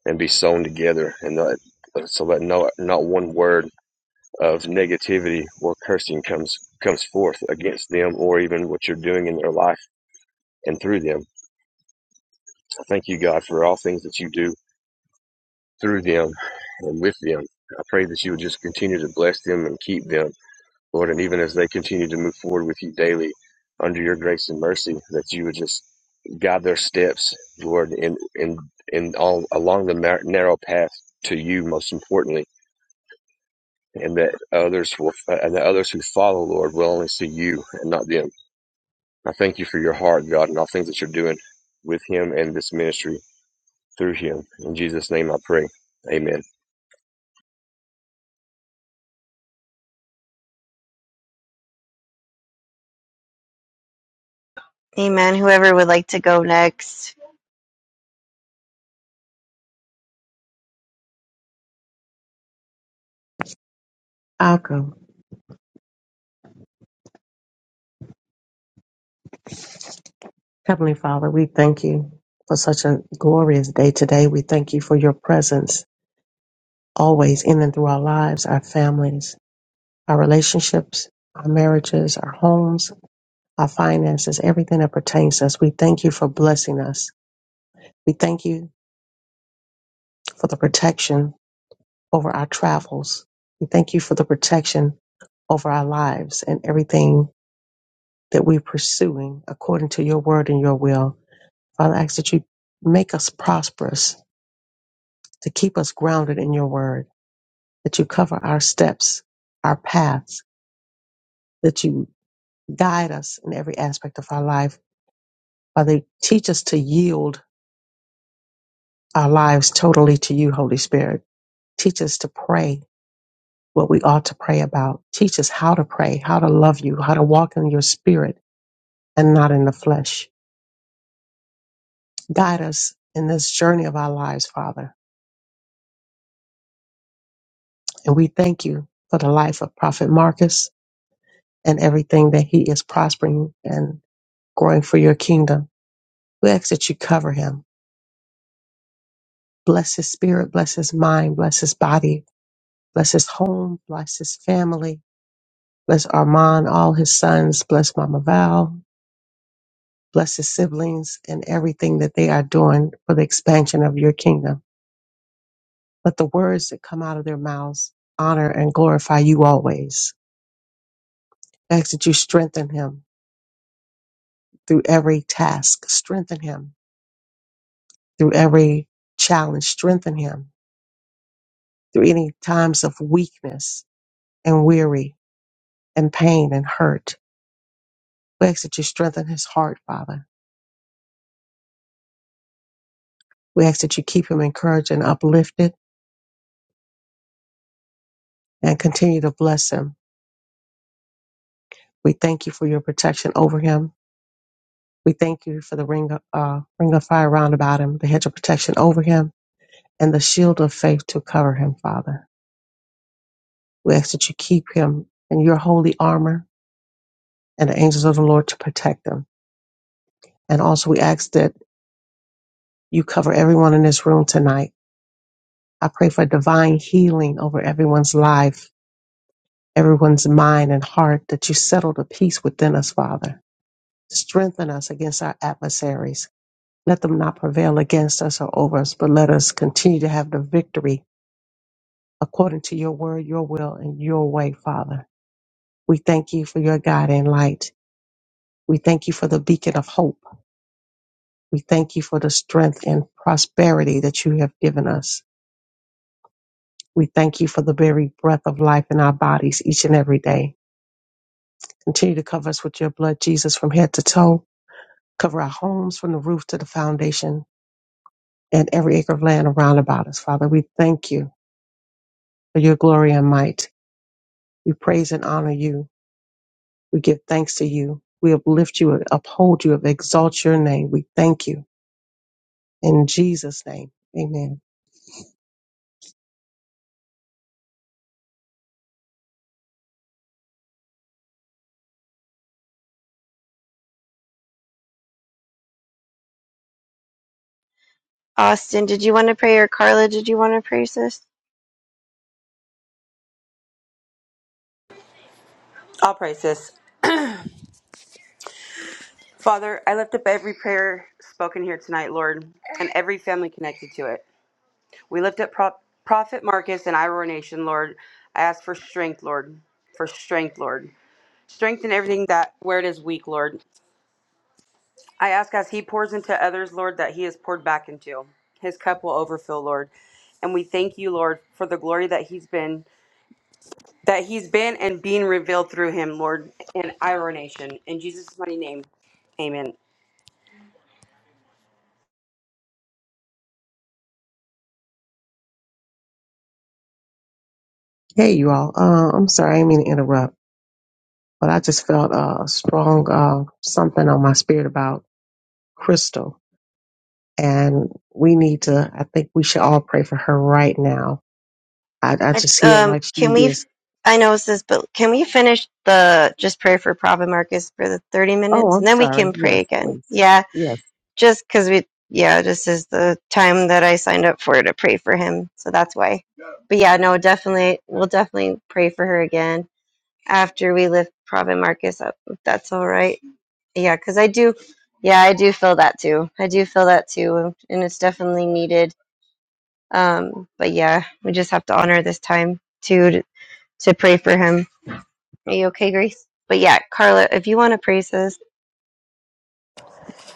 D: and be sewn together and not, so that no, not one word of negativity or cursing comes, comes forth against them or even what you're doing in their life and through them. I thank you, God, for all things that you do through them and with them. I pray that you would just continue to bless them and keep them, Lord, and even as they continue to move forward with you daily under your grace and mercy, that you would just guide their steps, Lord, in in in all along the nar- narrow path to you. Most importantly, and that others will uh, and that others who follow, Lord, will only see you and not them. I thank you for your heart, God, and all things that you're doing with Him and this ministry through Him. In Jesus' name, I pray. Amen.
B: Amen. Whoever would like to go next.
F: I'll go. Heavenly Father, we thank you for such a glorious day today. We thank you for your presence always in and through our lives, our families, our relationships, our marriages, our homes, our finances, everything that pertains to us. We thank you for blessing us. We thank you for the protection over our travels. We thank you for the protection over our lives and everything that we're pursuing according to your word and your will. Father, I ask that you make us prosperous, to keep us grounded in your word, that you cover our steps, our paths, that you guide us in every aspect of our life. Father, teach us to yield our lives totally to you, Holy Spirit. Teach us to pray what we ought to pray about. Teach us how to pray, how to love you, how to walk in your spirit and not in the flesh. Guide us in this journey of our lives, Father. And we thank you for the life of Prophet Marcus and everything that he is prospering and growing for your kingdom. We ask that you cover him. Bless his spirit, bless his mind, bless his body, bless his home, bless his family, bless Armand, all his sons, bless Mama Val, bless his siblings and everything that they are doing for the expansion of your kingdom. Let the words that come out of their mouths honor and glorify you always. We ask that you strengthen him through every task, strengthen him through every challenge, strengthen him through any times of weakness and weary and pain and hurt. We ask that you strengthen his heart, Father. We ask that you keep him encouraged and uplifted and continue to bless him. We thank you for your protection over him. We thank you for the ring of, uh, ring of fire round about him, the hedge of protection over him, and the shield of faith to cover him, Father. We ask that you keep him in your holy armor and the angels of the Lord to protect him. And also we ask that you cover everyone in this room tonight I pray for divine healing over everyone's life, everyone's mind and heart, that you settle the peace within us, Father. Strengthen us against our adversaries. Let them not prevail against us or over us, but let us continue to have the victory according to your word, your will, and your way, Father. We thank you for your guiding light. We thank you for the beacon of hope. We thank you for the strength and prosperity that you have given us. We thank you for the very breath of life in our bodies each and every day. Continue to cover us with your blood, Jesus, from head to toe. Cover our homes from the roof to the foundation and every acre of land around about us. Father, we thank you for your glory and might. We praise and honor you. We give thanks to you. We uplift you, uphold you, exalt your name. We thank you. In Jesus' name, amen.
B: Austin, did you want to pray, or Carla, did you want to pray, sis?
C: I'll pray, sis. Father, I lift up every prayer spoken here tonight, Lord, and every family connected to it. We lift up Pro- Prophet Marcus and Iroh Nation, Lord. I ask for strength, Lord, for strength, Lord. Strengthen everything that where it is weak, Lord. I ask as he pours into others, Lord, that he is poured back into. His cup will overflow, Lord. And we thank you, Lord, for the glory that he's been that he's been and being revealed through him, Lord, in our nation. In Jesus' mighty name. Amen.
F: Hey, you all. Uh, I'm sorry, I didn't mean to interrupt. but I just felt a strong uh, something on my spirit about Crystal. And we need to, I think we should all pray for her right now. I, I
B: I,
F: just hear
B: um,
F: like she
B: can we?
F: is,
B: I know it's this, but can we finish the just pray for Prophet Marcus for the thirty
F: oh,
B: minutes,
F: I'm
B: and then we
F: sorry.
B: can pray
F: Yes,
B: again?
F: please.
B: Yeah,
F: Yes.
B: just because we. Yeah, this is the time that I signed up for to pray for him, so that's why. But yeah, no, definitely, we'll definitely pray for her again after we lift Prophet Marcus up, if that's all right. Yeah, because I do. Yeah, I do feel that too. I do feel that too, and it's definitely needed Um, but yeah, we just have to honor this time to to pray for him. Are you okay, Grace? But yeah, Carla, if you want to pray, sis,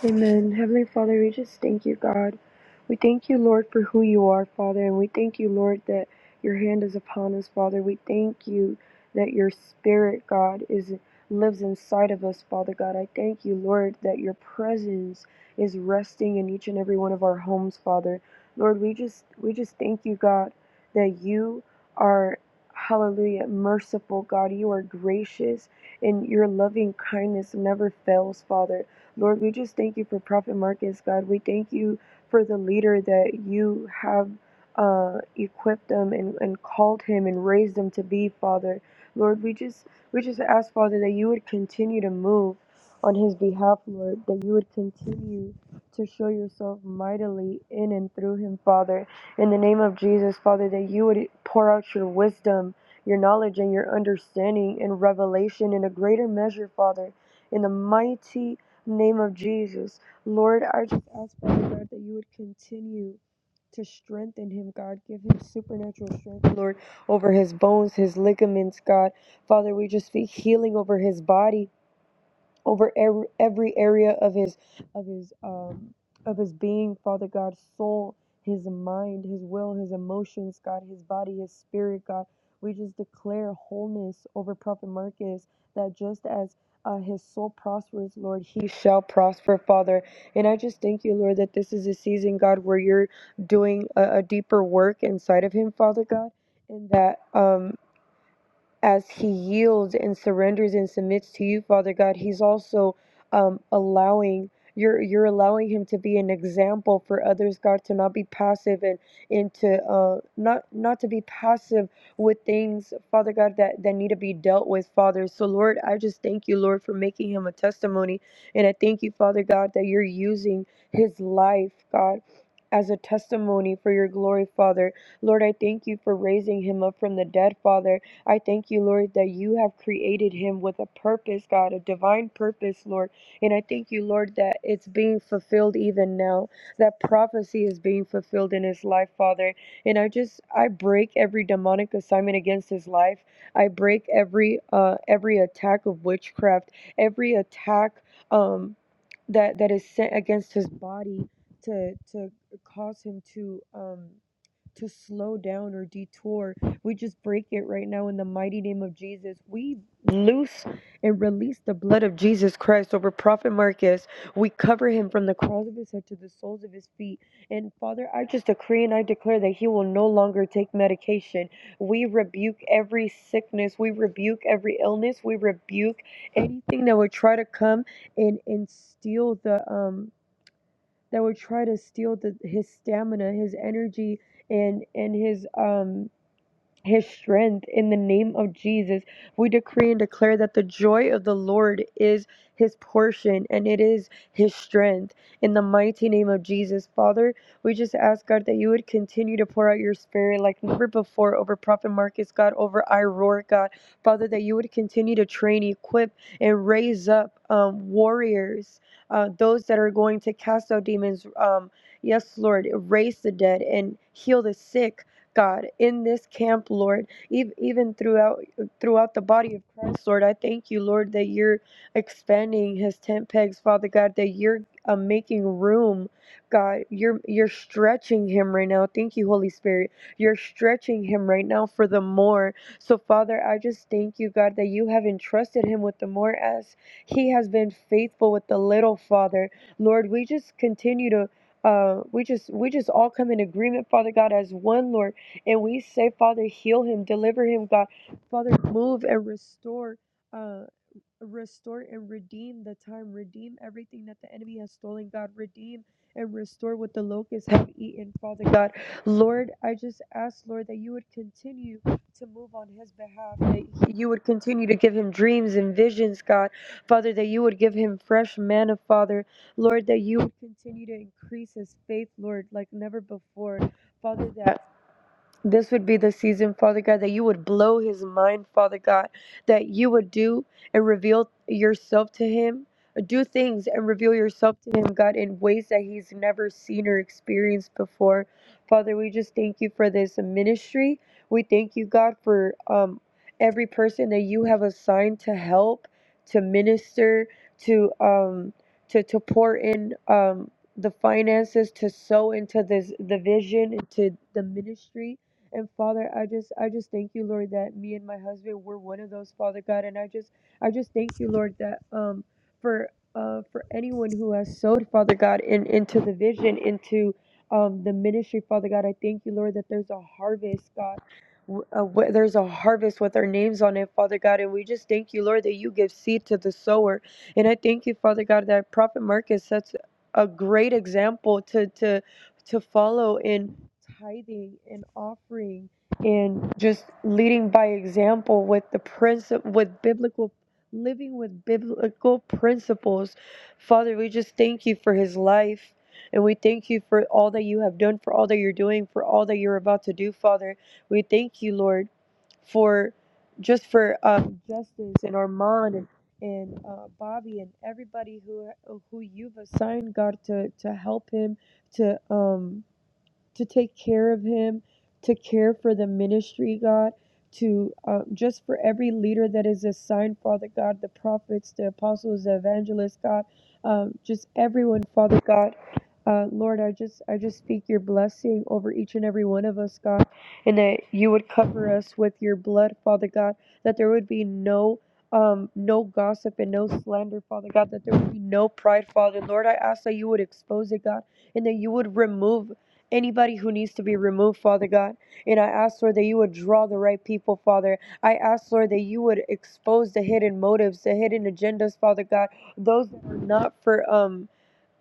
G: Amen. Heavenly Father, we just thank you, God. We thank you, Lord, for who you are, Father, and we thank you, Lord, that your hand is upon us, Father. We thank you that your spirit, God, is lives inside of us, Father God. I thank you, Lord, that your presence is resting in each and every one of our homes, Father. Lord, we just we just thank you, God, that you are hallelujah merciful, God. You are gracious and your loving kindness never fails, Father. Lord, we just thank you for Prophet Marcus, God. We thank you for the leader that you have uh, equipped them and, and called him and raised him to be, Father. Lord, we just we just ask, Father, that you would continue to move on his behalf, Lord, that you would continue to show yourself mightily in and through him, Father. In the name of Jesus, Father, that you would pour out your wisdom, your knowledge, and your understanding and revelation in a greater measure, Father. In the mighty name of Jesus. Lord, I just ask, Father God, that you would continue to strengthen him, God. Give him supernatural strength, Lord, over his bones, his ligaments, God. Father, we just speak healing over his body over every, every area of his of his um of his being father god soul his mind his will his emotions god his body his spirit god we just declare wholeness over prophet marcus that just as uh, his soul prospers, Lord. He shall prosper, Father. And I just thank you, Lord, that this is a season, God, where you're doing a, a deeper work inside of him, Father God, and that um, as he yields and surrenders and submits to you, Father God, he's also um, allowing you're you're allowing him to be an example for others, God, to not be passive and into uh, not not to be passive with things, Father God, that that need to be dealt with, Father. So Lord, I just thank you, Lord, for making him a testimony, and I thank you, Father God, that you're using his life, God. As a testimony for your glory, Father. Lord, I thank you for raising him up from the dead, Father. I thank you, Lord, that you have created him with a purpose, God, a divine purpose, Lord. And I thank you, Lord, that it's being fulfilled even now. That prophecy is being fulfilled in his life, Father. And I just I break every demonic assignment against his life. I break every uh every attack of witchcraft, every attack um that that is sent against his body to to cause him to um to slow down or detour. We just break it right now in the mighty name of Jesus. We loose and release the blood of Jesus Christ over Prophet Marcus. We cover him from the crown of his head to the soles of his feet. And Father, I just decree and I declare that he will no longer take medication. We rebuke every sickness, we rebuke every illness, we rebuke anything that would try to come and and steal the um that would try to steal the, his stamina, his energy, and and his um his strength in the name of Jesus. We decree and declare that the joy of the Lord is his portion and it is his strength in the mighty name of Jesus. Father, we just ask God that you would continue to pour out your spirit like never before over Prophet Marcus, God, over Iroar, God. Father, that you would continue to train, equip, and raise up um, warriors, uh, those that are going to cast out demons. Um, yes, Lord, raise the dead and heal the sick God, in this camp, Lord, ev- even throughout throughout the body of Christ, Lord, I thank you, Lord, that you're expanding His tent pegs, Father God, that you're uh, making room, God, you're you're stretching Him right now. Thank you, Holy Spirit, you're stretching Him right now for the more. So, Father, I just thank you, God, that you have entrusted Him with the more as He has been faithful with the little, Father. Lord, we just continue to. Uh, we just we just all come in agreement, Father God, as one, Lord and we say, Father, heal him, deliver him, God. Father, move and restore, uh, restore and redeem the time, redeem everything that the enemy has stolen, God. Redeem and restore what the locusts have eaten, Father God. Lord, I just ask, Lord, that you would continue to move on his behalf, that you would continue to give him dreams and visions, God. Father, that you would give him fresh manna, Father. Lord, that you would continue to increase his faith, Lord, like never before. Father, that this would be the season, Father God, that you would blow his mind, Father God, that you would do and reveal yourself to him. Do things and reveal yourself to him, God, in ways that he's never seen or experienced before. Father, we just thank you for this ministry. We thank you, God, for um, every person that you have assigned to help, to minister, to um, to to pour in um, the finances, to sow into this the vision, into the ministry. And Father, I just I just thank you, Lord, that me and my husband were one of those, Father God. And I just I just thank you, Lord, that um for uh for anyone who has sowed, Father God, in into the vision, into um the ministry, Father God. I thank you, Lord, that there's a harvest, God. w- Uh, wh- there's a harvest with our names on it, Father God, and we just thank you, Lord, that you give seed to the sower. And I thank you, Father God, that Prophet Marcus sets a great example to to to follow in tithing and offering and just leading by example with the principle with biblical living with biblical principles. Father, we just thank you for his life. And we thank you for all that you have done, for all that you're doing, for all that you're about to do, Father. We thank you, Lord for just for um, Justice and Armand and and uh, Bobby and everybody who who you've assigned God to to help him to um to take care of him, to care for the ministry, God, to uh, just for every leader that is assigned, Father God, the prophets, the apostles, the evangelists, God, um, just everyone, Father God. Uh, Lord, I just I just speak your blessing over each and every one of us, God, and that you would cover us with your blood, Father God. That there would be no um, no gossip and no slander, Father God. That there would be no pride, Father. Lord, I ask that you would expose it, God, and that you would remove anybody who needs to be removed, Father God. And I ask, Lord, that you would draw the right people, Father. I ask, Lord, that you would expose the hidden motives, the hidden agendas, Father God. Those that are not for um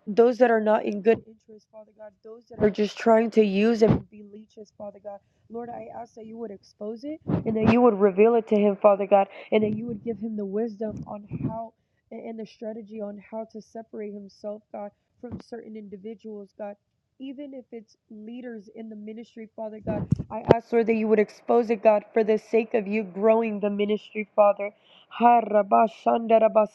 G: those that are not in good interest, Father God, those that are just trying to use and be leeches, Father God. Lord, I ask that you would expose it and that you would reveal it to him, Father God, and that you would give him the wisdom on how and the strategy on how to separate himself, God, from certain individuals, God. Even if it's leaders in the ministry, Father God, I ask, Lord, that you would expose it, God, for the sake of you growing the ministry, Father. Ha, rabba, shanda, rabba,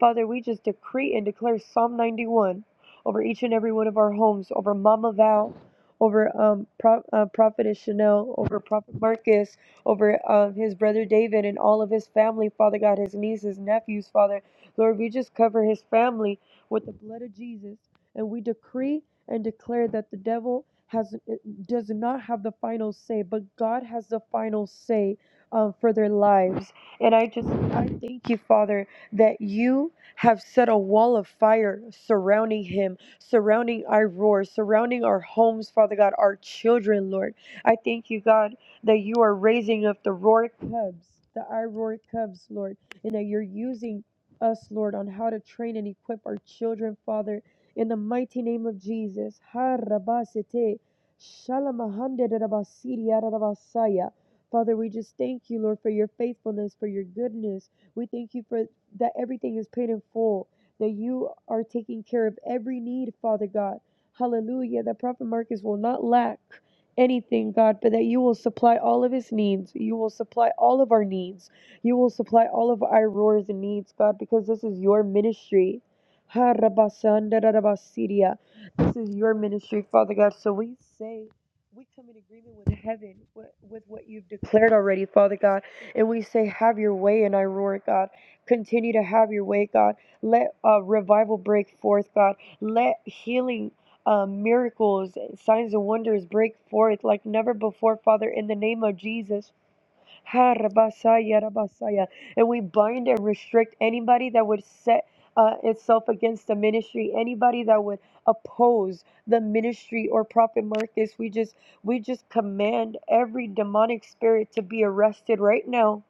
G: Father, we just decree and declare Psalm 91 over each and every one of our homes, over Mama Val, over um, Pro- uh, Prophetess Chanel, over Prophet Marcus, over um, his brother David and all of his family, Father God, his nieces, nephews, Father. Lord, we just cover his family with the blood of Jesus, and we decree and declare that the devil has does not have the final say, but God has the final say um, for their lives. And I just I thank you, Father, that you have set a wall of fire surrounding him, surrounding our roar, surrounding our homes, Father God, our children, Lord. I thank you, God, that you are raising up the roar cubs, the I roar cubs, Lord, and that you're using us, Lord, on how to train and equip our children, Father. In the mighty name of Jesus. Ha rabasete. Shalom, Ahande, Rabasiri, Arabasaya. Father, we just thank you, Lord, for your faithfulness, for your goodness. We thank you for that everything is paid in full, that you are taking care of every need, Father God. Hallelujah. That Prophet Marcus will not lack anything, God, but that you will supply all of his needs. You will supply all of our needs. You will supply all of our roars and needs, God, because this is your ministry. Ha, rabasanda, rabasidia. This is your ministry, Father God. So we say we come in agreement with heaven, with what you've declared already, Father God. And we say, Have your way in Aurora, God. Continue to have your way, God. Let uh, revival break forth, God. Let healing. Uh, miracles, signs, and wonders break forth like never before, Father, in the name of Jesus. Harabasaya, rabasaya. And we bind and restrict anybody that would set uh, itself against the ministry, anybody that would oppose the ministry or prophet Marcus. We just we just command every demonic spirit to be arrested right now.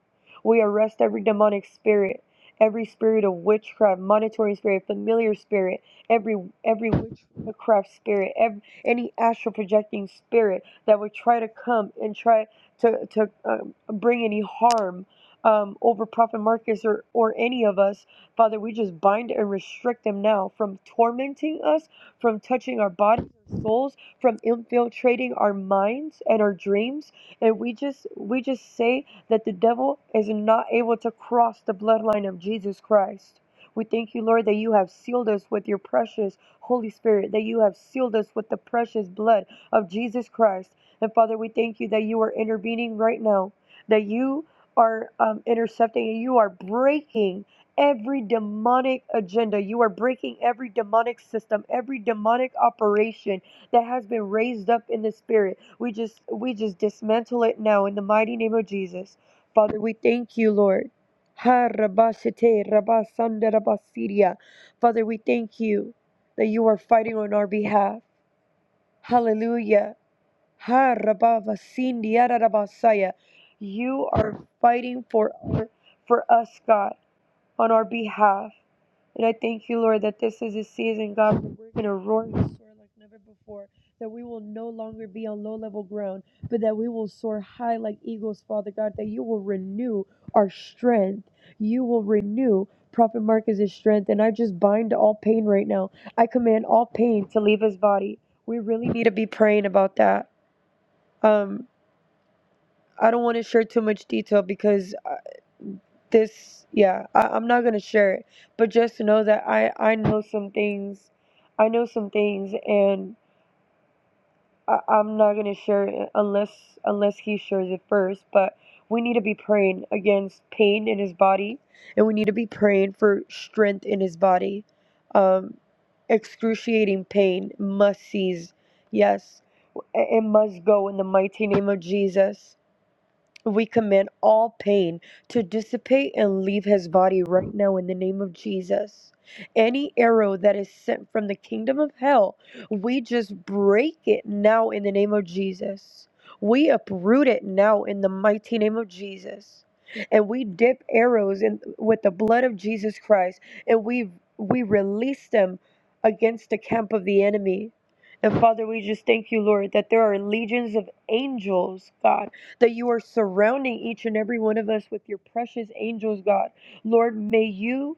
G: We arrest every demonic spirit, every spirit of witchcraft, monitoring spirit, familiar spirit, every every witchcraft spirit, ev any astral projecting spirit that would try to come and try to to uh, bring any harm um, over Prophet Marcus or, or any of us. Father, we just bind and restrict them now from tormenting us, from touching our bodies and souls, from infiltrating our minds and our dreams. And we just we just say that the devil is not able to cross the bloodline of Jesus Christ. We thank you, Lord, that you have sealed us with your precious Holy Spirit, that you have sealed us with the precious blood of Jesus Christ. And Father, we thank you that you are intervening right now that you are um, intercepting and you are breaking every demonic agenda. You are breaking every demonic system, every demonic operation that has been raised up in the spirit. We just we just dismantle it now in the mighty name of Jesus. Father, we thank you, Lord. Ha, rabashite, rabasanda, rabasidia. Father, we thank you that you are fighting on our behalf. Hallelujah. Ha rabavasindi yararabasaya. You are fighting for for us, God, on our behalf. And I thank you, Lord, that this is a season, God, where we're going to roar and soar like never before. That we will no longer be on low level ground, but that we will soar high like eagles, Father God. That you will renew our strength. You will renew Prophet Marcus's strength. And I just bind all pain right now. I command all pain to leave his body. We really need to be praying about that. Um, I don't want to share too much detail because uh, this, yeah, I, I'm not gonna share it. But just know that I I know some things, I know some things, and I, I'm not gonna share it unless unless he shares it first. But we need to be praying against pain in his body, and we need to be praying for strength in his body. Um, excruciating pain must cease. Yes, it it must go in the mighty name of Jesus. We command all pain to dissipate and leave his body right now in the name of Jesus. Any arrow that is sent from the kingdom of hell, we just break it now in the name of Jesus. We uproot it now in the mighty name of Jesus. And we dip arrows in with the blood of Jesus Christ and we we release them against the camp of the enemy. And Father, we just thank you, Lord, that there are legions of angels, God that you are surrounding each and every one of us with your precious angels, God. Lord, may you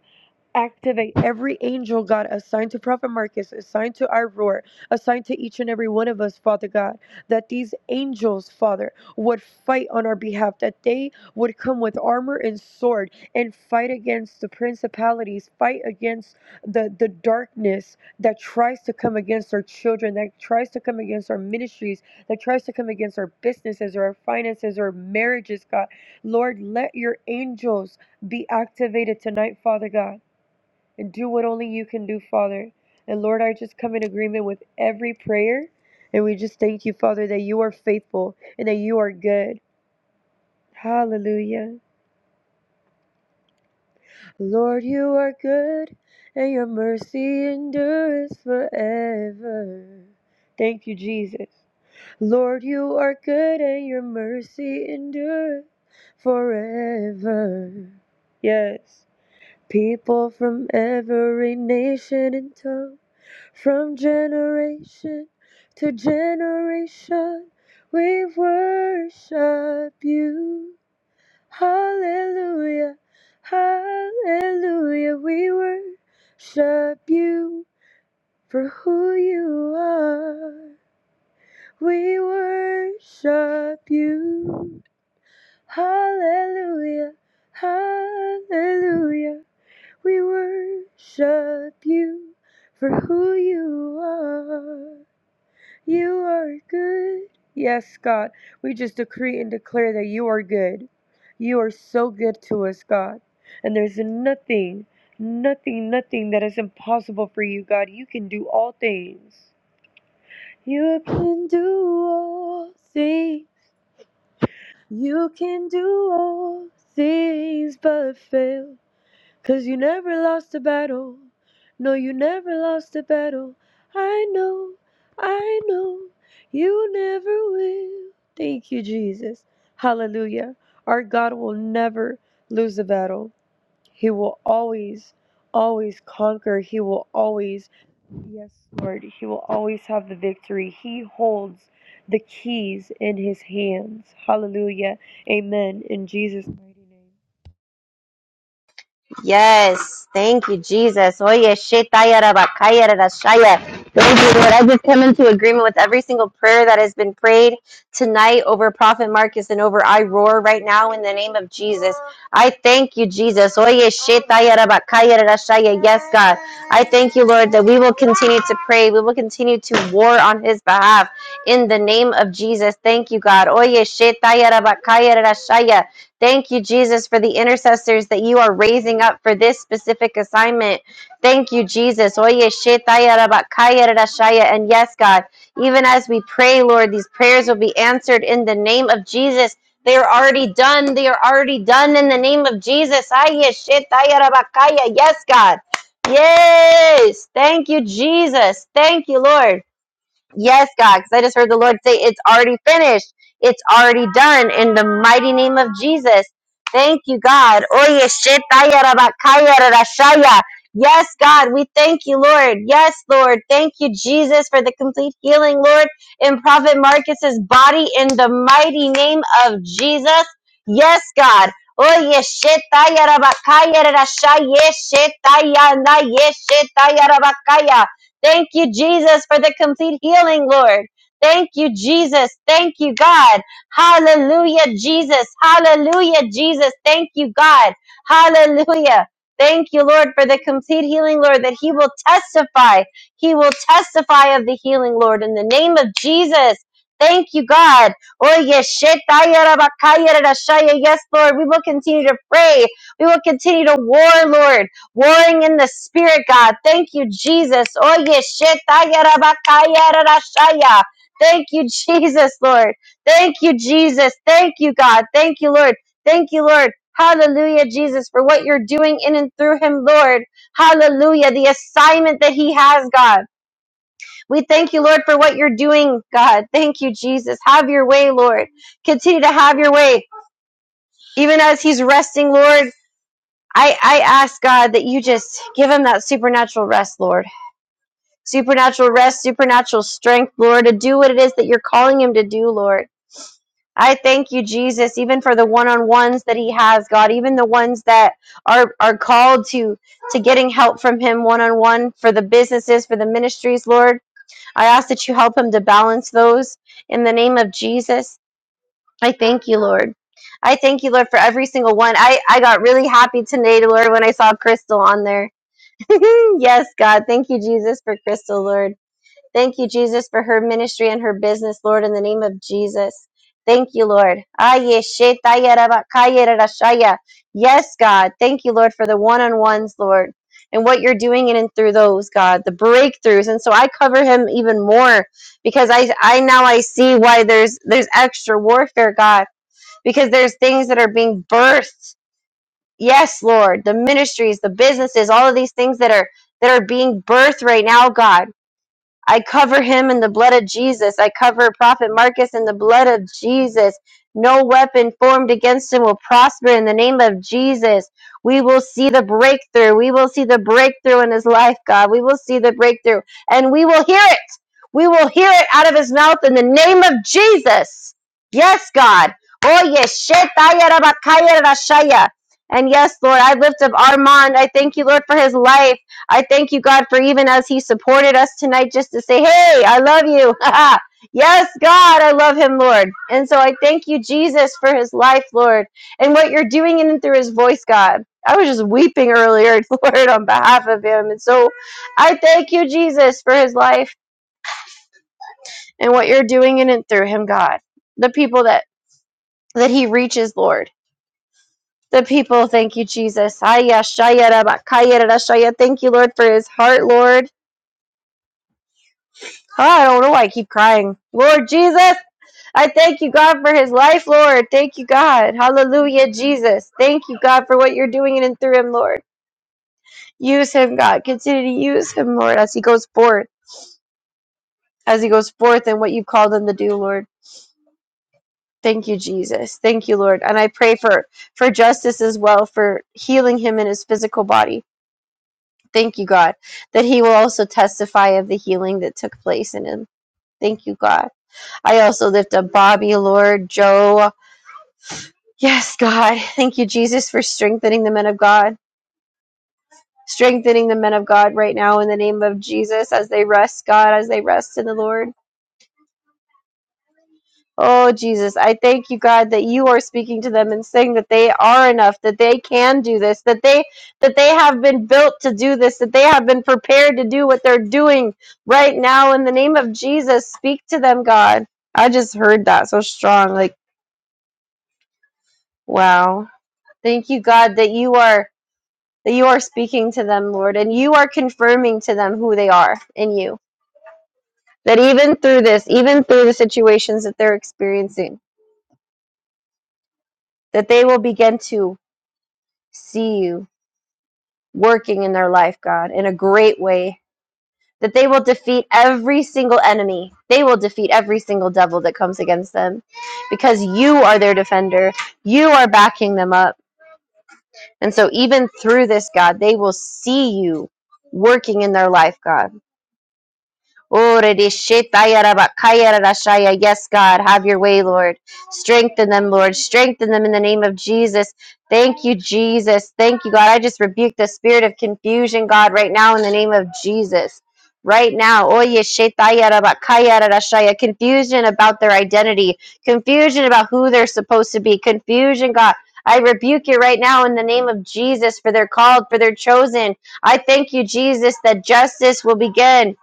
G: activate every angel, God, assigned to Prophet Marcus, assigned to our roar, assigned to each and every one of us, Father God, that these angels, Father, would fight on our behalf, that they would come with armor and sword and fight against the principalities, fight against the, the darkness that tries to come against our children, that tries to come against our ministries, that tries to come against our businesses or our finances or marriages, God. Lord, let your angels be activated tonight, Father God and do what only you can do, Father. And Lord, I just come in agreement with every prayer. And we just thank you, Father, that you are faithful and that you are good. Hallelujah. Lord, you are good and your mercy endures forever. Thank you, Jesus. Lord, you are good and your mercy endures forever. Yes. People from every nation and tongue From generation to generation, we worship you. Hallelujah, hallelujah, we worship you for who you are. We worship you. Hallelujah, hallelujah, we worship you for who you are. You are good. Yes, God. We just decree and declare that you are good. You are so good to us, God. And there's nothing, nothing, nothing that is impossible for you, God. You can do all things. You can do all things. You can do all things but fail. Cause you never lost a battle. No, you never lost a battle. I know, I know, you never will. Thank you, Jesus. Hallelujah. Our God will never lose a battle. He will always, always conquer. He will always, yes, Lord, He will always have the victory. He holds the keys in His hands. Hallelujah. Amen. In Jesus' mighty name.
B: Yes. Thank you, Jesus. Oye, shetaya rabakaya rarashaya. Thank you, Lord. I just come into agreement with every single prayer that has been prayed tonight over Prophet Marcus and over I Roar right now in the name of Jesus. I thank you, Jesus. Oye, shetaya rabakaya rarashaya. Yes, God. I thank you, Lord, that we will continue to pray. We will continue to war on his behalf in the name of Jesus. Thank you, God. Oye, shetaya rabakaya rarashaya. Thank you, Jesus, for the intercessors that you are raising up for this specific assignment. Thank you, Jesus. Oye, shetaya rabakaya rarashaya. And yes, God, even as we pray, Lord, these prayers will be answered in the name of Jesus. They are already done. They are already done in the name of Jesus. Aye, shetaya rabakaya. Yes, God. Yes. Thank you, Jesus. Thank you, Lord. Yes, God, because I just heard the Lord say, It's already finished. It's already done in the mighty name of Jesus. Thank you, God. Oye, shetaya rabakaya rarashaya. Yes, God, we thank you, Lord. Yes, Lord. Thank you, Jesus, for the complete healing, Lord, in Prophet Marcus's body in the mighty name of Jesus. Yes, God. Oye, shetaya rabakaya rarashaya, shetaya na, yes, shetaya rabakaya. Thank you, Jesus, for the complete healing, Lord. Thank you, Jesus. Thank you, God. Hallelujah, Jesus. Hallelujah, Jesus. Thank you, God. Hallelujah. Thank you, Lord, for the complete healing, Lord, that He will testify. He will testify of the healing, Lord, in the name of Jesus. Thank you, God. Oye, shetaya rabakaya rashaya. Yes, Lord, we will continue to pray. We will continue to war, Lord warring in the spirit, God. Thank you, Jesus. Oye, shetayarabakayarashaya. Thank you, Jesus, Lord. Thank you, Jesus. Thank you, God. Thank you, Lord. Thank you, Lord. Hallelujah, Jesus, for what you're doing in and through him, Lord. Hallelujah, the assignment that he has, God. We thank you, Lord, for what you're doing, God. Thank you, Jesus. Have your way, Lord. Continue to have your way, even as he's resting, Lord. I, I ask God that you just give him that supernatural rest, Lord. Supernatural rest, supernatural strength, Lord, to do what it is that you're calling him to do, Lord. I thank you, Jesus, even for the one-on-ones that he has, God, even the ones that are are called to to getting help from him one-on-one for the businesses, for the ministries, Lord. I ask that you help him to balance those in the name of Jesus. I thank you, Lord. I thank you, Lord, for every single one. I, I got really happy today, Lord, when I saw Crystal on there yes, God. Thank you, Jesus, for Crystal, Lord. Thank you, Jesus, for her ministry and her business, Lord, in the name of Jesus. Thank you, Lord. Aye, shetaya rabakaya rarashaya. Yes, God. Thank you, Lord, for the one on ones, Lord, and what you're doing in and through those, God, the breakthroughs. And so I cover him even more because I, I now I see why there's there's extra warfare, God, because there's things that are being birthed Yes, Lord, the ministries, the businesses, all of these things that are that are being birthed right now, God. I cover him in the blood of Jesus. I cover Prophet Marcus in the blood of Jesus. No weapon formed against him will prosper in the name of Jesus. We will see the breakthrough. We will see the breakthrough in his life, God. We will see the breakthrough and we will hear it. We will hear it out of his mouth in the name of Jesus. Yes, God. Oh, yes. And yes, Lord, I lift up Armand. I thank you, Lord, for his life. I thank you, God, for even as He supported us tonight just to say, Hey, I love you. yes, God, I love Him, Lord. And so I thank you, Jesus, for His life, Lord, and what you're doing in and through His voice, God. I was just weeping earlier, Lord, on behalf of Him. And so I thank you, Jesus, for His life and what you're doing in and through Him, God. The people that, that He reaches, Lord. The people, thank you, Jesus. Aya, shaya, raba, kaya, rara, shaya. Thank you, Lord, for his heart, Lord. Oh, I don't know why I keep crying. Lord Jesus, I thank you, God, for his life, Lord. Thank you, God. Hallelujah, Jesus. Thank you, God, for what you're doing in and through him, Lord. Use him, God. Continue to use him, Lord, as he goes forth, as he goes forth in what you've called him to do, Lord. Thank you, Jesus. Thank you, Lord. And I pray for, for justice as well, for healing him in his physical body. Thank you, God, that he will also testify of the healing that took place in him. Thank you, God. I also lift up Bobby, Lord, Joe, Yes, God. Thank you, Jesus, for strengthening the men of God. Strengthening the men of God right now in the name of Jesus as they rest, God, as they rest in the Lord. Oh, Jesus, I thank you, God, that you are speaking to them and saying that they are enough, that they can do this, that they that they have been built to do this, that they have been prepared to do what they're doing right now in the name of Jesus. Speak to them, God. I just heard that so strong like, wow. Thank you, God, that you are that you are speaking to them, Lord, and you are confirming to them who they are in you. That even through this, even through the situations that they're experiencing, that they will begin to see you working in their life, God, in a great way. That they will defeat every single enemy. They will defeat every single devil that comes against them because you are their defender. You are backing them up. And so, even through this, God, they will see you working in their life, God Oh, redishitayarabakayarashaya. Yes, God, have your way, Lord. Strengthen them, Lord. Strengthen them in the name of Jesus. Thank you, Jesus. Thank you, God. I just rebuke the spirit of confusion, God, right now in the name of Jesus. Right now, Oye, shetayarabakayarashaya. confusion about their identity, confusion about who they're supposed to be, confusion, God. I rebuke you right now in the name of Jesus for their called, for their chosen. I thank you, Jesus, that justice will begin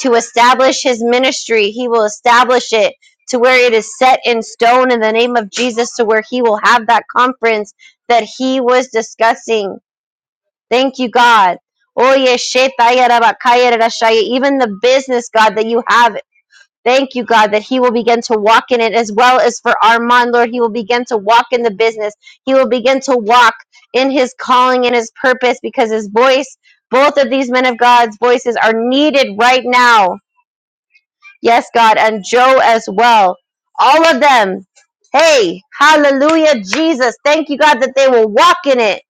B: to establish his ministry. He will establish it to where it is set in stone in the name of Jesus, to where he will have that conference that he was discussing. Thank you, God. Oye, shetaya rabakaya rarashaya. Even the business, God, that you have. Thank you, God, that he will begin to walk in it as well as for Armand, Lord. He will begin to walk in the business. He will begin to walk in his calling and his purpose because his voice, both of these men of God's voices are needed right now Yes, God, and Joe as well. All of them. Hey, hallelujah, Jesus. Thank you, God, that they will walk in it.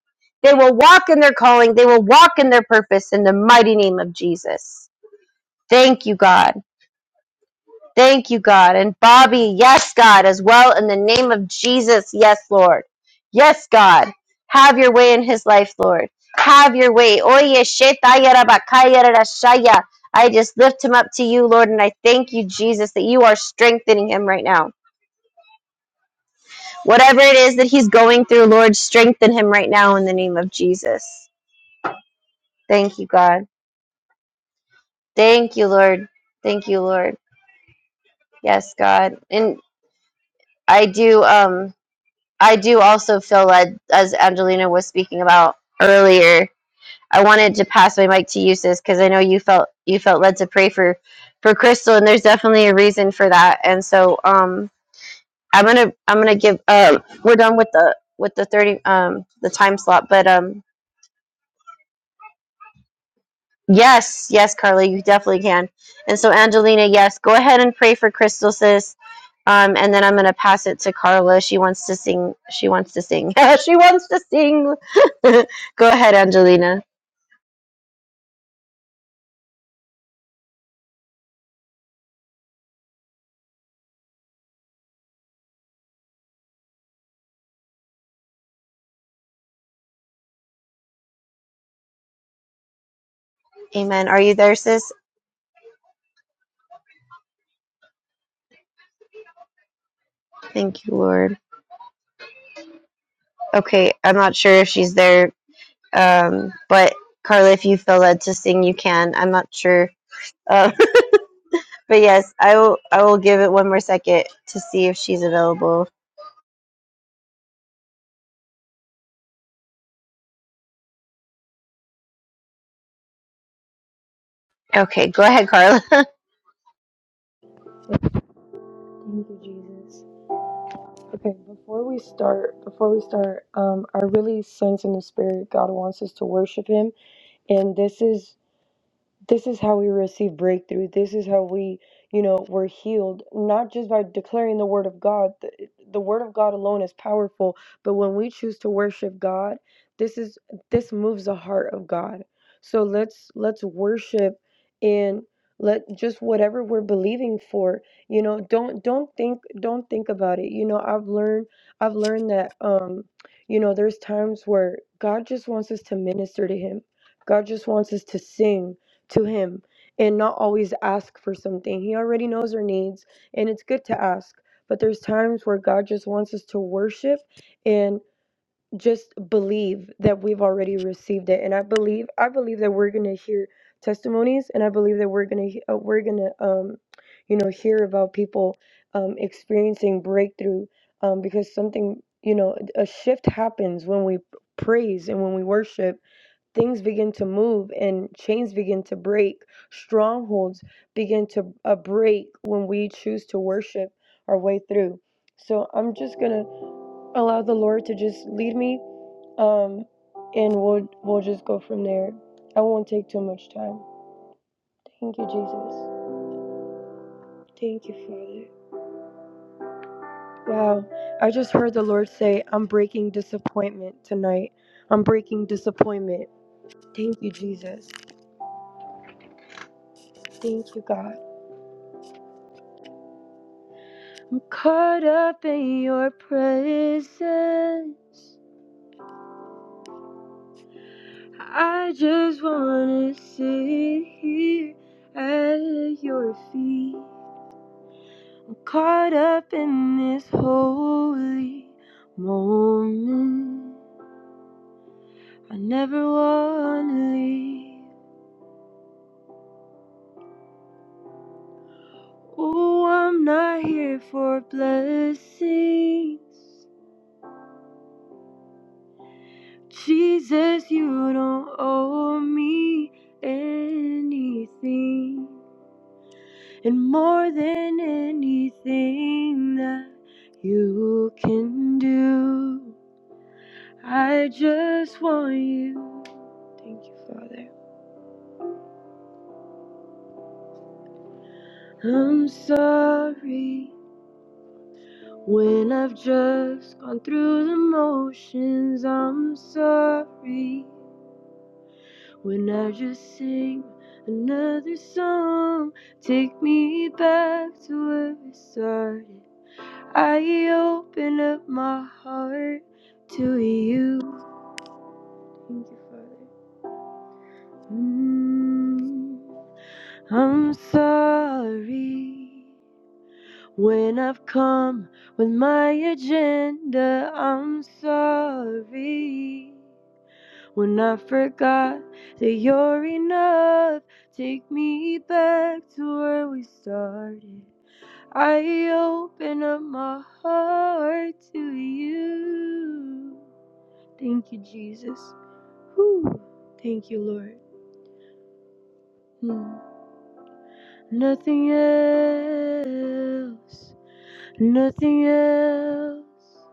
B: They will walk in their calling. They will walk in their purpose in the mighty name of Jesus. Thank you, God. Thank you, God. And Bobby, yes, God, as well in the name of Jesus. Yes, Lord. Yes, God. Have your way in his life, Lord. Have your way. Oye, shetaya rabakaya rarashaya. I just lift him up to you, Lord, and I thank you, Jesus, that you are strengthening him right now. Whatever it is that he's going through, Lord, strengthen him right now in the name of Jesus. Thank you, God. Thank you, Lord. Thank you, Lord. Yes, God. And I do. Um, I do also feel led, as Angelina was speaking about earlier. I wanted to pass my mic to you, sis, because I know you felt you felt led to pray for for Crystal, and there's definitely a reason for that. And so, um, I'm gonna I'm gonna give. Uh, we're done with the with the thirty um the time slot, but um, Yes, yes, Carly, you definitely can. And so, Angelina, yes, go ahead and pray for Crystal, sis. Um, and then I'm gonna pass it to Carla. She wants to sing. She wants to sing. she wants to sing. go ahead, Angelina. Amen. Are you there, sis? Thank you, Lord. Okay, I'm not sure if she's there, um, but Carla, if you feel led to sing, you can. I'm not sure, um, but yes, I will. I will give it one more second to see if she's available. Okay, go ahead, Carla.
G: Thank you, Jesus. Okay, before we start, before we start, um, I really sense in the spirit God wants us to worship Him, and this is this is how we receive breakthrough. This is how we, you know, we're healed, not just by declaring the word of God. The, the word of God alone is powerful, but when we choose to worship God, this is this moves the heart of God. So let's let's worship in let just whatever we're believing for, you know, don't don't think don't think about it. You know, I've learned I've learned that um, you know, there's times where God just wants us to minister to him. God just wants us to sing to him and not always ask for something. He already knows our needs and it's good to ask, but there's times where God just wants us to worship and just believe that we've already received it. And I believe I believe that we're going to hear testimonies and I believe that we're going to uh, we're going to um you know hear about people um experiencing breakthrough um because something, you know, a shift happens when we praise and when we worship things begin to move and chains begin to break strongholds begin to uh, break when we choose to worship our way through so i'm just gonna allow the lord to just lead me um and we'll we'll just go from there i won't take too much time thank you jesus thank you father wow i just heard the lord say i'm breaking disappointment tonight i'm breaking disappointment thank you jesus thank you god I'm caught up in your presence. I just wanna sit here at your feet. I'm caught up in this holy moment. I never wanna leave. Oh, I'm not here for blessings. Jesus, you don't owe me anything. And more than anything that you can do, I just want you. Thank you, Father. I'm sorry when I've just gone through the motions. I'm sorry when I just sing another song. Take me back to where we started. I open up my heart to you. Thank you, Father. Mm, I'm sorry when I've come with my agenda. I'm sorry when I forgot that you're enough. Take me back to where we started. I open up my heart to you. Thank you, Jesus. Whew. Thank you, Lord. Mm. Nothing else, nothing else,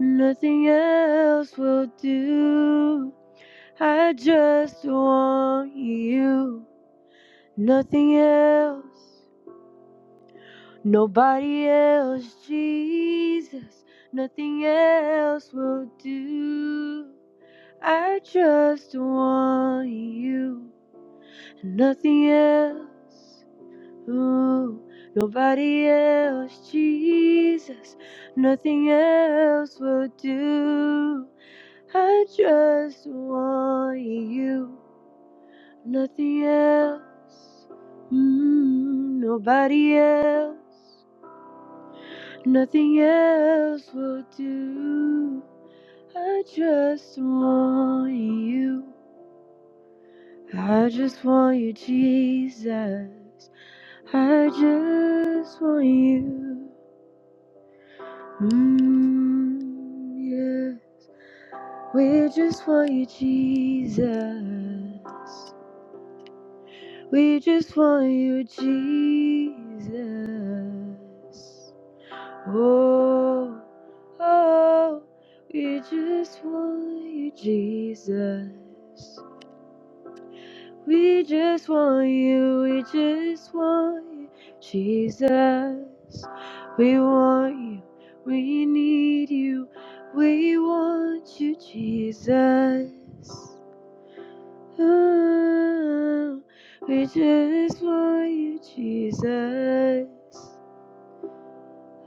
G: nothing else will do. I just want you. Nothing else, nobody else, Jesus. Nothing else will do. I just want you. Nothing else. Ooh, nobody else, Jesus, nothing else will do. I just want you, nothing else. Mm, nobody else, nothing else will do. I just want you, I just want you, Jesus. I just want you. Mm, yeah. We just want you, Jesus. We just want you, Jesus. Oh, oh, we just want you, Jesus. We just want you, we just want you, Jesus. We want you, we need you, we want you, Jesus. Oh, we just want you, Jesus.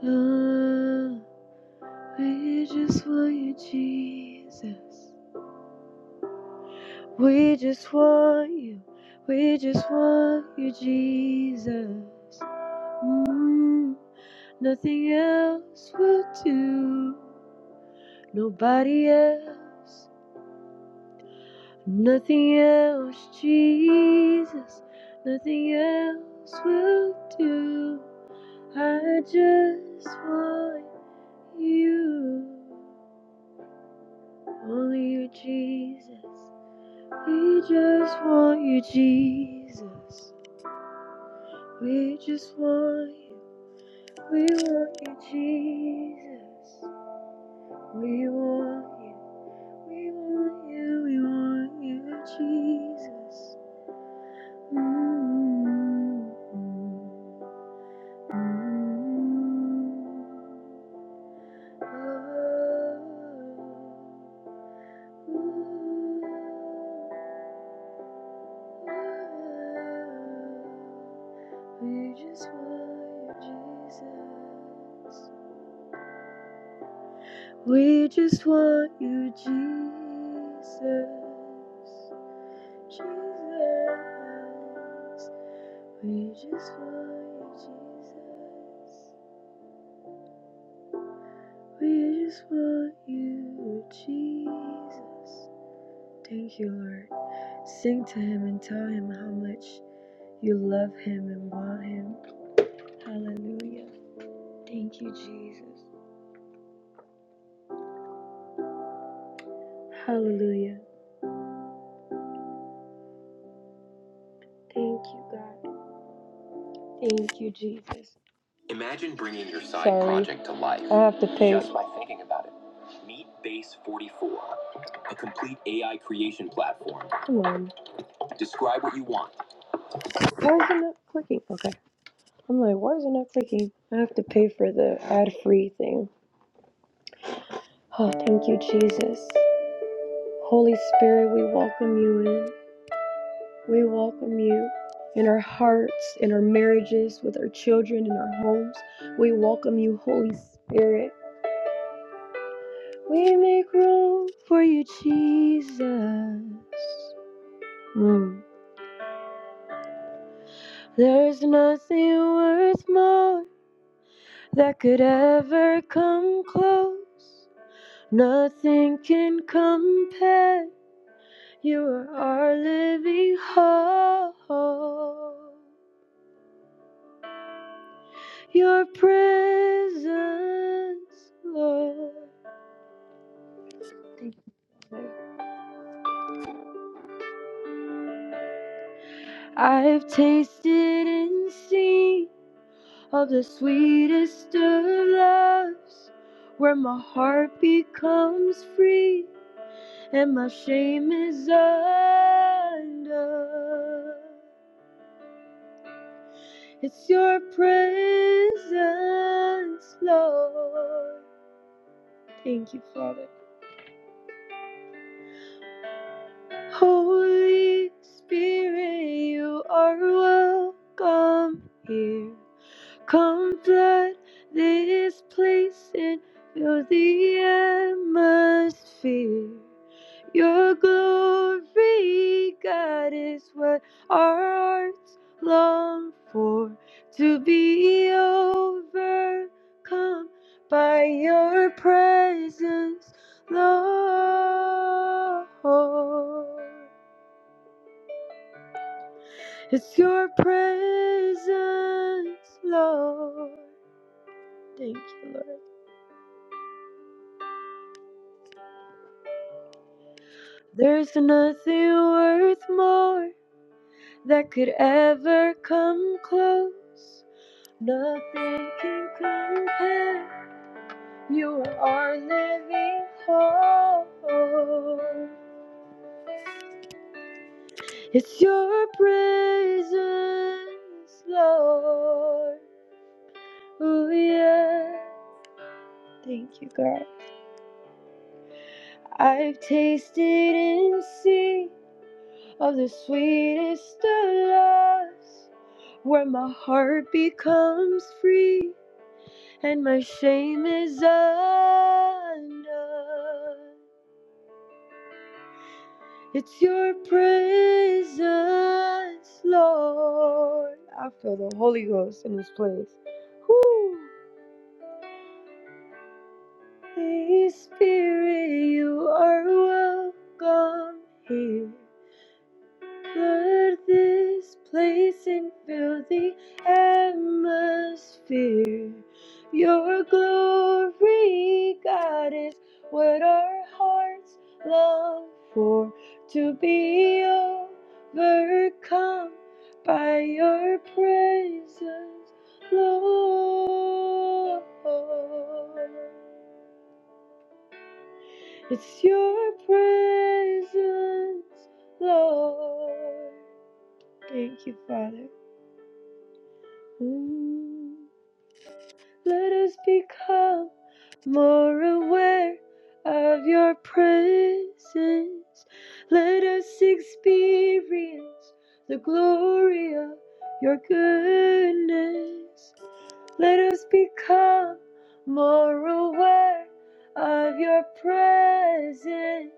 G: Oh, we just want you, Jesus. We just want you, we just want you, Jesus. Mm, nothing else will do. Nobody else. Nothing else, Jesus. Nothing else will do. I just want you. Only you, Jesus. We just want you, Jesus. We just want you. We want you, Jesus. We want you. We want you, we want you, Jesus. Mm, mm, mm. Oh, oh, oh. We just want you, Jesus. We just want you, Jesus. Jesus. We just want you, Jesus. We just want you, Jesus. Thank you, Lord. Sing to him and tell him how much you love him and want him. Hallelujah. Thank you, Jesus. Hallelujah. Thank you, God. Thank you, Jesus. Imagine bringing your side Sorry. project to life. I have to pay. Just by thinking about it. Meet Base 44, a complete AI creation platform. Come on. Describe what you want. Why is it not clicking? Okay. I'm like, why is it not clicking? I have to pay for the ad free thing. Oh, thank you, Jesus. Holy Spirit, we welcome you in. We welcome you in our hearts, in our marriages, with our children, in our homes. We welcome you, Holy Spirit. We make room for you, Jesus. Mm. There's nothing worth more that could ever come close. Nothing can compare. You are our living hope. Your presence, Lord. Thank you, Lord. I've tasted and seen of the sweetest of loves, where my heart becomes free and my shame is undone. It's your presence, Lord. Thank you, Father. Holy Spirit, you are welcome here. Come flood this place and fill the atmosphere. Your glory, God, is what our hearts long for. To be overcome by your presence, Lord. It's your presence, Lord. Thank you, Lord. There's nothing worth more that could ever come close. Nothing can compare. You are our living hope. It's your presence, Lord. Oh, yeah. Thank you, God. I've tasted and seen of the sweetest of loves where my heart becomes free and my shame is undone. It's your presence, Lord. I feel the Holy Ghost in this place. Woo. Holy Spirit, you are welcome here. Flood this place and fill the atmosphere. Your glory, God, is what our hearts long for. To be overcome by your presence, Lord. It's your presence, Lord. Thank you, Father. Ooh, let us become more aware of your presence. Let us experience the glory of your goodness. Let us become more aware of your presence.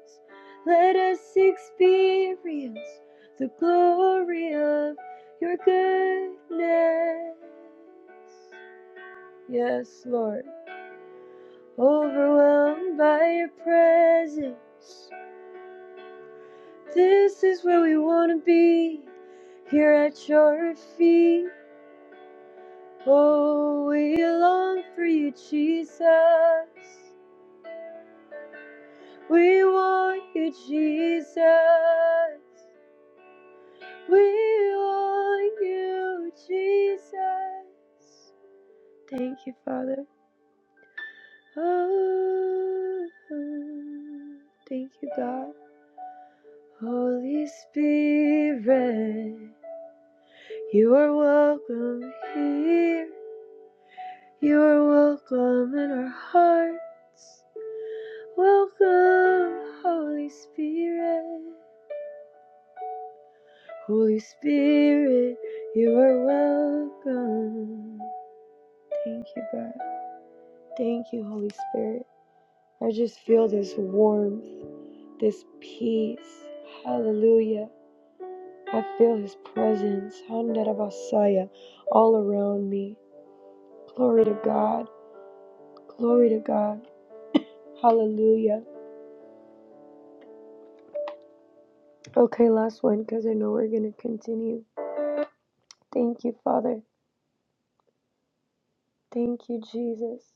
G: Let us experience the glory of your goodness. Yes, Lord. Overwhelmed by your presence. This is where we want to be, here at your feet. Oh, we long for you, Jesus. We want you, Jesus. We want you, Jesus. Thank you, Father. Oh, thank you, God. Holy Spirit, you are welcome here. You are welcome in our hearts. Welcome, Holy Spirit. Holy Spirit, you are welcome. Thank you, God. Thank you, Holy Spirit. I just feel this warmth, this peace. Hallelujah. I feel His presence, Handarabasaya, all around me. Glory to God. Glory to God. Hallelujah. Okay, last one because I know we're going to continue. Thank you, Father. Thank you, Jesus.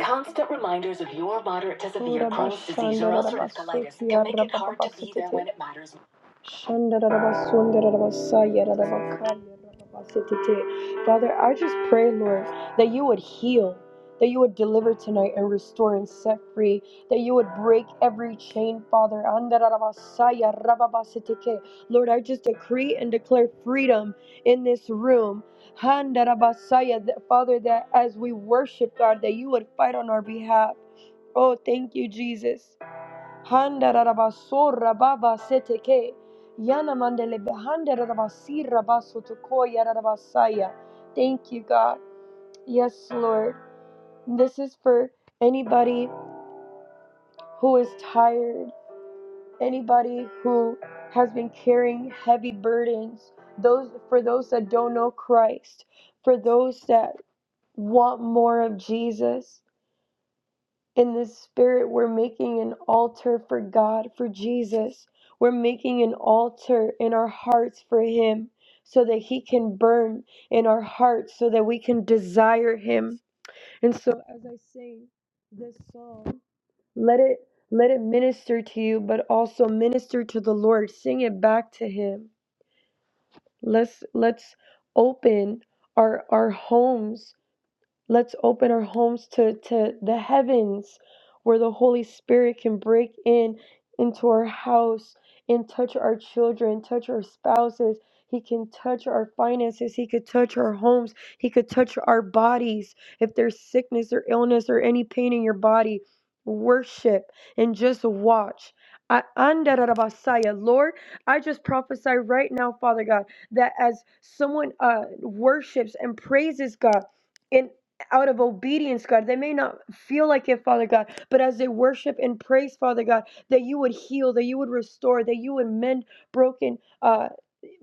G: Constant reminders of your moderate to severe Crohn's disease or ulcerative colitis can make it hard to be there when it matters. Father, I just pray, Lord, that you would heal, that you would deliver tonight and restore and set free, that you would break every chain, Father. Andarabasayarababasitike. Lord, I just decree and declare freedom in this room. Handarabasaya, Father, that as we worship, God, that you would fight on our behalf. Oh, thank you, Jesus. Handarabasora baba seteke. Yana mandele behandarabasira basotokoya rarabasaya. Thank you, God. Yes, Lord. This is for anybody who is tired, anybody who has been carrying heavy burdens, those for those that don't know Christ, for those that want more of Jesus. In the spirit, we're making an altar for God, for Jesus. We're making an altar in our hearts for Him so that He can burn in our hearts, so that we can desire Him. And so, as I sing this song, let it let it minister to you but also minister to the lord sing it back to him let's let's open our our homes Let's open our homes to, to the heavens where the Holy Spirit can break in into our house and touch our children, touch our spouses. He can touch our finances. He could touch our homes. He could touch our bodies. If there's sickness or illness or any pain in your body, worship and just watch. I, Andarabasaya. Lord, I just prophesy right now, Father God, that as someone uh, worships and praises God, and out of obedience, God. They may not feel like it, Father God, but as they worship and praise, Father God, that you would heal, that you would restore, that you would mend broken uh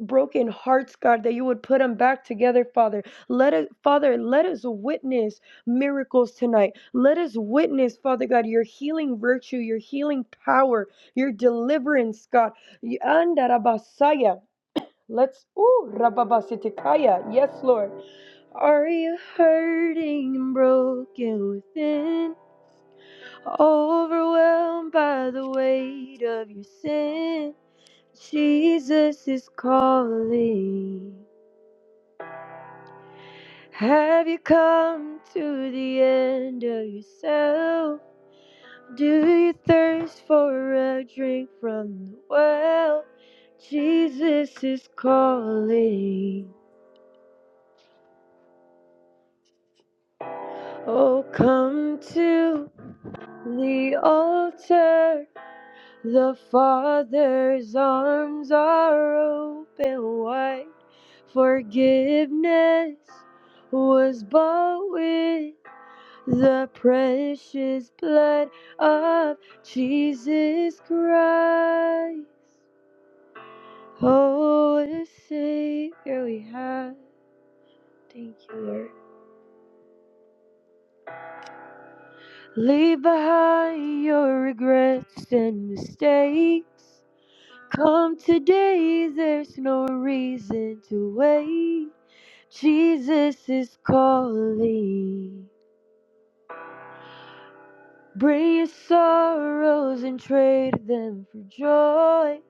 G: broken hearts god that you would put them back together father let us father let us witness miracles tonight let us witness father god your healing virtue your healing power your deliverance god Y- andarabasaya. let's ooh rababasikaya. yes lord are you hurting and broken within? Overwhelmed by the weight of your sin? Jesus is calling. Have you come to the end of yourself? Do you thirst for a drink from the well? Jesus is calling. Oh, come to the altar. The Father's arms are open wide. Forgiveness was bought with the precious blood of Jesus Christ. Oh, what a Savior we have. Thank you, Lord. Leave behind your regrets and mistakes. Come today, there's no reason to wait. Jesus is calling. Bring your sorrows and trade them for joy.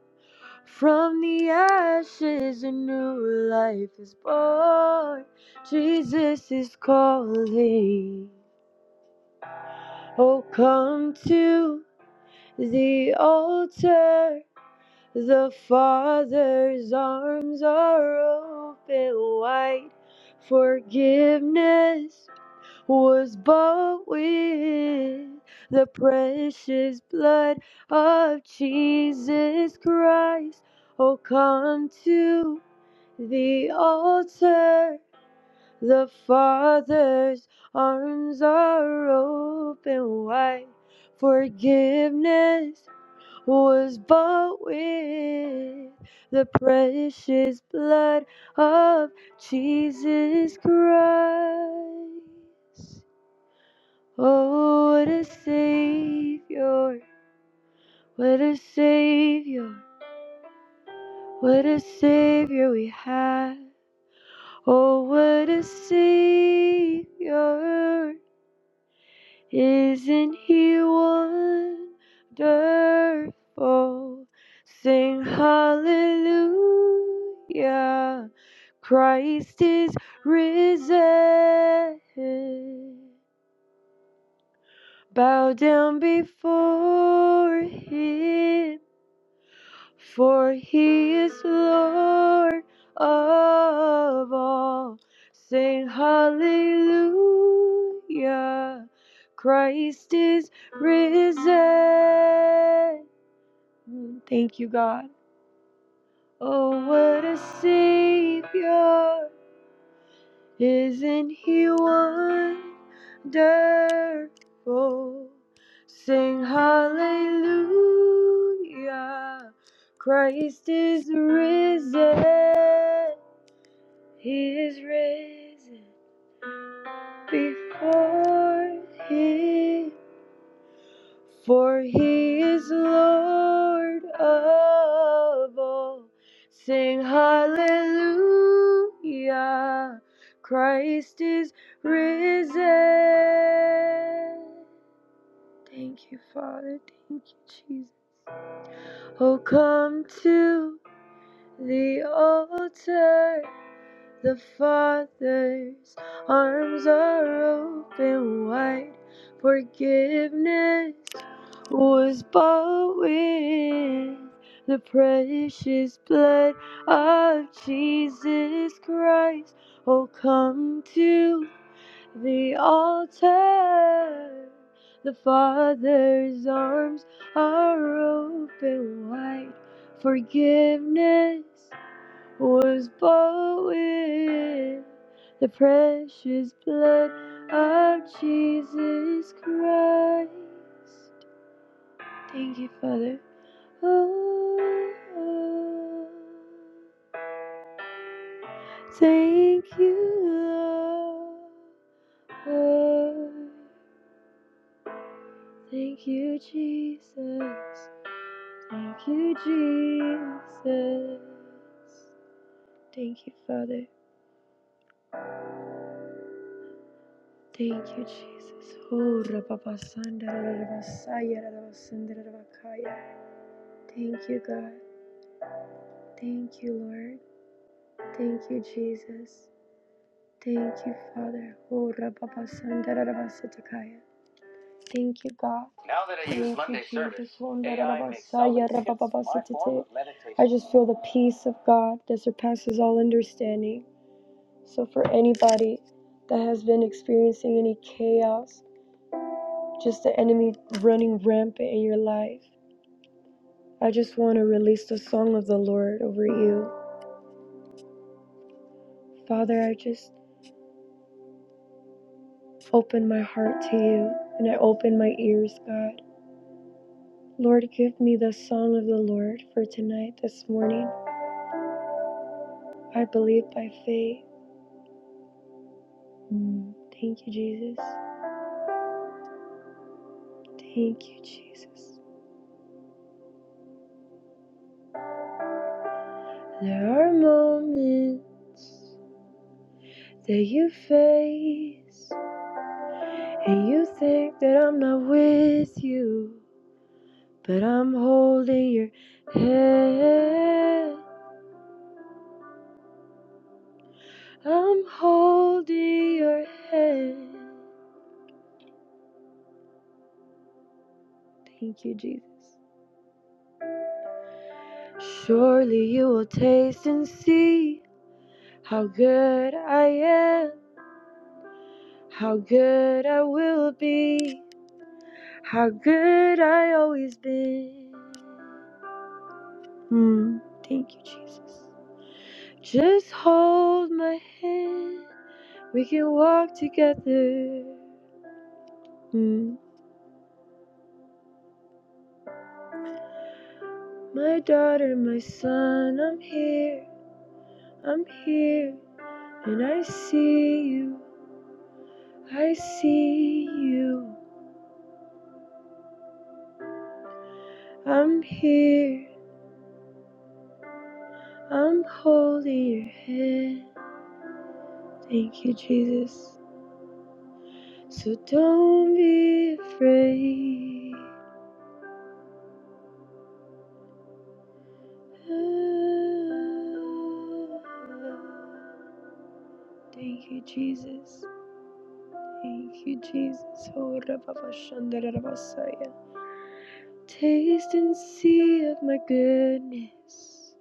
G: From the ashes, a new life is born. Jesus is calling. Oh, come to the altar. The Father's arms are open wide. Forgiveness was bought with the precious blood of Jesus Christ. Oh, come to the altar. The Father's arms are open wide. Forgiveness was bought with the precious blood of Jesus Christ. Oh, what a Savior! What a Savior! What a Savior we have! Oh, what a Savior! Isn't he wonderful? Sing hallelujah. Christ is risen. Bow down before him for he is Lord of all. Sing hallelujah. Christ is risen. Thank you, God. Oh, what a Savior. Isn't he wonderful? Sing hallelujah. Christ is risen. He is risen before his For he is Lord of all. Sing hallelujah. Christ is risen. Thank you, Father. Thank you, Jesus. Oh, come to the altar. The Father's arms are open wide. Forgiveness was bought with the precious blood of Jesus Christ. Oh, come to the altar. The Father's arms are open wide. Forgiveness was bought with the precious blood of Jesus Christ. Thank you, Father. Oh, oh, thank you, Lord. Oh, Thank you, Jesus. Thank you, Jesus. Thank you, Father. Thank you, Jesus. Oh, Thank you, God. Thank you, Lord. Thank you, Jesus. Thank you, Father. Oh, Rababasandarabasatakaya. Thank you, God. Now that I use Thank Monday you, service, Jesus. Oh, AI makes Rababasaya, self-assist my form of meditation. I just feel the peace of God that surpasses all understanding. So, for anybody that has been experiencing any chaos, just the enemy running rampant in your life, I just want to release the song of the Lord over you. Father, I just open my heart to you and I open my ears, God. Lord, give me the song of the Lord for tonight, this morning. I believe by faith. Mm. Thank you, Jesus. Thank you, Jesus. There are moments that you face, and you think that I'm not with you, but I'm holding your hand. I'm holding your hand. Thank you, Jesus. Surely you will taste and see How good I am, how good I will be, how good I always been. Hmm. Thank you, Jesus. Just hold my hand, we can walk together. Hmm. My daughter, my son, I'm here, I'm here, and I see you, I see you. I'm here, I'm holding your hand. Thank you, Jesus. So don't be afraid. Ah, Thank you, Jesus. Thank you, Jesus. Oh, rababashandarabasaya. Taste and see of my goodness.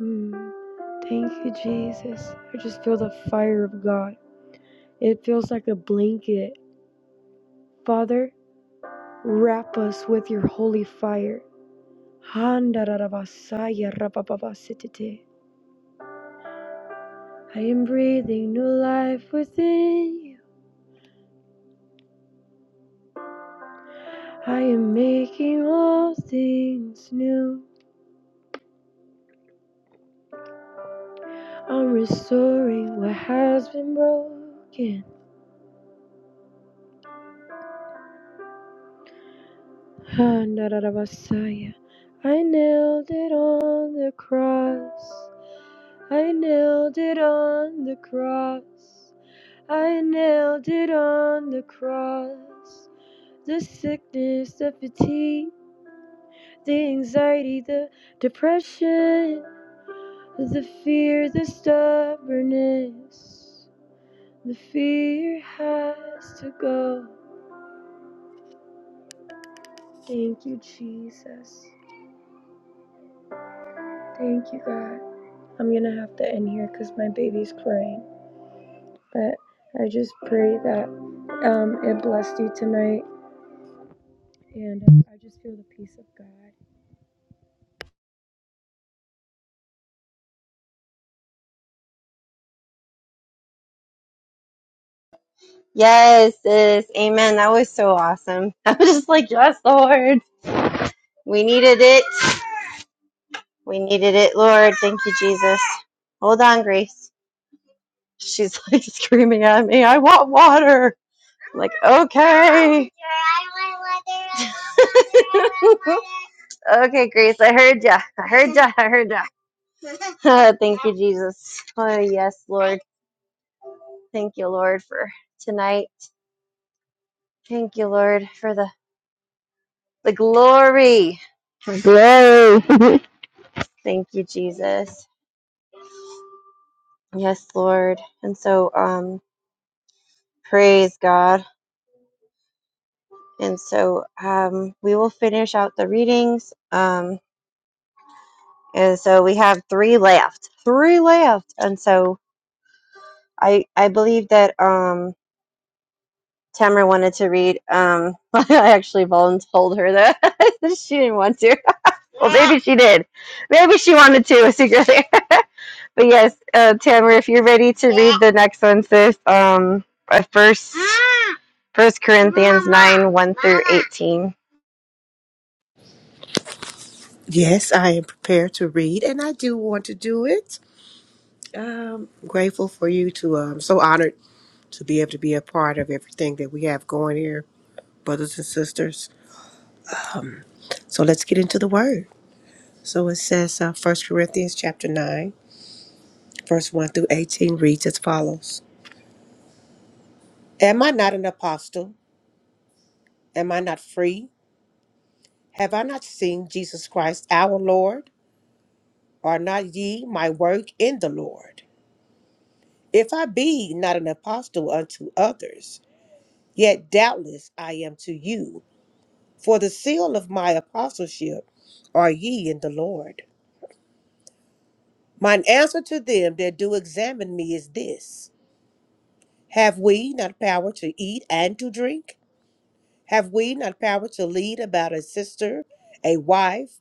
G: Mm. Thank you, Jesus. I just feel the fire of God. It feels like a blanket. Father, wrap us with your holy fire. Handararabasaya rabababasitete. I am breathing new life within you. I am making all things new. I'm restoring what has been broken. Handararabasaya. I nailed it on the cross. I nailed it on the cross. I nailed it on the cross. The sickness, the fatigue the anxiety, the depression, the fear, the stubbornness. The fear has to go. Thank you, Jesus. Thank you, God. I'm gonna have to end here because my baby's crying. But I just pray that um, it blessed you tonight, and uh, I just feel the peace of God.
B: Yes, sis. Amen. That was so awesome. I was just like, yes, Lord. We needed it. We needed it, Lord. Thank you, Jesus. Hold on, Grace. She's like screaming at me, I want water. I'm like, okay. okay, Grace. I heard ya. I heard ya. I heard ya. Thank you, Jesus. Oh, yes, Lord. Thank you, Lord, for tonight. Thank you, Lord, for the, the glory. Glory. Thank you, Jesus. Yes, Lord. And so, um, praise God. And so, um, we will finish out the readings. Um, and so we have three left, three left. And so I, I believe that, um, Tamara wanted to read. Um, I actually told her that she didn't want to. Well, maybe she did. Maybe she wanted to secretly. But yes, uh, Tamara, if you're ready to read the next one, sis, um, uh, first, First Corinthians nine one through eighteen.
H: Yes, I am prepared to read, and I do want to do it. Um, grateful for you to. i so honored to be able to be a part of everything that we have going here, brothers and sisters. So let's get into the word. So it says, uh, 1 Corinthians chapter 9, verse 1 through 18 reads as follows Am I not an apostle? Am I not free? Have I not seen Jesus Christ our Lord? Are not ye my work in the Lord? If I be not an apostle unto others, Yet doubtless I am to you, for the seal of my apostleship are ye in the Lord. Mine answer to them that do examine me is this Have we not power to eat and to drink? Have we not power to lead about a sister, a wife,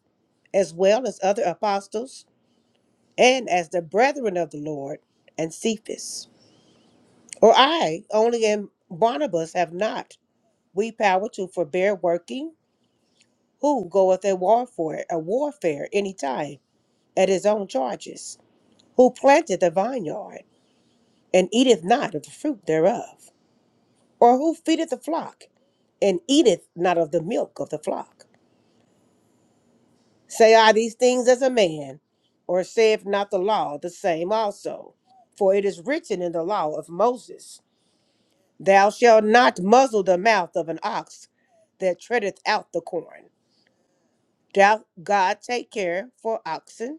H: as well as other apostles, and as the brethren of the Lord and Cephas? Or I only and Barnabas have not we power to forbear working? who goeth a warfare, a warfare any time at his own charges, who planteth a vineyard, and eateth not of the fruit thereof, or who feedeth the flock, and eateth not of the milk of the flock. Say I these things as a man, or saith not the law the same also? For it is written in the law of Moses, Thou shalt not muzzle the mouth of an ox that treadeth out the corn. Doth God take care for oxen?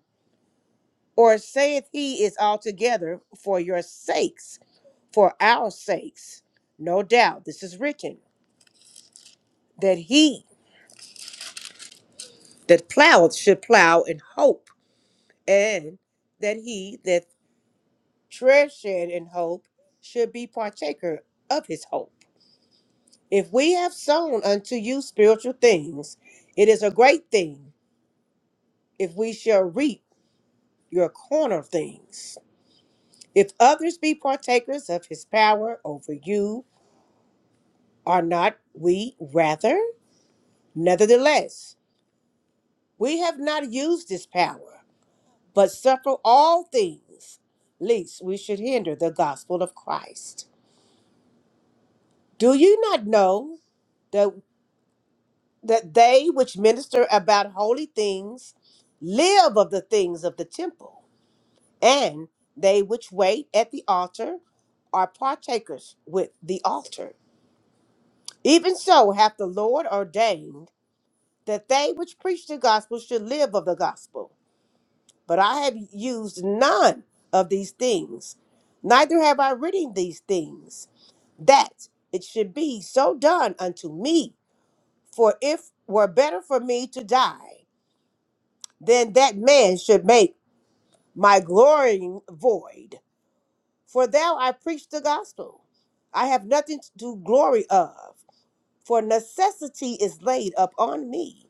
H: Or saith he is altogether for your sakes, for our sakes? No doubt this is written that he that ploweth should plow in hope, and that he that treasured in hope should be partaker of his hope. If we have sown unto you spiritual things, it is a great thing if we shall reap your corner things. If others be partakers of his power over you, are not we rather? Nevertheless, we have not used this power, but suffer all things, lest we should hinder the gospel of Christ. Do you not know that, that they which minister about holy things live of the things of the temple, and they which wait at the altar are partakers with the altar? Even so hath the Lord ordained that they which preach the gospel should live of the gospel. but I have used none of these things, neither have I written these things, that it should be so done unto me. For if were better for me to die, then that man should make my glorying void. For thou I preach the gospel. I have nothing to glory of, for necessity is laid upon me.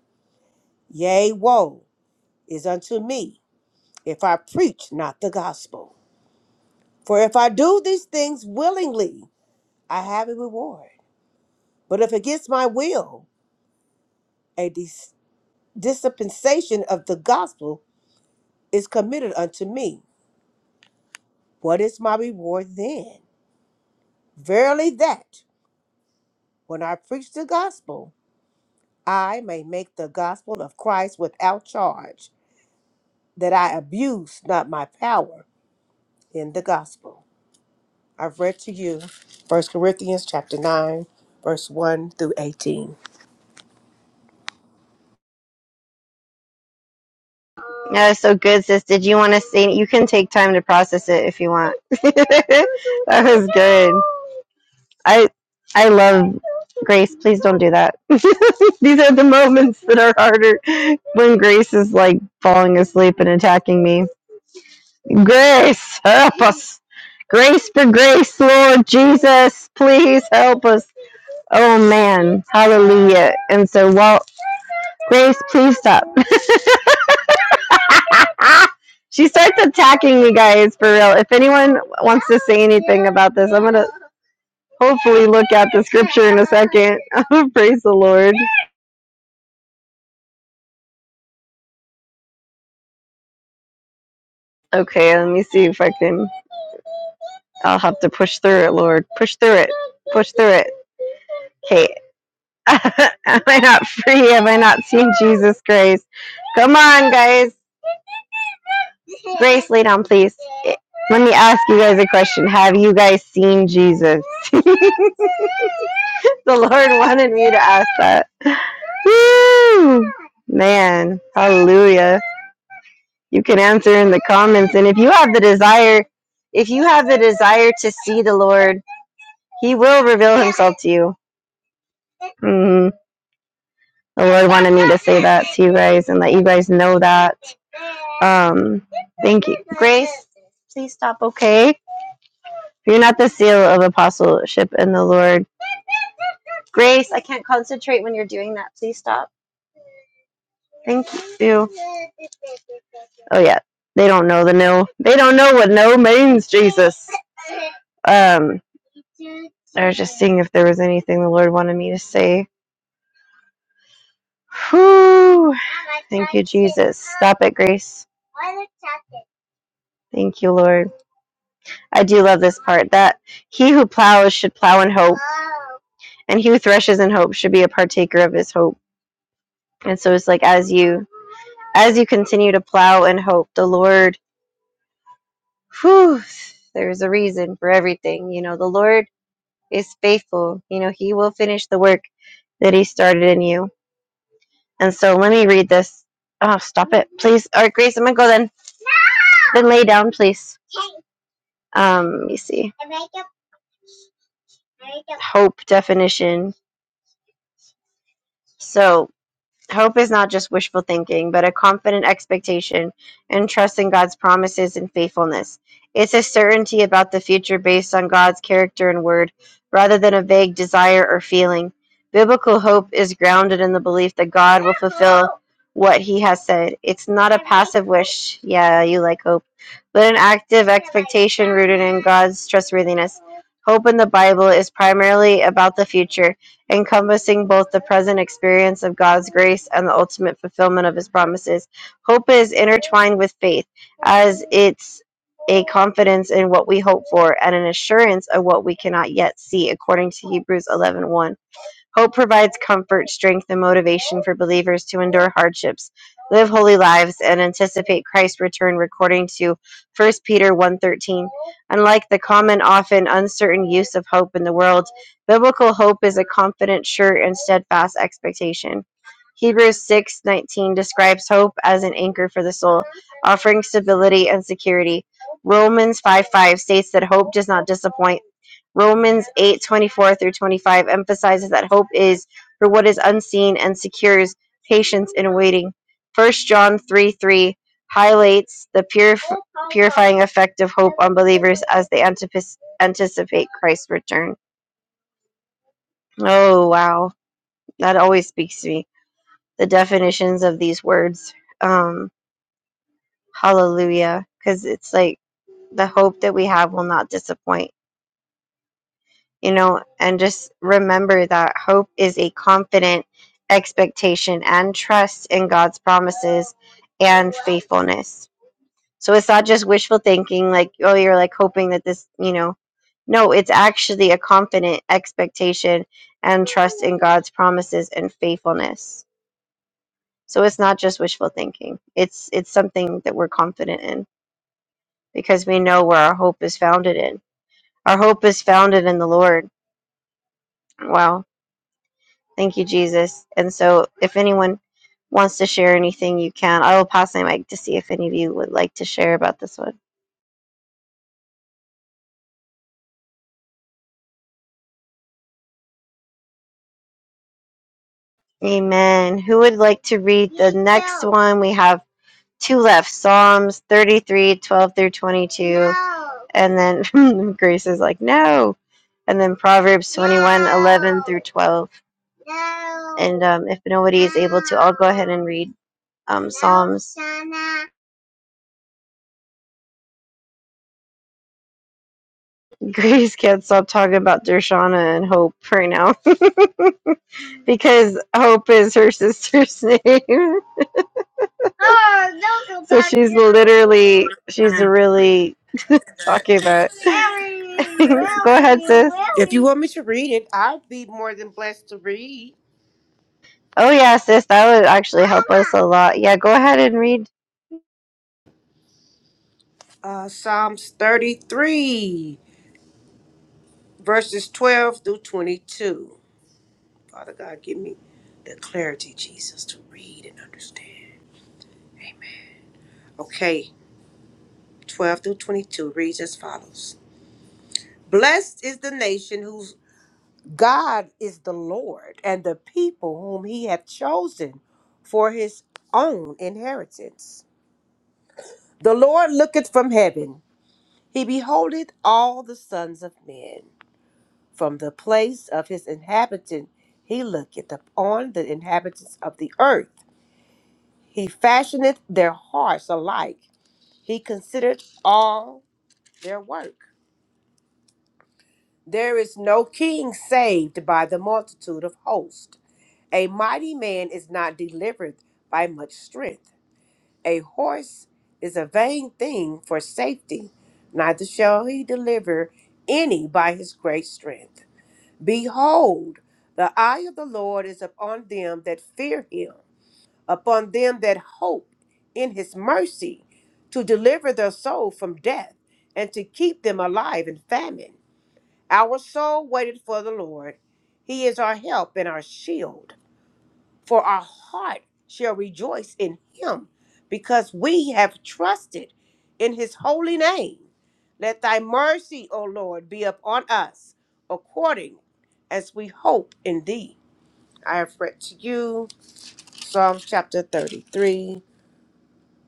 H: Yea, woe is unto me if I preach not the gospel. For if I do these things willingly, I have a reward. But if against my will, a dis- dispensation of the gospel is committed unto me. What is my reward then? Verily, that when I preach the gospel, I may make the gospel of Christ without charge, that I abuse not my power in the gospel. I've read to you First Corinthians chapter 9, verse 1 through 18.
B: Yeah, so good, sis. Did you want to say? You can take time to process it if you want. that was good. I I love Grace. Please don't do that. These are the moments that are harder when Grace is like falling asleep and attacking me. Grace, help us. Grace for grace, Lord Jesus, please help us. Oh man, hallelujah. And so, Walt, Grace, please stop. she starts attacking me, guys, for real. If anyone wants to say anything about this, I'm going to hopefully look at the scripture in a second. Praise the Lord. Okay, let me see if I can. I'll have to push through it, Lord. Push through it. Push through it. Okay, am I not free? Am I not seeing Jesus' grace? Come on, guys. Grace, lay down, please. Let me ask you guys a question. Have you guys seen Jesus? the Lord wanted me to ask that. Woo! Man, hallelujah. You can answer in the comments. And if you have the desire, if you have the desire to see the Lord, He will reveal Himself to you. Mm-hmm. The Lord wanted me to say that to you guys and let you guys know that. Um, thank you. Grace, please stop, okay? You're not the seal of apostleship in the Lord. Grace, I can't concentrate when you're doing that. Please stop. Thank you. Oh yeah. They don't know the no. They don't know what no means, Jesus. Um, I was just seeing if there was anything the Lord wanted me to say. Whew. Thank you, Jesus. Stop it, Grace. Thank you, Lord. I do love this part that he who plows should plow in hope, and he who threshes in hope should be a partaker of his hope. And so it's like as you as you continue to plow in hope, the Lord, whew, there's a reason for everything. You know, the Lord is faithful. You know, He will finish the work that He started in you. And so let me read this. Oh, stop it, please. All right, Grace, I'm gonna go then. Then lay down, please. Um, let me see. Hope definition. So Hope is not just wishful thinking, but a confident expectation and trust in God's promises and faithfulness. It's a certainty about the future based on God's character and word, rather than a vague desire or feeling. Biblical hope is grounded in the belief that God will fulfill what he has said. It's not a passive wish, yeah, you like hope, but an active expectation rooted in God's trustworthiness. Hope in the Bible is primarily about the future encompassing both the present experience of God's grace and the ultimate fulfillment of his promises. Hope is intertwined with faith, as it's a confidence in what we hope for and an assurance of what we cannot yet see, according to Hebrews eleven one. Hope provides comfort, strength, and motivation for believers to endure hardships, live holy lives, and anticipate Christ's return according to 1 Peter 1:13. Unlike the common often uncertain use of hope in the world, biblical hope is a confident, sure, and steadfast expectation. Hebrews 6:19 describes hope as an anchor for the soul, offering stability and security. Romans 5:5 states that hope does not disappoint Romans 8 24 through 25 emphasizes that hope is for what is unseen and secures patience in waiting. First John 3 3 highlights the purif- purifying effect of hope on believers as they antipis- anticipate Christ's return. Oh, wow. That always speaks to me. The definitions of these words. Um, hallelujah. Because it's like the hope that we have will not disappoint you know, and just remember that hope is a confident expectation and trust in God's promises and faithfulness. So it's not just wishful thinking, like, oh, you're like hoping that this, you know, no, it's actually a confident expectation and trust in God's promises and faithfulness. So it's not just wishful thinking. It's it's something that we're confident in because we know where our hope is founded in. Our hope is founded in the Lord. Wow Thank you, Jesus. And so, if anyone wants to share anything, you can. I will pass my mic to see if any of you would like to share about this one. Amen. Who would like to read the no. next one? We have two left Psalms 33, 12 through 22. No. And then Grace is like, no. And then Proverbs 21, no. 11 through 12. No. And um, if nobody is able to, I'll go ahead and read um, no, Psalms. Shana. Grace can't stop talking about Dershana and Hope right now because Hope is her sister's name. Oh, no, so she's literally, she's really talking about. go ahead, sis.
H: If you want me to read it, I'd be more than blessed to read
B: Oh yeah, sis, that would actually help us a lot. Yeah, go ahead and read.
H: uh, Psalms 33, verses 12 through 22. Father God, give me the clarity, Jesus, to read and understand. Okay, 12 through 22 reads as follows Blessed is the nation whose God is the Lord, and the people whom he hath chosen for his own inheritance. The Lord looketh from heaven, he beholdeth all the sons of men. From the place of his inhabitant he looketh upon the inhabitants of the earth. He fashioneth their hearts alike. He considereth all their work. There is no king saved by the multitude of hosts. A mighty man is not delivered by much strength. A horse is a vain thing for safety, neither shall he deliver any by his great strength. Behold, the eye of the Lord is upon them that fear him, upon them that hope in his mercy, to deliver their soul from death, and to keep them alive in famine. Our soul waited for the Lord. He is our help and our shield for our heart shall rejoice in him because we have trusted in his holy name. Let thy mercy, O Lord, be upon us according as we hope in thee. I have read to you Psalms chapter 33,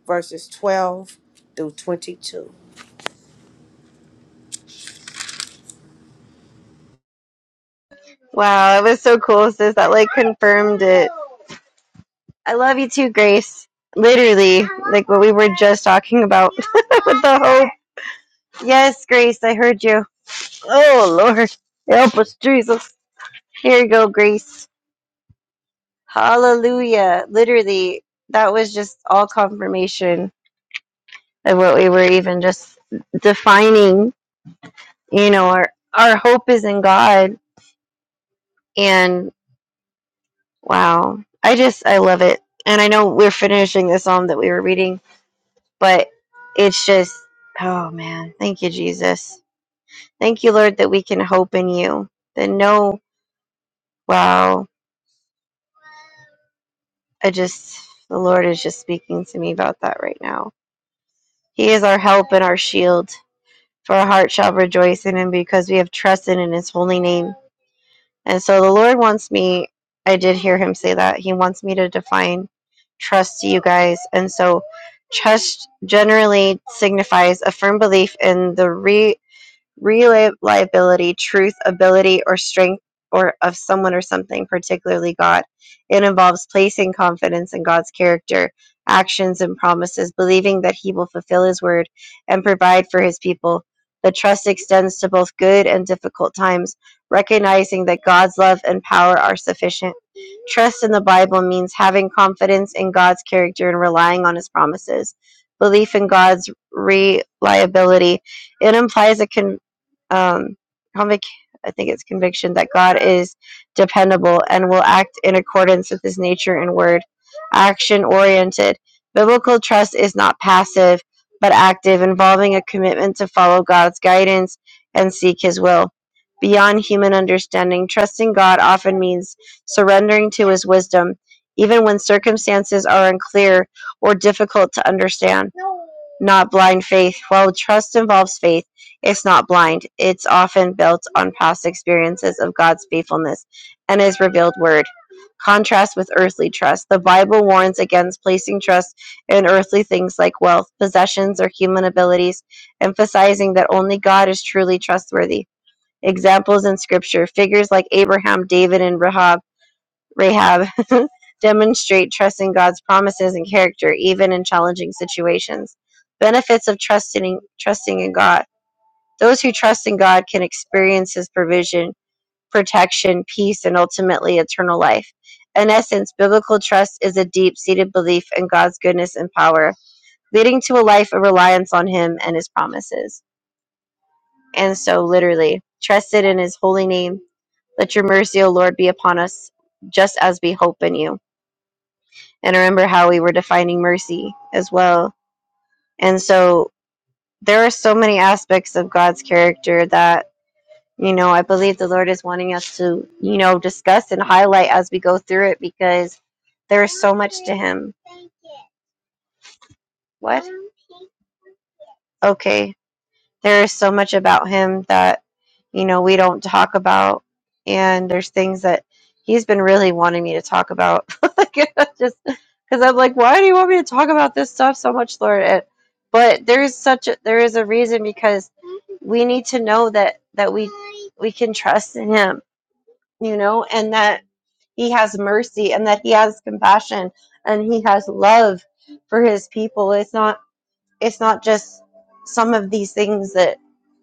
H: verses 12 through 22.
B: Wow, it was so cool, sis. That like confirmed it. I love you too, Grace. Literally, like what we were just talking about with the hope. Yes, Grace, I heard you. Oh, Lord. Help us, Jesus. Here you go, Grace. Hallelujah. Literally, that was just all confirmation of what we were even just defining. You know, our, our hope is in God. And wow, I just, I love it. And I know we're finishing the psalm that we were reading, but it's just, oh man, thank you, Jesus. Thank you, Lord, that we can hope in you. That no, wow. I just, the Lord is just speaking to me about that right now. He is our help and our shield, for our heart shall rejoice in Him because we have trusted in His holy name. And so the Lord wants me, I did hear Him say that. He wants me to define trust to you guys. And so trust generally signifies a firm belief in the re reliability, truth, ability, or strength or of someone or something, particularly God. It involves placing confidence in God's character, actions, and promises, believing that He will fulfill His word and provide for His people. The trust extends to both good and difficult times, recognizing that God's love and power are sufficient. Trust in the Bible means having confidence in God's character and relying on His promises. Belief in God's reliability it implies a conviction um, convic- I think it's conviction that God is dependable and will act in accordance with his nature and word. Action oriented. Biblical trust is not passive, but active, involving a commitment to follow God's guidance and seek his will. Beyond human understanding, trusting God often means surrendering to his wisdom, even when circumstances are unclear or difficult to understand not blind faith. While trust involves faith, it's not blind. It's often built on past experiences of God's faithfulness and His revealed word. Contrast with earthly trust. The Bible warns against placing trust in earthly things like wealth, possessions, or human abilities, emphasizing that only God is truly trustworthy. Examples in Scripture figures like Abraham, David, and Rahab Rahab, demonstrate trust in God's promises and character even in challenging situations. Benefits of trusting trusting in God. Those who trust in God can experience his provision, protection, peace, and ultimately eternal life. In essence, biblical trust is a deep-seated belief in God's goodness and power, leading to a life of reliance on him and his promises. And so literally, trusted in his holy name. Let your mercy, O Lord, be upon us, just as we hope in you. and remember how we were defining mercy as well. And so there are so many aspects of God's character that, you know, I believe the Lord is wanting us to, you know, discuss and highlight as we go through it because there is so much to Him. What? Okay. there is so much about him that you know we don't talk about and there's things that he's been really wanting me to talk about Like, I just because i'm like why do you want me to talk about this stuff so much lord And- but there's such a there is a reason because we need to know that that we we can trust in him you know and that he has mercy and that he has compassion and he has love for his people it's not it's not just some of these things that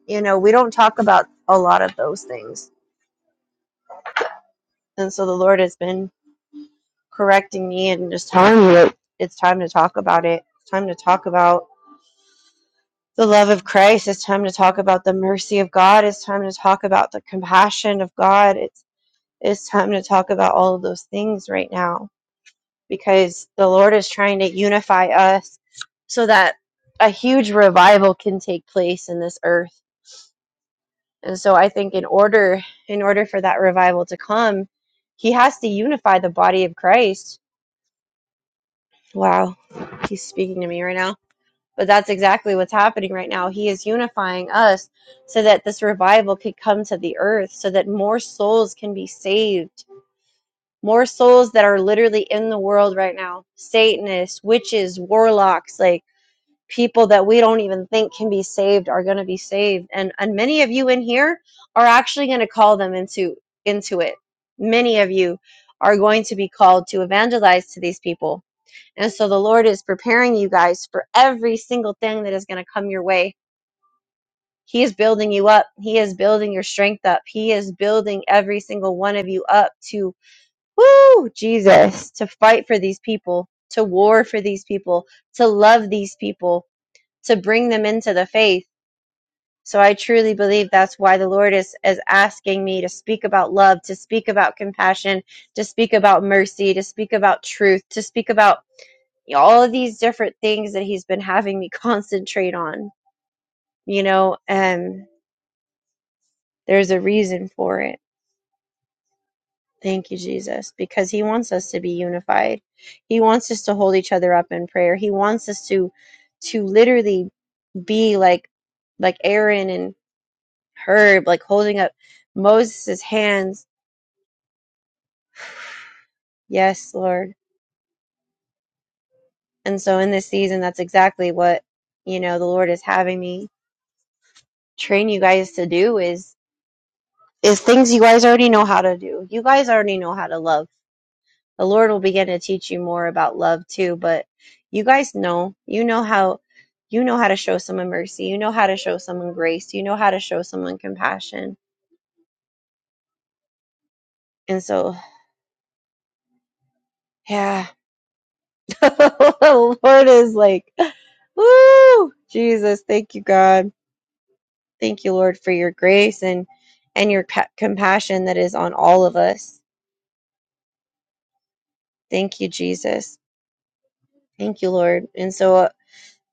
B: you know we don't talk about a lot of those things and so the lord has been correcting me and just telling me that it's time to talk about it it's time to talk about the love of christ it's time to talk about the mercy of god it's time to talk about the compassion of god it's it's time to talk about all of those things right now because the lord is trying to unify us so that a huge revival can take place in this earth And so I think in order in order for that revival to come, he has to unify the body of Christ. Wow, he's speaking to me right now. But that's exactly what's happening right now. He is unifying us so that this revival could come to the earth, so that more souls can be saved. More souls that are literally in the world right now. Satanists, witches, warlocks, like people that we don't even think can be saved are going to be saved and and many of you in here are actually going to call them into into it many of you are going to be called to evangelize to these people and so the lord is preparing you guys for every single thing that is going to come your way he is building you up he is building your strength up he is building every single one of you up to woo jesus to fight for these people to war for these people to love these people to bring them into the faith. So I truly believe that's why the Lord is, is asking me to speak about love, to speak about compassion, to speak about mercy, to speak about truth, to speak about all of these different things that He's been having me concentrate on, you know, and there's a reason for it. Thank you, Jesus, because He wants us to be unified. He wants us to hold each other up in prayer. He wants us to to literally be like like Aaron and. Herb, like holding up Moses' hands. Yes, Lord. And so in this season, that's exactly what, you know, the Lord is having me train you guys to do is, is things you guys already know how to do. You guys already know how to love. The Lord will begin to teach you more about love too, but you guys know, you know how, you know how to show someone mercy. You know how to show someone grace. You know how to show someone compassion. And so, yeah. The Lord is like, woo, Jesus, thank you, God. Thank you, Lord, for your grace and and your ca- compassion that is on all of us. Thank you, Jesus. Thank you, Lord. And so uh,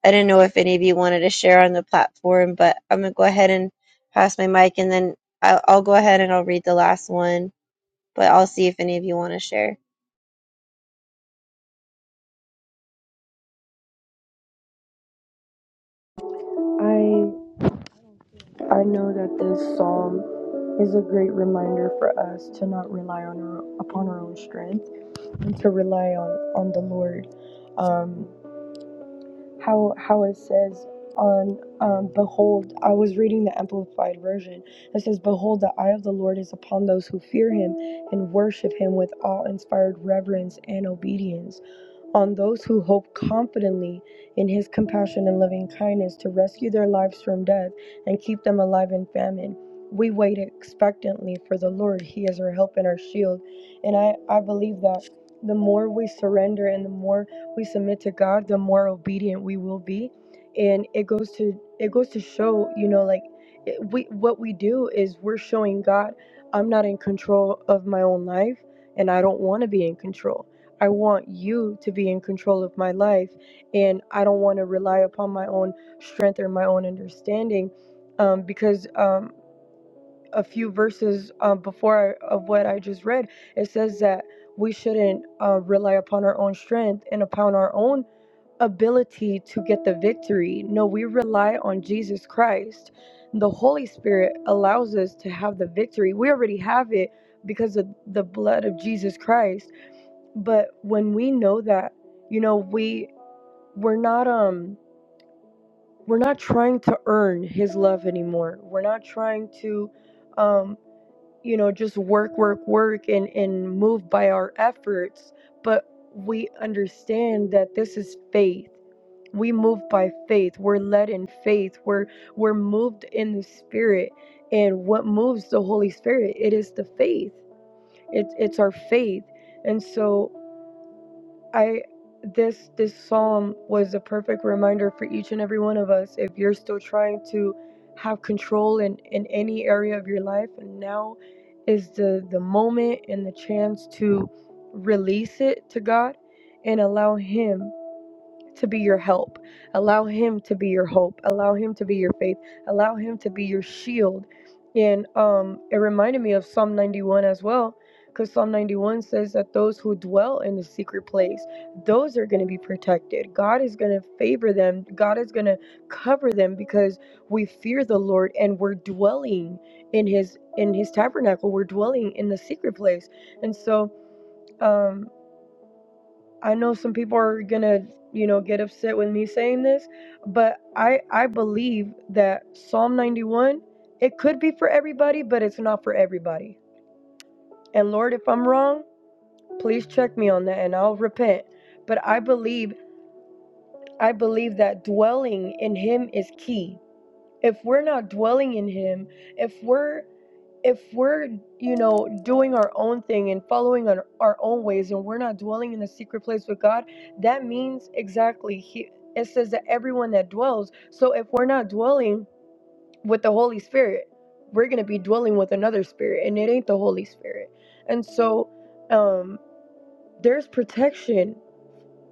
B: I didn't know if any of you wanted to share on the platform, but I'm gonna go ahead and pass my mic, and then I'll, I'll go ahead and I'll read the last one. But I'll see if any of you want to share.
G: I I know that this psalm is a great reminder for us to not rely on our, upon our own strength and to rely on on the Lord. Um, how how it says on um, behold, I was reading the Amplified version. It says, "Behold, the eye of the Lord is upon those who fear Him and worship Him with awe-inspired reverence and obedience." on those who hope confidently in his compassion and loving kindness to rescue their lives from death and keep them alive in famine. We wait expectantly for the Lord. He is our help and our shield. And I, I believe that the more we surrender and the more we submit to God, the more obedient we will be. And it goes to it goes to show, you know, like it, we what we do is we're showing God I'm not in control of my own life and I don't want to be in control I want you to be in control of my life, and I don't want to rely upon my own strength or my own understanding, um, because um, a few verses um, before I, of what I just read, it says that we shouldn't uh, rely upon our own strength and upon our own ability to get the victory. No, we rely on Jesus Christ. The Holy Spirit allows us to have the victory. We already have it because of the blood of Jesus Christ but when we know that you know we we're not um we're not trying to earn his love anymore we're not trying to um you know just work work work and and move by our efforts but we understand that this is faith we move by faith we're led in faith we're we're moved in the spirit and what moves the holy spirit it is the faith it's it's our faith and so I this this psalm was a perfect reminder for each and every one of us. If you're still trying to have control in, in any area of your life, and now is the, the moment and the chance to release it to God and allow Him to be your help. Allow Him to be your hope. Allow Him to be your faith. Allow Him to be your shield. And um, it reminded me of Psalm 91 as well, because Psalm 91 says that those who dwell in the secret place, those are going to be protected. God is going to favor them. God is going to cover them because we fear the Lord and we're dwelling in His in His tabernacle. We're dwelling in the secret place, and so. Um, I know some people are gonna, you know, get upset with me saying this, but I I believe that Psalm 91, it could be for everybody, but it's not for everybody. And Lord, if I'm wrong, please check me on that and I'll repent. But I believe I believe that dwelling in him is key. If we're not dwelling in him, if we're if we're you know doing our own thing and following our, our own ways and we're not dwelling in the secret place with god that means exactly he it says that everyone that dwells so if we're not dwelling with the holy spirit we're going to be dwelling with another spirit and it ain't the holy spirit and so um there's protection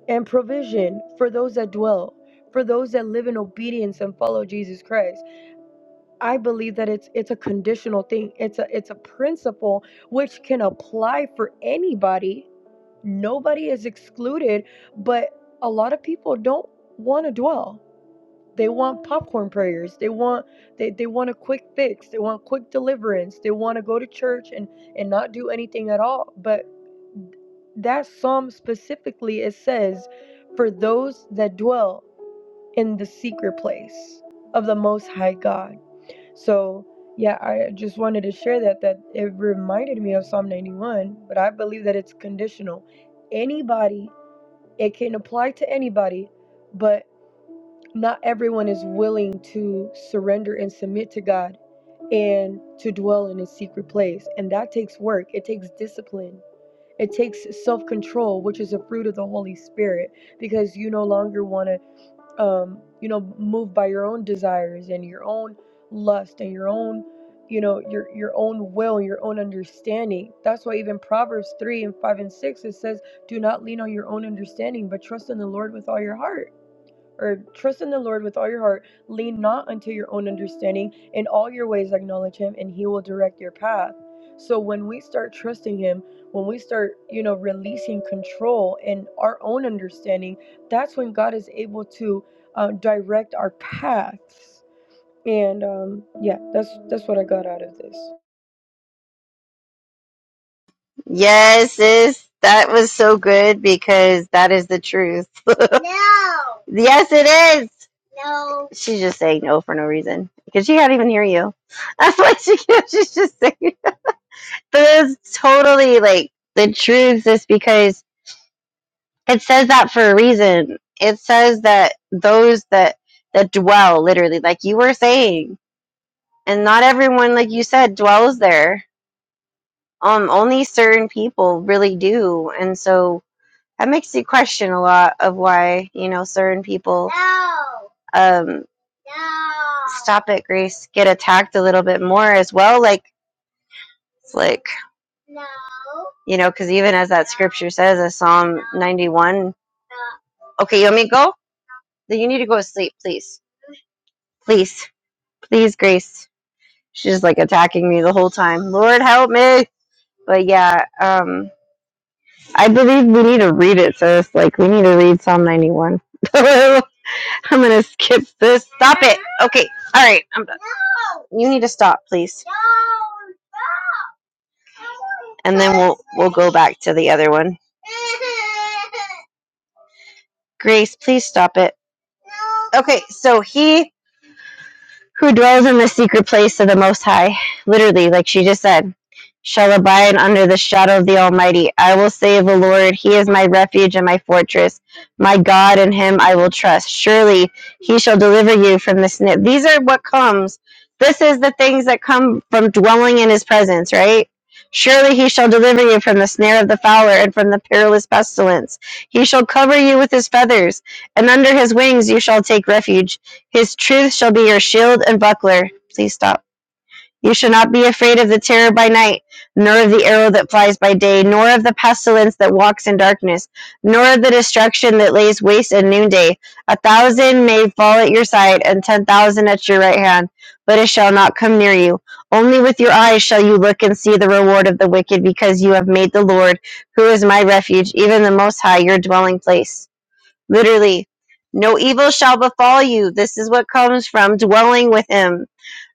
G: and provision for those that dwell for those that live in obedience and follow jesus christ I believe that it's it's a conditional thing. It's a it's a principle which can apply for anybody. Nobody is excluded, but a lot of people don't want to dwell. They want popcorn prayers. They want they, they want a quick fix. They want quick deliverance. They want to go to church and and not do anything at all. But that psalm specifically it says for those that dwell in the secret place of the most high God. So yeah, I just wanted to share that that it reminded me of Psalm 91, but I believe that it's conditional. Anybody, it can apply to anybody, but not everyone is willing to surrender and submit to God and to dwell in his secret place. And that takes work. It takes discipline. It takes self-control, which is a fruit of the Holy Spirit, because you no longer want to um, you know, moved by your own desires and your own lust and your own, you know, your your own will, your own understanding. That's why even Proverbs three and five and six it says, "Do not lean on your own understanding, but trust in the Lord with all your heart." or trust in the Lord with all your heart. Lean not unto your own understanding. In all your ways, acknowledge Him, and He will direct your path. So when we start trusting Him, when we start, you know, releasing control and our own understanding, that's when God is able to uh, direct our paths. And um, yeah, that's that's what I got out of this.
B: Yes, sis, that was so good because that is the truth. No. Yes, it is. She's just saying no for no reason because she can't even hear you. That's what she she's just saying. But it's totally like the truth is because it says that for a reason. It says that those that that dwell literally, like you were saying, and not everyone, like you said, dwells there. Um, only certain people really do, and so that makes you question a lot of why you know certain people no. um no. stop it grace get attacked a little bit more as well like it's like you know because even as that scripture says as psalm 91 okay you want me to go then you need to go to sleep please please please grace she's just like attacking me the whole time lord help me but yeah um i believe we need to read it sis like we need to read psalm 91 I'm gonna skip this. Stop it. Okay. All right. I'm done. You need to stop, please. And then we'll we'll go back to the other one. Grace, please stop it. Okay. So he who dwells in the secret place of the Most High. Literally, like she just said, shall abide under the shadow of the Almighty. I will say of the Lord, He is my refuge and my fortress, my God, in Him I will trust. Surely He shall deliver you from the snare. These are what comes. This is the things that come from dwelling in His presence, right? Surely he shall deliver you from the snare of the fowler and from the perilous pestilence. He shall cover you with his feathers, and under his wings you shall take refuge. His truth shall be your shield and buckler. Please stop. You shall not be afraid of the terror by night, nor of the arrow that flies by day, nor of the pestilence that walks in darkness, nor of the destruction that lays waste at noonday. A thousand may fall at your side, and ten thousand at your right hand, but it shall not come near you. Only with your eyes shall you look and see the reward of the wicked, because you have made the Lord, who is my refuge, even the Most High, your dwelling place. Literally, no evil shall befall you. This is what comes from dwelling with him.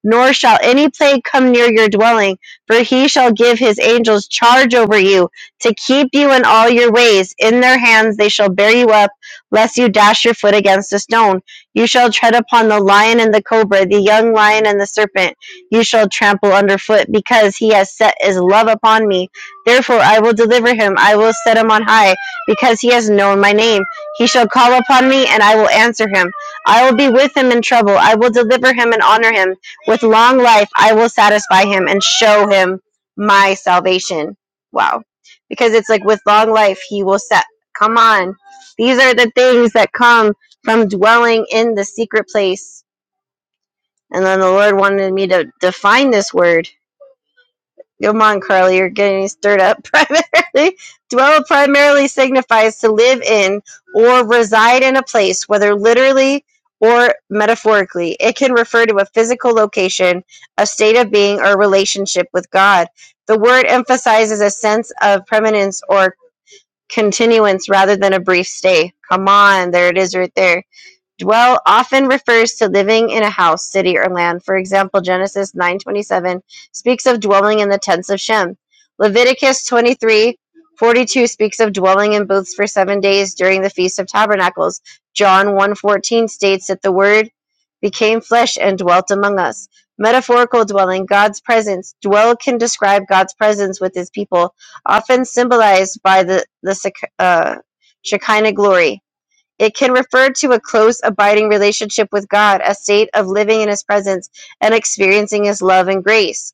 B: Nor shall any plague come near your dwelling, for he shall give his angels charge over you to keep you in all your ways. In their hands they shall bear you up, lest you dash your foot against a stone. You shall tread upon the lion and the cobra, the young lion and the serpent. You shall trample underfoot, because he has set his love upon me. Therefore I will deliver him. I will set him on high, because he has known my name. He shall call upon me, and I will answer him. I will be with him in trouble. I will deliver him and honor him. With long life, I will satisfy him and show him my salvation. Wow. Because it's like with long life, he will set. Come on. These are the things that come from dwelling in the secret place. And then the Lord wanted me to define this word. Come on, Carly, you're getting stirred up primarily. Dwell primarily signifies to live in or reside in a place, whether literally or metaphorically. It can refer to a physical location, a state of being, or relationship with God. The word emphasizes a sense of permanence or continuance rather than a brief stay. Come on, there it is right there Dwell often refers to living in a house, city, or land. For example, Genesis 9:27 speaks of dwelling in the tents of Shem. Leviticus 23:42 speaks of dwelling in booths for 7 days during the feast of tabernacles. John one fourteen states that the word became flesh and dwelt among us. Metaphorical dwelling, God's presence. Dwell can describe God's presence with his people, often symbolized by the the uh, Shekinah glory. It can refer to a close, abiding relationship with God, a state of living in His presence and experiencing His love and grace.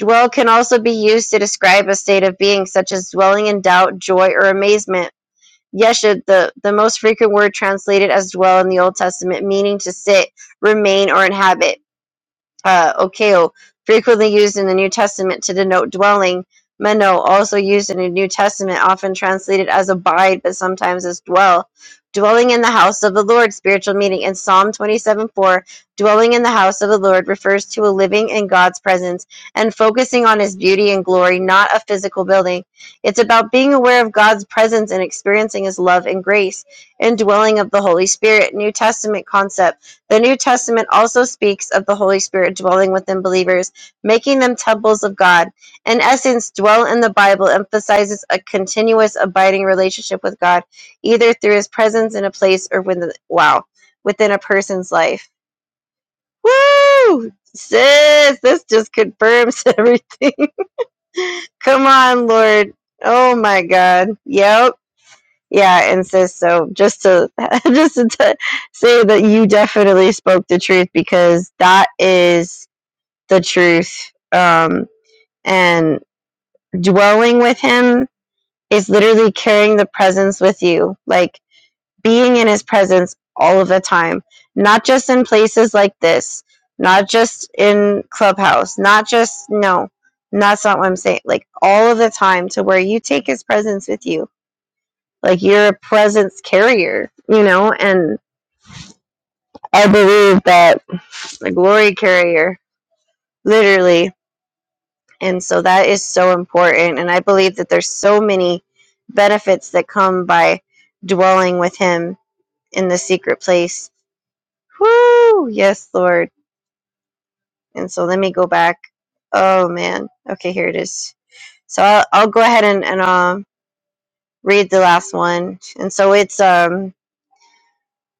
B: Dwell can also be used to describe a state of being, such as dwelling in doubt, joy, or amazement. Yeshud, the, the most frequent word translated as dwell in the Old Testament, meaning to sit, remain, or inhabit uh, okeo, frequently used in the New Testament to denote dwelling, meno, also used in the New Testament, often translated as abide, but sometimes as dwell. Dwelling in the house of the Lord, spiritual meaning. In Psalm 27 4, dwelling in the house of the Lord refers to a living in God's presence and focusing on his beauty and glory, not a physical building. It's about being aware of God's presence and experiencing his love and grace. Indwelling of the Holy Spirit, New Testament concept the New Testament also speaks of the Holy Spirit dwelling within believers, making them temples of God. In essence, dwell in the Bible emphasizes a continuous abiding relationship with God, either through his presence in a place or within wow, within a person's life. Woo! Sis, this just confirms everything. Come on, Lord. Oh my God. Yep. Yeah, and says so just to just to t- say that you definitely spoke the truth because that is the truth. Um, and dwelling with him is literally carrying the presence with you, like being in his presence all of the time, not just in places like this, not just in clubhouse, not just no, that's not what I'm saying. Like all of the time, to where you take his presence with you like you're a presence carrier, you know, and I believe that a glory carrier, literally. And so that is so important. And I believe that there's so many benefits that come by dwelling with him in the secret place. Woo! Yes, Lord. And so let me go back. Oh man. Okay, here it is. So I'll, I'll go ahead and, and um read the last one. And so it's um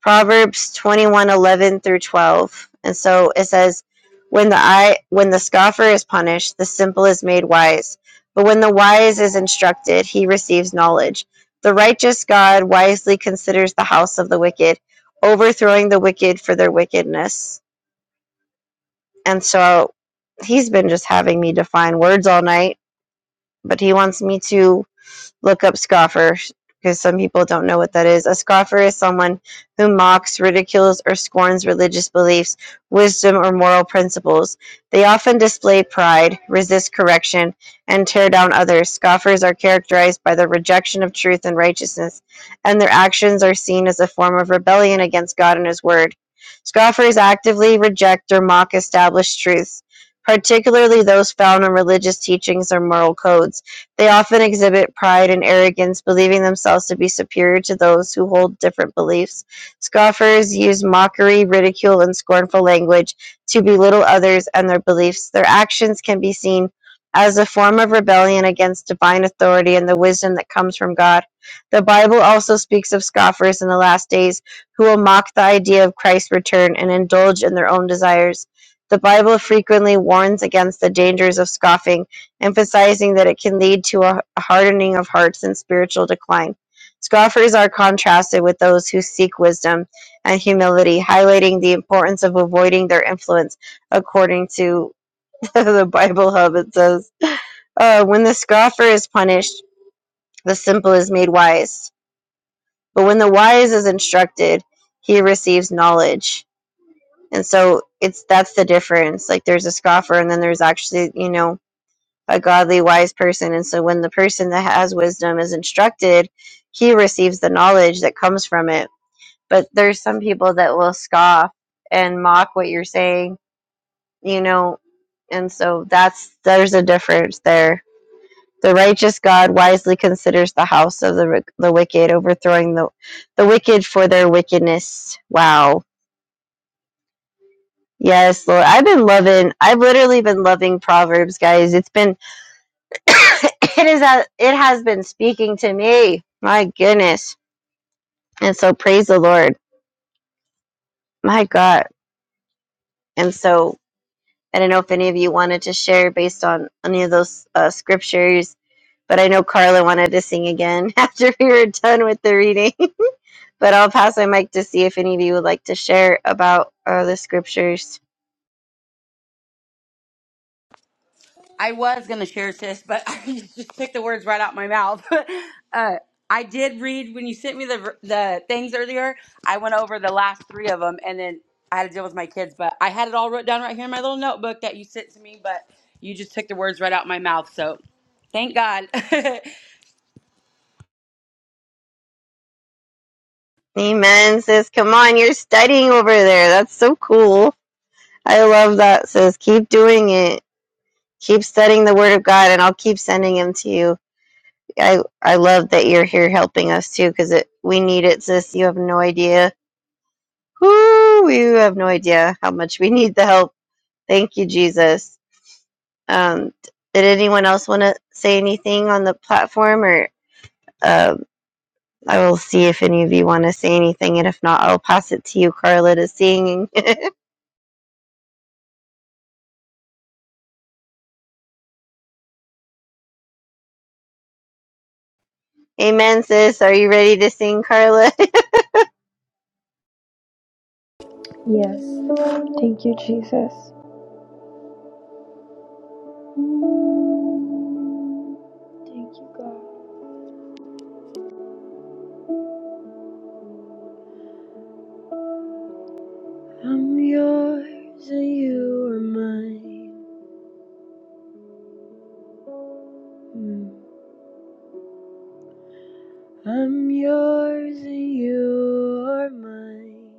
B: Proverbs 21 11 through 12. And so it says, when the eye, when the scoffer is punished, the simple is made wise. But when the wise is instructed, he receives knowledge. The righteous God wisely considers the house of the wicked, overthrowing the wicked for their wickedness. And so he's been just having me define words all night, but he wants me to look up scoffer because some people don't know what that is. A scoffer is someone who mocks, ridicules, or scorns religious beliefs, wisdom, or moral principles. They often display pride, resist correction, and tear down others. Scoffers are characterized by the rejection of truth and righteousness, and their actions are seen as a form of rebellion against God and His Word. Scoffers actively reject or mock established truths, particularly those found in religious teachings or moral codes. They often exhibit pride and arrogance, believing themselves to be superior to those who hold different beliefs. Scoffers use mockery, ridicule, and scornful language to belittle others and their beliefs. Their actions can be seen as a form of rebellion against divine authority and the wisdom that comes from God. The Bible also speaks of scoffers in the last days who will mock the idea of Christ's return and indulge in their own desires. The Bible frequently warns against the dangers of scoffing emphasizing that it can lead to a hardening of hearts and spiritual decline. Scoffers are contrasted with those who seek wisdom and humility, highlighting the importance of avoiding their influence, according to the Bible Hub. It says, uh, When the scoffer is punished, the simple is made wise. But when the wise is instructed, he receives knowledge. And so it's that's the difference. Like there's a scoffer, and then there's actually, you know, a godly, wise person. And so when the person that has wisdom is instructed, he receives the knowledge that comes from it. But there's some people that will scoff and mock what you're saying, you know, and so that's there's a difference there. The righteous God wisely considers the house of the the wicked, overthrowing the the wicked for their wickedness. Wow. Yes, Lord. I've been loving I've literally been loving Proverbs, guys. It's been it is a, it has been speaking to me my goodness and so praise the lord my god and so i don't know if any of you wanted to share based on any of those uh, scriptures but i know carla wanted to sing again after we were done with the reading but i'll pass my mic to see if any of you would like to share about uh, the scriptures
C: I was going to share, sis, but I just took the words right out my mouth. uh, I did read when you sent me the ver- the things earlier. I went over the last three of them, and then I had to deal with my kids. But I had it all wrote down right here in my little notebook that you sent to me. But you just took the words right out my mouth. So thank God.
B: amen sis come on you're studying over there that's so cool i love that sis keep doing it Keep studying the Word of God, and I'll keep sending them to you. I I love that you're here helping us too, because it we need it, sis. You have no idea. Whoo, you have no idea how much we need the help. Thank you, Jesus. Um, did anyone else want to say anything on the platform, or um I will see if any of you want to say anything, and if not, I'll pass it to you, Carla, to sing. Amen, sis. Are you ready to sing, Carla?
G: Yes. Thank you, Jesus. Thank you, God. I'm yours and you are mine. Mm. I'm yours and you are mine.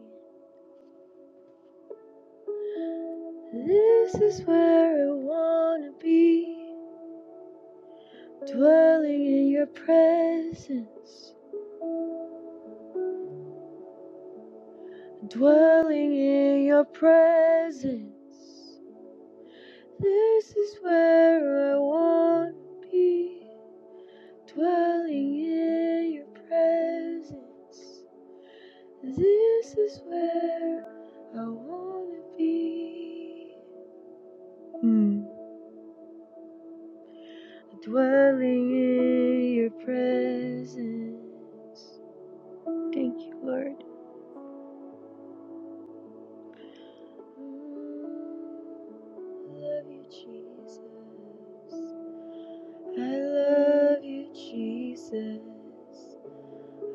G: This is where I wanna be. Dwelling in your presence. Dwelling in your presence. This is where I wanna be. Dwelling in your presence. This is where I wanna be. Mm. Dwelling in your presence. Thank you, Lord. Love you, Jesus. I love you, Jesus.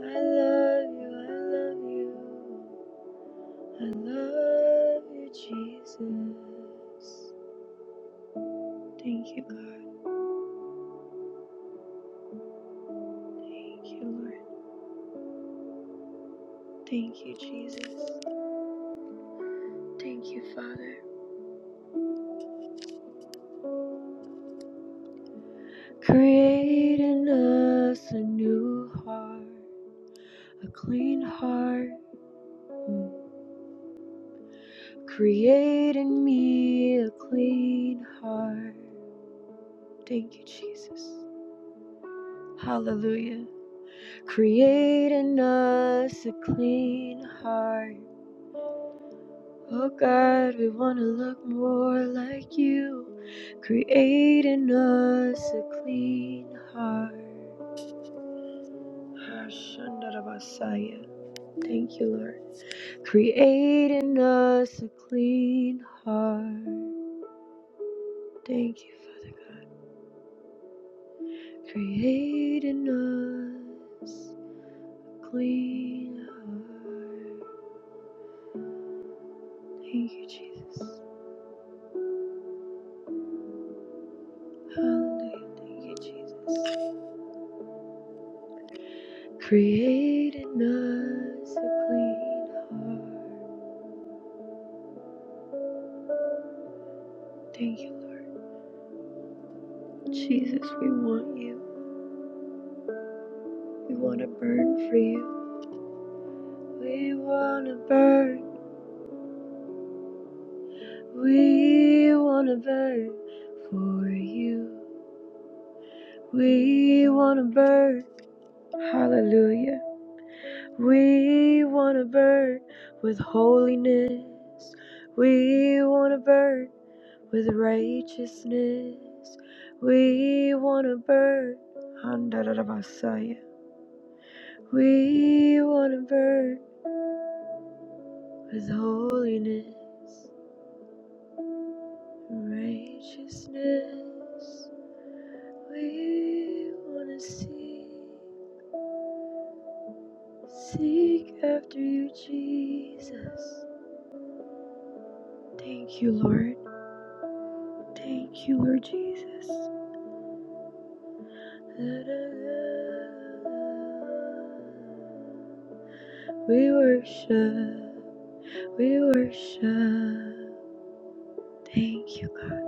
G: I love you, I love you. I love you, Jesus. Thank you, God. Thank you, Lord. Thank you, Jesus. Thank you, Father. Create in us a new heart, a clean heart. Mm. Create in me a clean heart. Thank you, Jesus. Hallelujah. Create in us a clean heart. Oh God, we want to look more like you. Create in us a clean heart. Shandarabasaya. Thank you, Lord. Create in us a clean heart. Thank you, Father God. Create in us a clean heart. Thank you, Jesus. Hallelujah. Thank you, Jesus. Create in us a clean heart. Thank you, Lord. Jesus, we want you. We want to burn for you. We want to burn. We wanna burn for you. We wanna burn. Hallelujah. We wanna burn with holiness. We wanna burn with righteousness. We wanna burn. Handarabasaya. We wanna burn with holiness. Righteousness. We wanna see. Seek after you, Jesus. Thank you, Lord. Thank you, Lord Jesus. We worship. We worship. Thank you, God.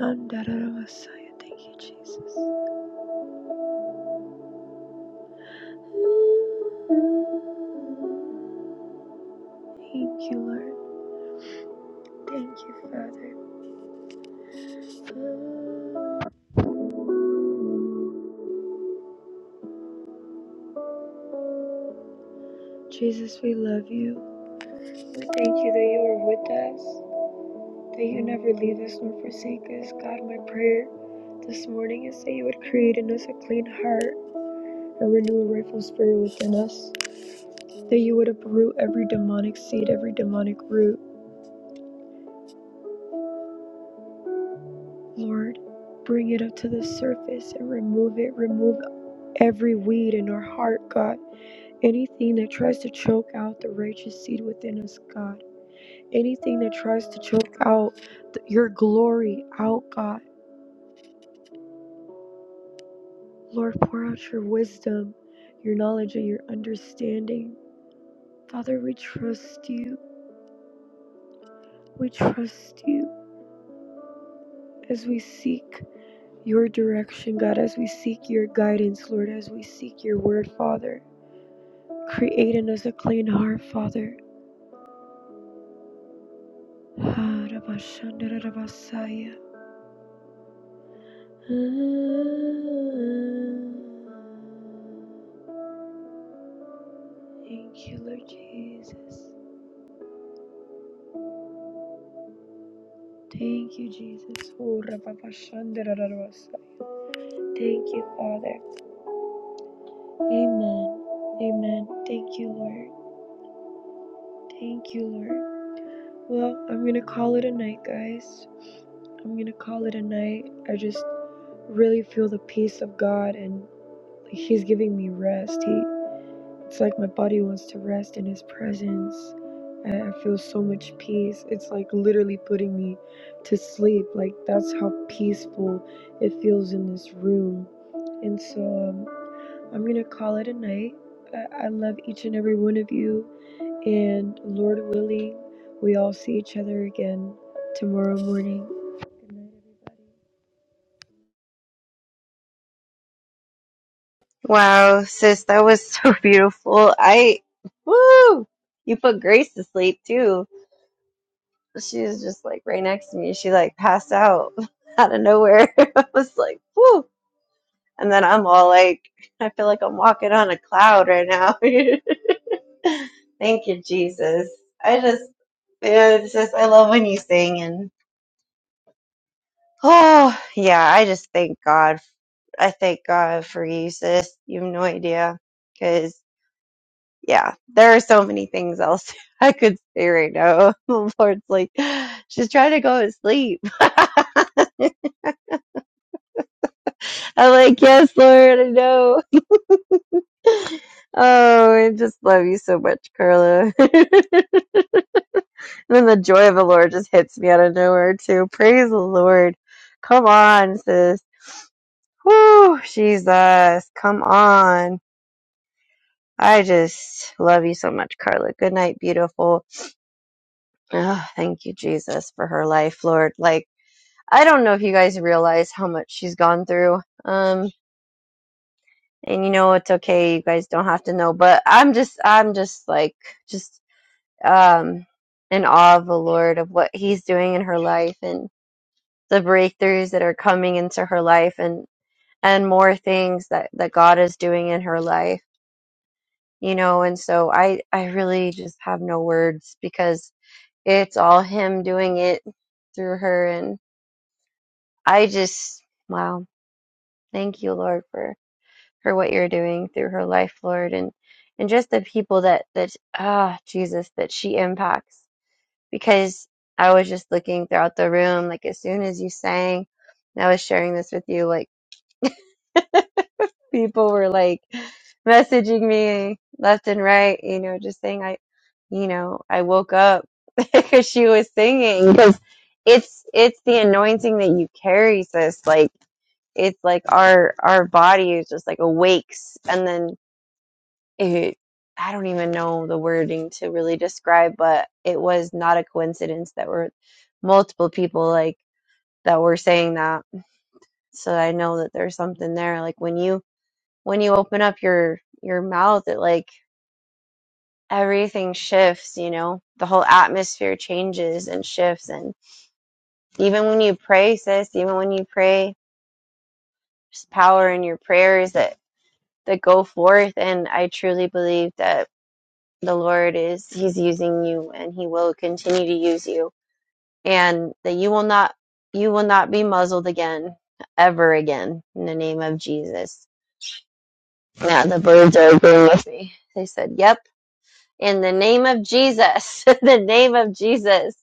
G: Handararabasaya. Thank you, Jesus. Thank you, Lord. Thank you, Father. Jesus, we love you. We thank you that you are with us. that you never leave us nor forsake us. God, my prayer this morning is that you would create in us a clean heart and renew a rightful spirit within us, that you would uproot every demonic seed, every demonic root. Lord, bring it up to the surface and remove it. Remove every weed in our heart, God. Anything that tries to choke out the righteous seed within us, God. Anything that tries to choke out th- your glory out, God Lord, pour out your wisdom, your knowledge, and your understanding. Father, we trust you. We trust you as we seek your direction, God, as we seek your guidance, Lord, as we seek your word, Father. Create in us a clean heart, Father. Ah, Rabashanda, Rabasaya. Ah, Thank you, Lord Jesus. Thank you, Jesus. Oh, Rabashanda, Rabasaya. Thank you, Father. Amen. Amen. Thank you, Lord. Thank you, Lord. Well, I'm going to call it a night, guys. I'm going to call it a night. I just really feel the peace of God and like, He's giving me rest. He, it's like my body wants to rest in His presence. I I feel so much peace. It's like literally putting me to sleep. Like that's how peaceful it feels in this room. And so, um, I'm going to call it a night. I, I love each and every one of you. And Lord willing, we all see each other again tomorrow morning. Good night, everybody.
B: Wow, sis, that was so beautiful. I, woo, you put Grace to sleep too. She was just like right next to me. She like passed out out of nowhere. I was like, woo. And then I'm all like, I feel like I'm walking on a cloud right now. Thank you, Jesus. I just, yeah, it's just, I love when you sing and, oh, yeah, I just thank God. I thank God for you, sis. You have no idea. because. yeah, there are so many things else I could say right now. The Lord's like, she's trying to go to sleep. I'm like, yes, Lord, I know. Oh, I just love you so much, Carla. and then the joy of the Lord just hits me out of nowhere too. Praise the Lord. Come on, sis. Woo, Jesus. Come on. I just love you so much, Carla. Good night, beautiful. Oh, thank you, Jesus, for her life, Lord. Like, I don't know if you guys realize how much she's gone through. Um, and you know, it's okay. You guys don't have to know, but I'm just, I'm just like, just, um, in awe of the Lord of what he's doing in her life and the breakthroughs that are coming into her life and, and more things that, that God is doing in her life, you know, and so I, I really just have no words because it's all him doing it through her. And I just, wow. Thank you, Lord, for for what you're doing through her life, Lord, and and just the people that that ah Jesus that she impacts. Because I was just looking throughout the room, like as soon as you sang, and I was sharing this with you, like people were like messaging me left and right, you know, just saying I, you know, I woke up because she was singing because it's it's the anointing that you carry, sis. Like it's like our our body is just like awakes and then it I don't even know the wording to really describe, but it was not a coincidence that were multiple people like that were saying that. So I know that there's something there. Like when you when you open up your your mouth, it like everything shifts, you know. The whole atmosphere changes and shifts and even when you pray, sis, even when you pray, there's power in your prayers that that go forth and I truly believe that the Lord is he's using you and he will continue to use you and that you will not you will not be muzzled again ever again in the name of Jesus. Now the birds are agreeing with me. They said, "Yep, in the name of Jesus. in the name of Jesus."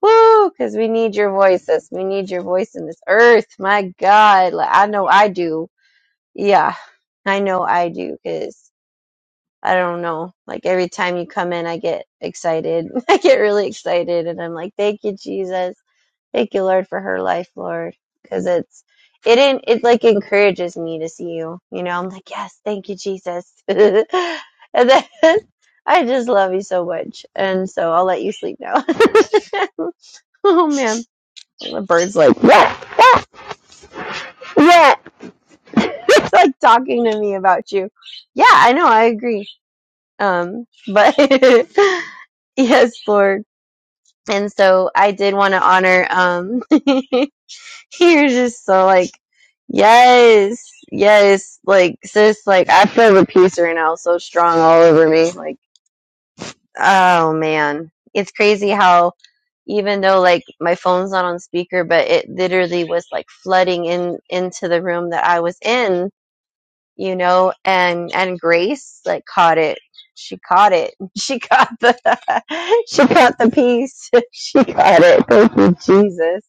B: Woo, cuz we need your voices. We need your voice in this earth. My God, like, I know I do. Yeah. I know I do cuz I don't know. Like every time you come in, I get excited. I get really excited, and I'm like, "Thank you, Jesus. Thank you, Lord, for her life, Lord." Because it's it in, it like encourages me to see you. You know, I'm like, "Yes, thank you, Jesus." and then I just love you so much, and so I'll let you sleep now. oh man, the bird's like, yeah, yeah, yeah. it's like talking to me about you. Yeah, I know. I agree. Um, but yes, Lord. And so I did want to honor, um, you're just so like, yes, yes, like sis, like I feel the peace right now so strong all over me. Like, oh man, it's crazy how even though like my phone's not on speaker, but it literally was like flooding in into the room that I was in you know and and grace like caught it she caught it she caught the she caught the piece she caught it thank you jesus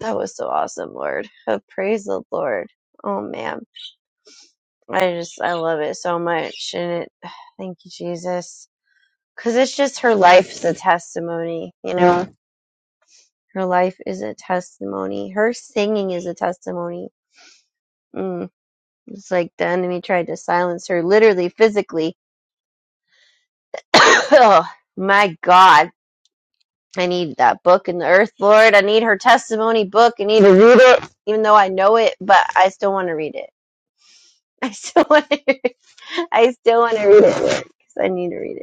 B: that was so awesome lord Oh, praise the lord oh man i just i love it so much and it thank you jesus because it's just her life's a testimony you know her life is a testimony her singing is a testimony mm, it's like the enemy tried to silence her literally physically oh my god i need that book in the earth lord i need her testimony book i need to read it even though i know it but i still want to read it i still want to read it. i still want to read it lord because i need to read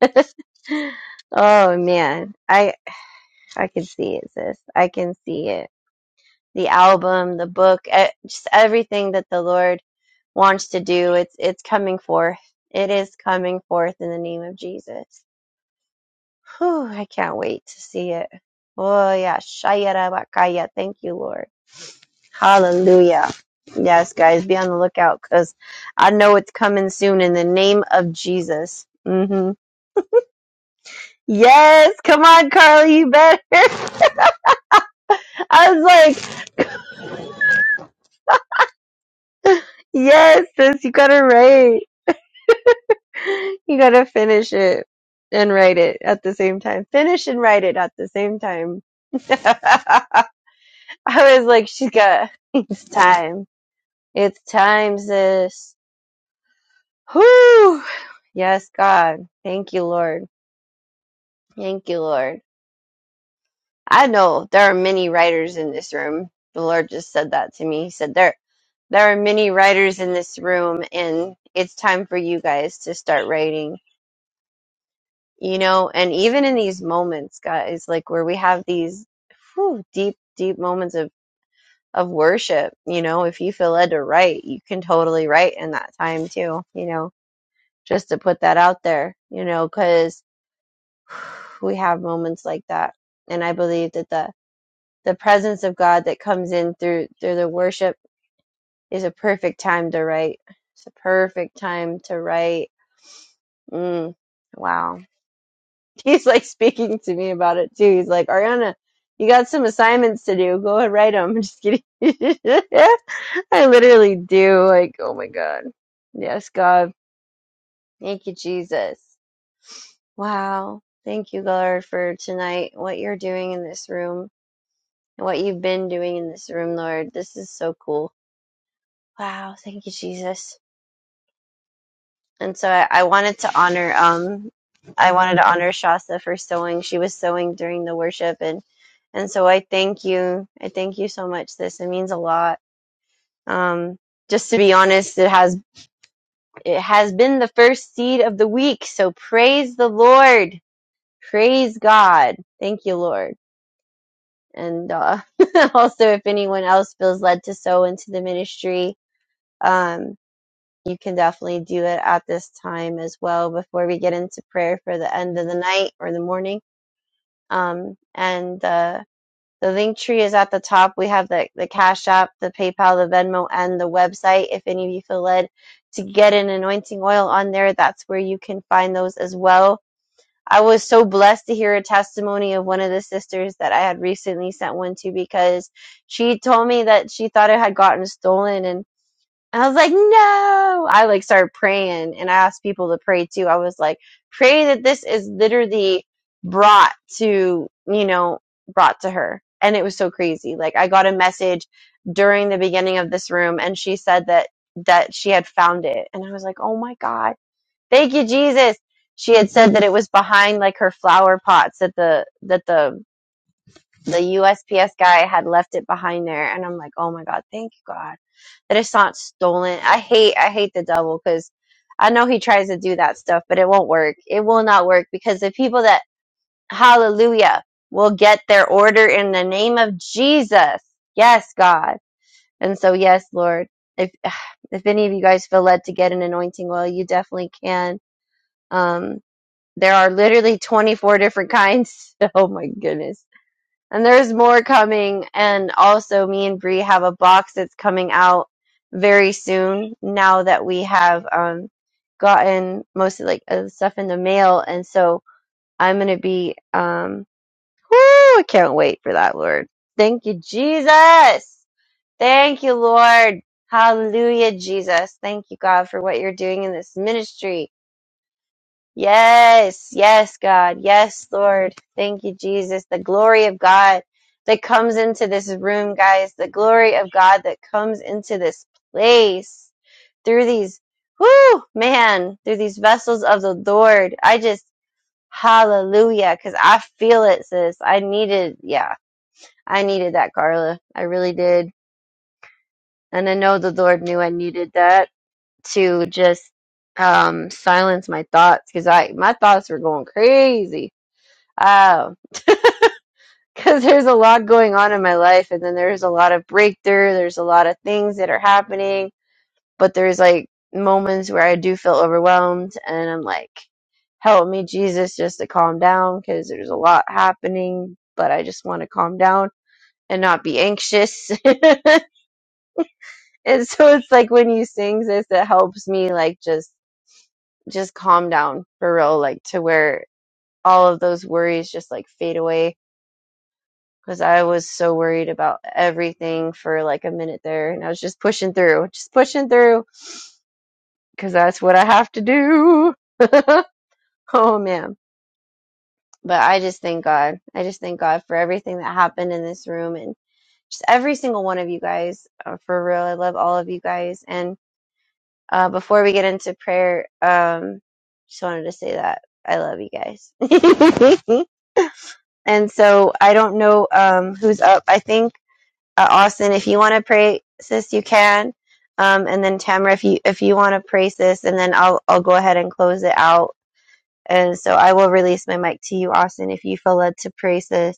B: it oh man i i can see it sis i can see it the album the book eh, just everything that the lord wants to do it's it's coming forth it is coming forth in the name of jesus Whew, I can't wait to see it. Oh yeah, Shayara Bakaya. Thank you, Lord. Hallelujah. Yes, guys, be on the lookout because I know it's coming soon in the name of Jesus. hmm Yes, come on, Carly, you better. I was like, yes, sis, you gotta write. You gotta finish it and write it at the same time. Finish and write it at the same time. I was like, she's got it's time. It's time, sis. Whew! Yes, God. Thank you, Lord. Thank you, Lord. I know there are many writers in this room. The Lord just said that to me. He said there there are many writers in this room and it's time for you guys to start writing. You know, and even in these moments, guys, like where we have these whew, deep, deep moments of of worship, you know, if you feel led to write, you can totally write in that time too, you know just to put that out there, you know, because we have moments like that. And I believe that the, the presence of God that comes in through, through the worship is a perfect time to write. It's a perfect time to write. Mm, wow. He's like speaking to me about it too. He's like, Ariana, you got some assignments to do. Go ahead, write them. I'm just kidding. I literally do. Like, oh my God. Yes, God. Thank you, Jesus. Wow. Thank you, Lord, for tonight, what you're doing in this room, and what you've been doing in this room, Lord. This is so cool. Wow. Thank you, Jesus. And so I, I wanted to honor, um, I wanted to honor Shasta for sewing. She was sewing during the worship, and and so I thank you. I thank you so much. This it means a lot. Um, just to be honest, it has it has been the first seed of the week. So praise the Lord. Praise God. Thank you, Lord. and uh, also if anyone else feels led to sow into the ministry um, you can definitely do it at this time as well before we get into prayer for the end of the night or the morning um, and uh, the link tree is at the top we have the, the cash app the paypal the venmo and the website if any of you feel led to get an anointing oil on there that's where you can find those as well I was so blessed to hear a testimony of one of the sisters that I had recently sent one to because she told me that she thought it had gotten stolen and I was like, no. I like started praying and I asked people to pray too. I was like, pray that this is literally brought to, you know, brought to her. And it was so crazy. Like I got a message during the beginning of this room and she said that that she had found it. And I was like, oh my God Thank you, Jesus. She had said that it was behind like her flower pots that the that the the USPS guy had left it behind there, and I'm like, oh my God, thank you God that it's not stolen. I hate I hate the devil because I know he tries to do that stuff, but it won't work. It will not work because the people that Hallelujah will get their order in the name of Jesus. Yes, God, and so yes, Lord. If if any of you guys feel led to get an anointing oil, you definitely can. Um, there are literally 24 different kinds. Oh my goodness. And there's more coming. And also, me and Bree have a box that's coming out very soon now that we have um, gotten mostly like uh, stuff in the mail. And so I'm going to be, um, whoo, I can't wait for that, Lord. Thank you, Jesus. Thank you, Lord. Hallelujah, Jesus. Thank you, God, for what you're doing in this ministry. Yes, yes, God. Yes, Lord. Thank you, Jesus. The glory of God that comes into this room, guys. The glory of God that comes into this place through these, whoo, man, through these vessels of the Lord. I just, hallelujah, because I feel it, sis. I needed, yeah, I needed that, Carla. I really did. And I know the Lord knew I needed that to just um silence my thoughts because I my thoughts were going crazy Um, because there's a lot going on in my life, and then there's a lot of breakthrough, there's a lot of things that are happening, but there's like moments where I do feel overwhelmed, and I'm like, help me, Jesus, just to calm down," because there's a lot happening, but I just want to calm down and not be anxious. and so it's like when you sing this, it helps me like just just calm down for real, like to where all of those worries just like fade away because I was so worried about everything for like a minute there, and I was just pushing through, just pushing through, because that's what I have to do. oh man! But I just thank God. I just thank God for everything that happened in this room and just every single one of you guys. Uh, for real, I love all of you guys. And uh, before we get into prayer, um, just wanted to say that I love you guys. and so I don't know um, who's up. I think. uh, Austin, if you want to pray, sis, you can. Um, and then Tamara, if you if you want to pray, sis, and then I'll I'll go ahead and close it out. And so I will release my mic to you, Austin, if you feel led to pray, sis.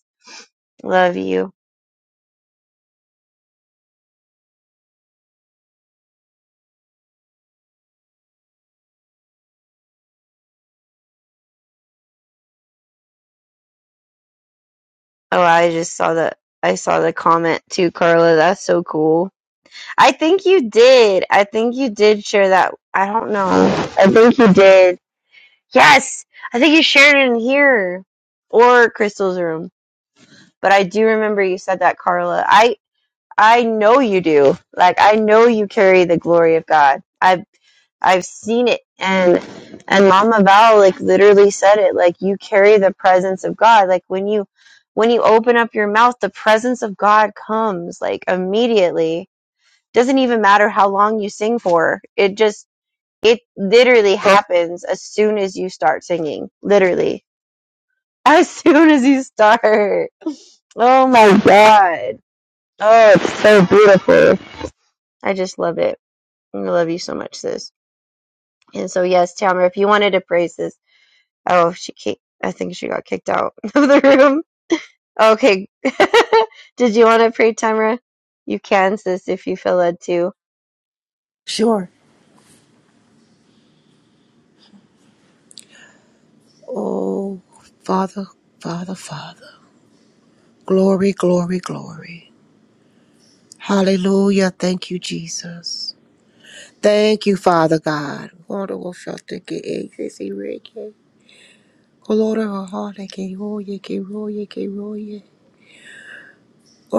B: Love you. Oh, I just saw the I saw the comment too, Carla. That's so cool. I think you did. I think you did share that. I don't know. I think you did. Yes, I think you shared it in here or Crystal's room. But I do remember you said that, Carla. I. I know you do. Like I know you carry the glory of God. I've I've seen it and and Mama Val like literally said it like you carry the presence of God. Like when you when you open up your mouth, the presence of God comes like immediately. Doesn't even matter how long you sing for. It just it literally happens as soon as you start singing. Literally. As soon as you start. Oh my god. Oh, it's so beautiful. I just love it. I love you so much, sis. And so, yes, Tamara, if you wanted to praise this, oh, she kicked, I think she got kicked out of the room. Okay. Did you want to pray, Tamara? You can, sis, if you feel led to.
H: Sure. Oh, Father, Father, Father. Glory, glory, glory. Hallelujah. Thank you, Jesus. Thank you, Father God. Lord, oh, shelter, get access, erect it. Colora, oh, Lord, oh, heart, I can roll you, oh, yeah, can roll you, oh, yeah, can roll you. oh, yeah.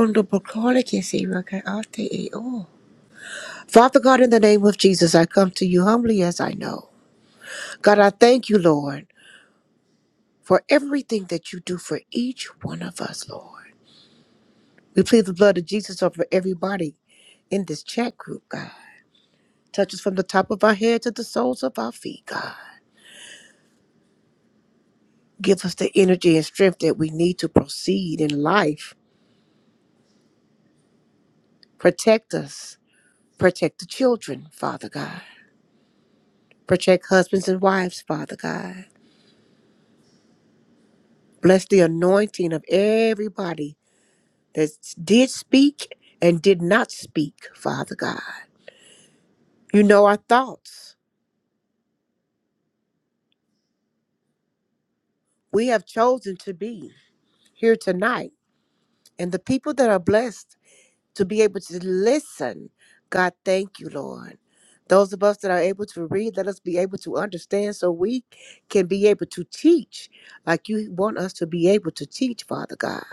H: On the bacara, I can see, right can out there, eh, oh. Father God, in the name of Jesus, I come to you humbly as I know. God, I thank you, Lord, for everything that you do for each one of us, Lord. We plead the blood of Jesus over everybody in this chat group, God. Touch us from the top of our head to the soles of our feet, God. Give us the energy and strength that we need to proceed in life Protect us. Protect the children, Father God. Protect husbands and wives, Father God. Bless the anointing of everybody that did speak and did not speak, Father God. You know our thoughts. We have chosen to be here tonight. And the people that are blessed to be able to listen. God, thank you, Lord. Those of us that are able to read, let us be able to understand so we can be able to teach like you want us to be able to teach, Father God.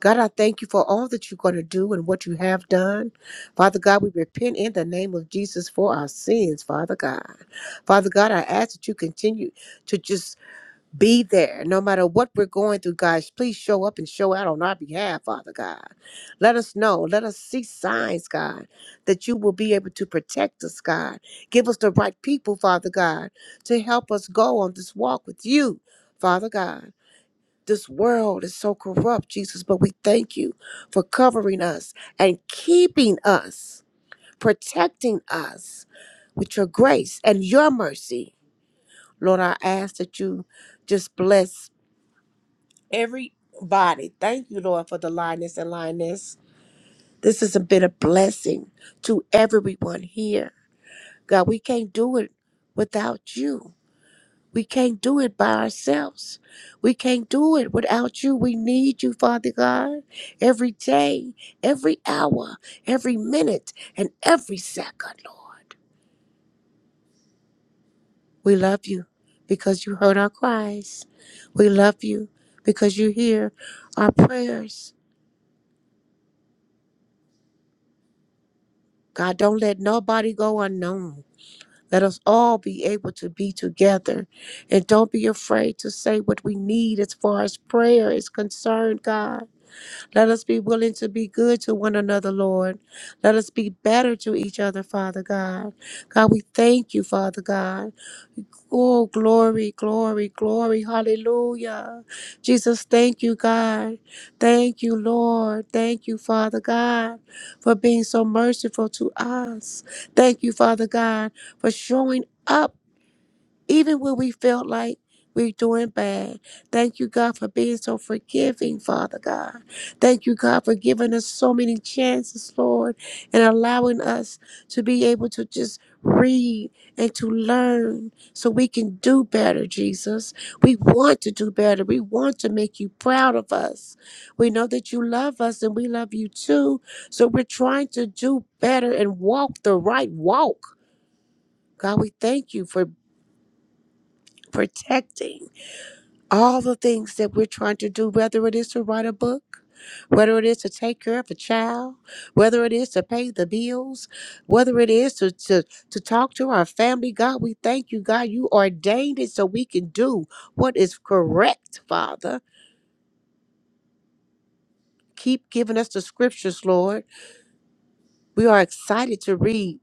H: God, I thank you for all that you're going to do and what you have done. Father God, we repent in the name of Jesus for our sins, Father God. Father God, I ask that you continue to just be there no matter what we're going through guys please show up and show out on our behalf father god let us know let us see signs god that you will be able to protect us god give us the right people father god to help us go on this walk with you father god this world is so corrupt jesus but we thank you for covering us and keeping us protecting us with your grace and your mercy lord i ask that you just bless everybody. Thank you, Lord, for the lioness and lioness. This has been a blessing to everyone here. God, we can't do it without you. We can't do it by ourselves. We can't do it without you. We need you, Father God, every day, every hour, every minute, and every second, Lord. We love you because you heard our cries. We love you because you hear our prayers. God, don't let nobody go unknown. Let us all be able to be together. And don't be afraid to say what we need as far as prayer is concerned, God. Let us be willing to be good to one another, Lord. Let us be better to each other, Father God. God, we thank you, Father God. Oh, glory, glory, glory. Hallelujah. Jesus, thank you, God. Thank you, Lord. Thank you, Father God, for being so merciful to us. Thank you, Father God, for showing up even when we felt like we're doing bad. Thank you, God, for being so forgiving, Father God. Thank you, God, for giving us so many chances, Lord, and allowing us to be able to just read and to learn so we can do better, Jesus. We want to do better. We want to make you proud of us. We know that you love us and we love you too. So we're trying to do better and walk the right walk. God, we thank you for protecting all the things that we're trying to do, whether it is to write a book, whether it is to take care of a child, whether it is to pay the bills, whether it is to, to, to talk to our family. God, we thank you, God. You ordained it so we can do what is correct, Father. Keep giving us the scriptures, Lord. We are excited to read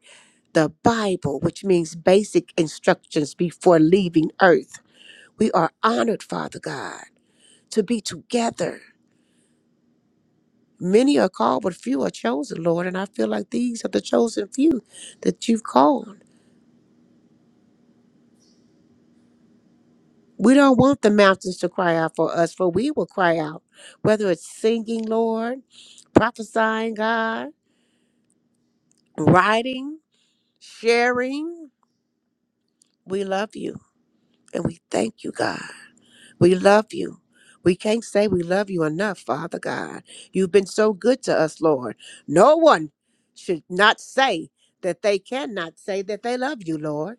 H: the Bible, which means basic instructions before leaving earth. We are honored, Father God, to be together Many are called, but few are chosen, Lord. And I feel like these are the chosen few that you've called. We don't want the mountains to cry out for us, for we will cry out, whether it's singing, Lord, prophesying, God, writing, sharing. We love you and we thank you, God. We love you. We can't say we love you enough, Father God. You've been so good to us, Lord. No one should not say that they cannot say that they love you, Lord.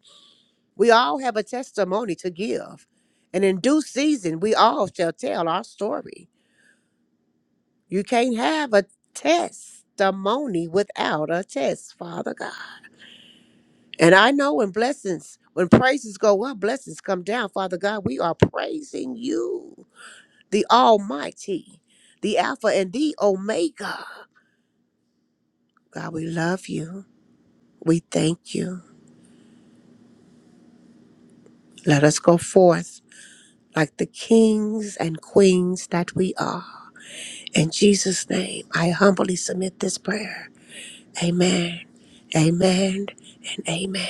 H: We all have a testimony to give. And in due season, we all shall tell our story. You can't have a testimony without a test, Father God. And I know when blessings, when praises go up, blessings come down, Father God. We are praising you, the Almighty, the Alpha and the Omega. God, we love you. We thank you. Let us go forth like the kings and queens that we are In Jesus' name, I humbly submit this prayer. Amen, amen, and amen.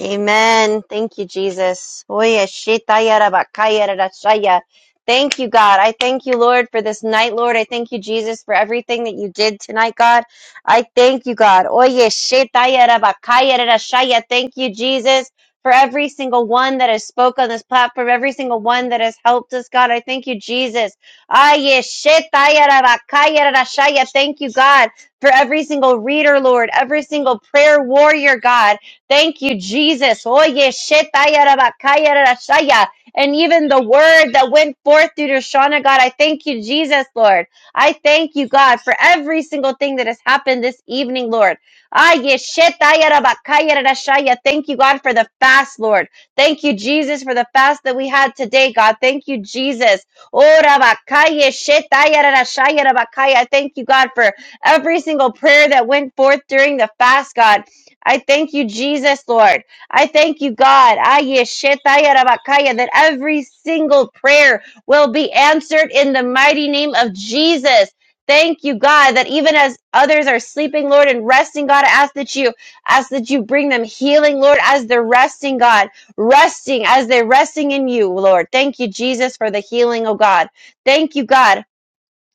B: Amen. Thank you, Jesus. Oya shetaya rabakaya rarashaya. Thank you, God. I thank you, Lord, for this night, Lord. I thank you, Jesus, for everything that you did tonight, God. I thank you, God. Oye, shetaya rabakaya rarashaya. Thank you, Jesus, for every single one that has spoke on this platform, every single one that has helped us, God. I thank you, Jesus. Aye, shetaya rabakaya rarashaya. Thank you, God, for every single reader, Lord, every single prayer warrior, God. Thank you, Jesus. Oye, shetaya rabakaya rashaya. And even the word that went forth through to God, I thank you, Jesus, Lord. I thank you, God, for every single thing that has happened this evening, Lord. Aye, shetaya rabakaya rashaya. Thank you, God, for the fast, Lord. Thank you, Jesus, for the fast that we had today, God. Thank you, Jesus. Oh, rabakaya shetaya rashaya rabakaya. I Thank you, God, for every single prayer that went forth during the fast, God. I thank you, Jesus, Lord. I thank you, God, Aye, shetaya rabakaya, that every single prayer will be answered in the mighty name of Jesus. Thank you, God, that even as others are sleeping, Lord, and resting, God, I ask that you ask that you bring them healing, Lord, as they're resting, God, resting as they're resting in you, Lord. Thank you, Jesus, for the healing, oh God. Thank you, God.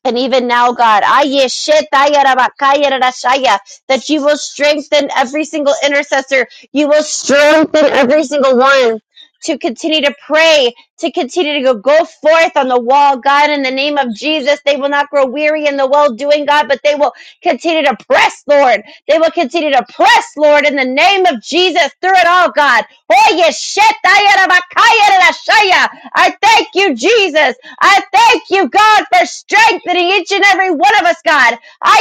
B: And even now, God, aye, shit, that you will strengthen every single intercessor. You will strengthen every single one to continue to pray, to continue to go, go forth on the wall, God, in the name of Jesus. They will not grow weary in the well doing, God, but they will continue to press, Lord. They will continue to press, Lord, in the name of Jesus, through it all, God. Oye, shit, I thank you, Jesus. I thank you, God, for strengthening each and every one of us, God. I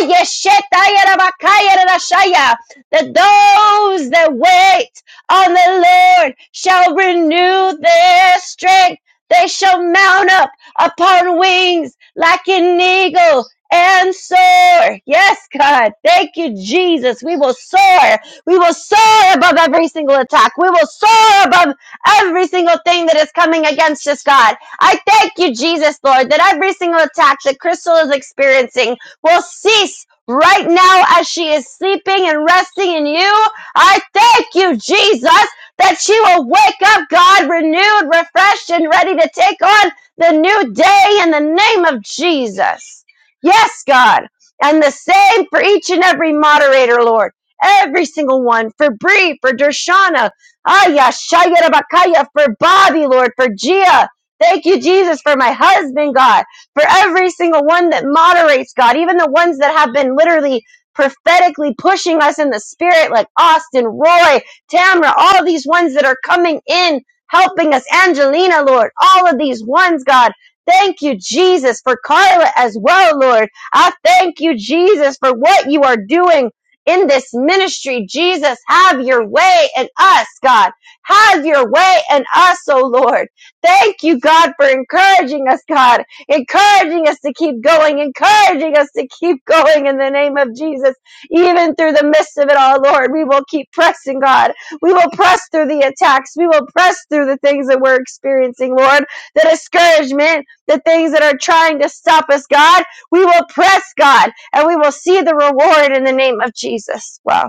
B: That those that wait on the Lord shall renew their strength. They shall mount up upon wings like an eagle and soar. Yes, God. Thank you, Jesus. We will soar. We will soar above every single attack. We will soar above every single thing that is coming against us, God. I thank you, Jesus, Lord, that every single attack that Crystal is experiencing will cease right now as she is sleeping and resting in you. I thank you, Jesus, that she will wake up, God, renewed, refreshed, and ready to take on the new day in the name of Jesus. Yes, God. And the same for each and every moderator, Lord. Every single one. For Bree, for Dershana, Aya, Shaya, Rabakaya, for Bobby, Lord, for Gia, Thank you, Jesus, for my husband, God, for every single one that moderates, God, even the ones that have been literally prophetically pushing us in the spirit, like Austin, Roy, Tamra, all these ones that are coming in, helping us, Angelina, Lord, all of these ones, God. Thank you, Jesus, for Carla as well, Lord. I thank you, Jesus, for what you are doing in this ministry. Jesus, have your way in us, God. Have your way in us, oh Lord. Thank you, God, for encouraging us, God, encouraging us to keep going, encouraging us to keep going in the name of Jesus. Even through the midst of it all, Lord, we will keep pressing, God. We will press through the attacks. We will press through the things that we're experiencing, Lord, the discouragement, the things that are trying to stop us, God. We will press, God, and we will see the reward in the name of Jesus. Wow.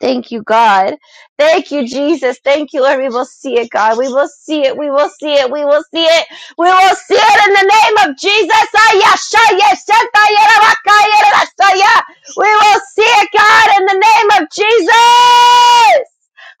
B: Thank you, God. Thank you, Jesus. Thank you, Lord. We will see it, God. We will see it. We will see it. We will see it. We will see it in the name of Jesus. Ay, ya, sha, ya, sha, ta, ya, ra, We will see it, God, in the name of Jesus.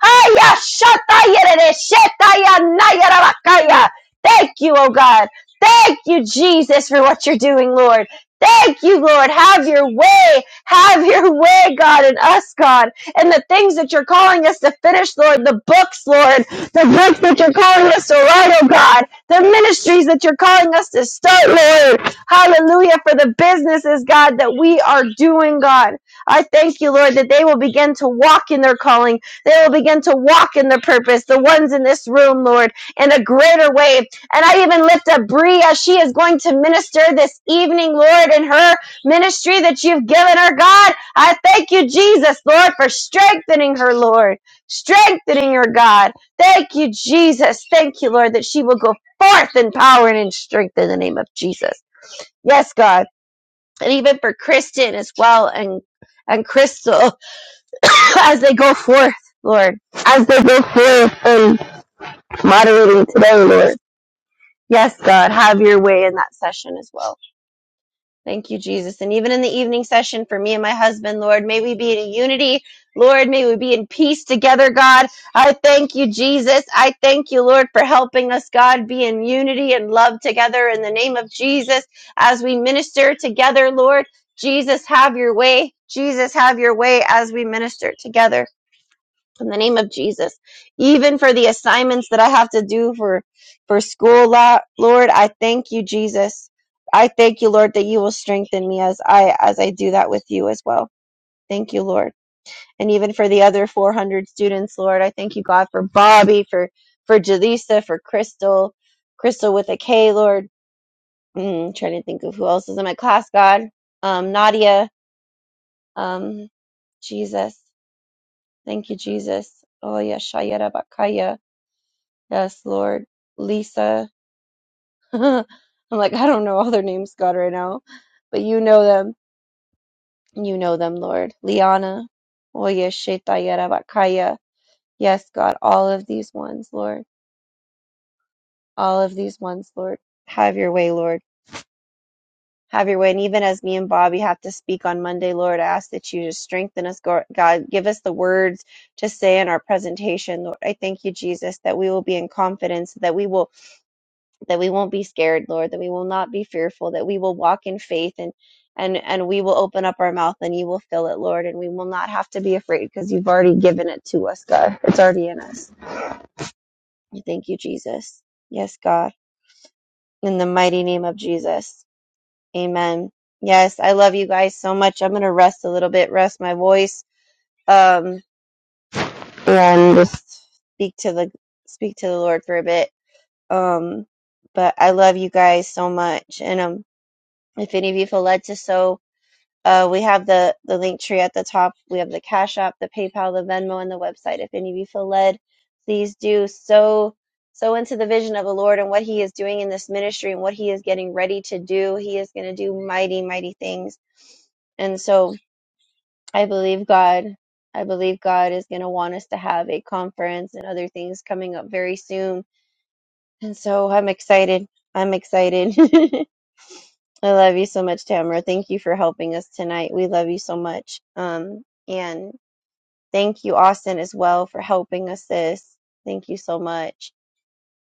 B: Haya shatayerere shetayanayarakaya. Thank you, oh God. Thank you, Jesus, for what you're doing, Lord. Thank you, Lord. Have your way. Have your way, God, in us, God, and the things that you're calling us to finish, Lord, the books, Lord, the books that you're calling us to write, oh God, the ministries that you're calling us to start, Lord. Hallelujah, for the businesses, God, that we are doing, God. I thank you, Lord, that they will begin to walk in their calling. They will begin to walk in their purpose, the ones in this room, Lord, in a greater way. And I even lift up Bria. She is going to minister this evening, Lord, in her ministry that you've given her, God. I thank you, Jesus, Lord, for strengthening her, Lord. Strengthening her, God. Thank you, Jesus. Thank you, Lord, that she will go forth in power and in strength in the name of Jesus. Yes, God. And even for Kristen as well and and Crystal as they go forth, Lord, as they go forth and moderating today, Lord. Yes, God, have your way in that session as well. Thank you, Jesus. And even in the evening session for me and my husband, Lord, may we be in unity. Lord, may we be in peace together, God. I thank you, Jesus. I thank you, Lord, for helping us, God, be in unity and love together in the name of Jesus as we minister together, Lord. Jesus, have your way. Jesus, have your way as we minister together in the name of Jesus. Even for the assignments that I have to do for for school, Lord, I thank you, Jesus. I thank you, Lord, that you will strengthen me as I as I do that with you as well. Thank you, Lord. And even for the other 400 students, Lord, I thank you, God, for Bobby, for for Jaleesa, for Crystal, Crystal with a K, Lord. Mm, trying to think of who else is in my class, God. Um, Nadia, um, Jesus. Thank you, Jesus. Oh, yeah, Shayara Bakaya. Yes, Lord. Lisa. I'm like, I don't know all their names, God, right now, but you know them. You know them, Lord. Liana. Oye, Shetayera Bakaya. Yes, God, all of these ones, Lord. All of these ones, Lord. Have your way, Lord. Have your way. And even as me and Bobby have to speak on Monday, Lord, I ask that you just strengthen us, Gor- God. Give us the words to say in our presentation, Lord. I thank you, Jesus, that we will be in confidence, that we will. that we won't be scared, Lord, that we will not be fearful, that we will walk in faith and and and we will open up our mouth and you will fill it, Lord, and we will not have to be afraid because you've already given it to us, God. It's already in us. Thank you, Jesus. Yes, God. In the mighty name of Jesus. Amen. Yes, I love you guys so much. I'm gonna rest a little bit, rest my voice, um, and just speak to the speak to the Lord for a bit. Um, but I love you guys so much, and um, if any of you feel led to so uh, we have the the link tree at the top we have the cash app the paypal the venmo and the website if any of you feel led please do so so into the vision of the lord and what he is doing in this ministry and what he is getting ready to do he is going to do mighty mighty things and so i believe god i believe god is going to want us to have a conference and other things coming up very soon and so i'm excited i'm excited I love you so much, Tamara. Thank you for helping us tonight. We love you so much. Um, and thank you, Austin, as well, for helping us, sis. Thank you so much.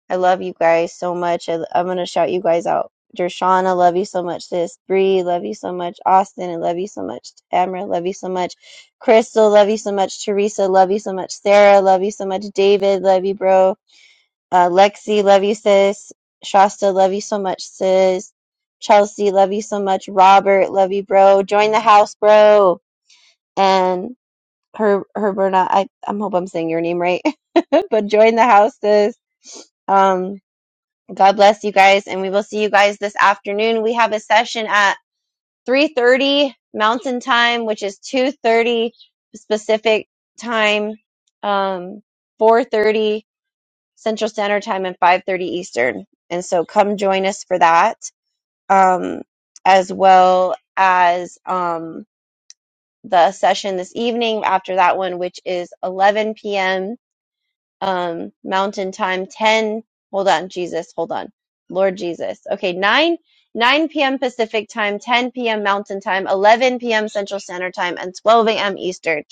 B: I love you guys so much. I, I'm going to shout you guys out. Dershana, love you so much, sis. Bree, love you so much. Austin, I love you so much. Tamara, love you so much. Crystal, love you so much. Teresa, love you so much. Sarah, love you so much. David, love you, bro. Uh, Lexi, love you, sis. Shasta, love you so much, sis. Chelsea, love you so much. Robert, love you, bro. Join the house, bro. And her, her, Berna, I, I hope I'm saying your name right, but join the house, sis. Um, God bless you guys, and we will see you guys this afternoon. We have a session at 3:30 Mountain Time, which is 2:30 specific time. Um, 4:30. Central Standard Time and 5:30 Eastern. And so come join us for that, um, as well as um, the session this evening after that one, which is 11 p.m um mountain time 10 hold on jesus hold on lord jesus okay 9 9 p.m pacific time 10 p.m mountain time 11 p.m central standard time and 12 a.m eastern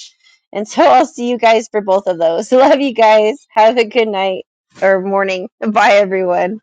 B: and so i'll see you guys for both of those love you guys have a good night or morning bye everyone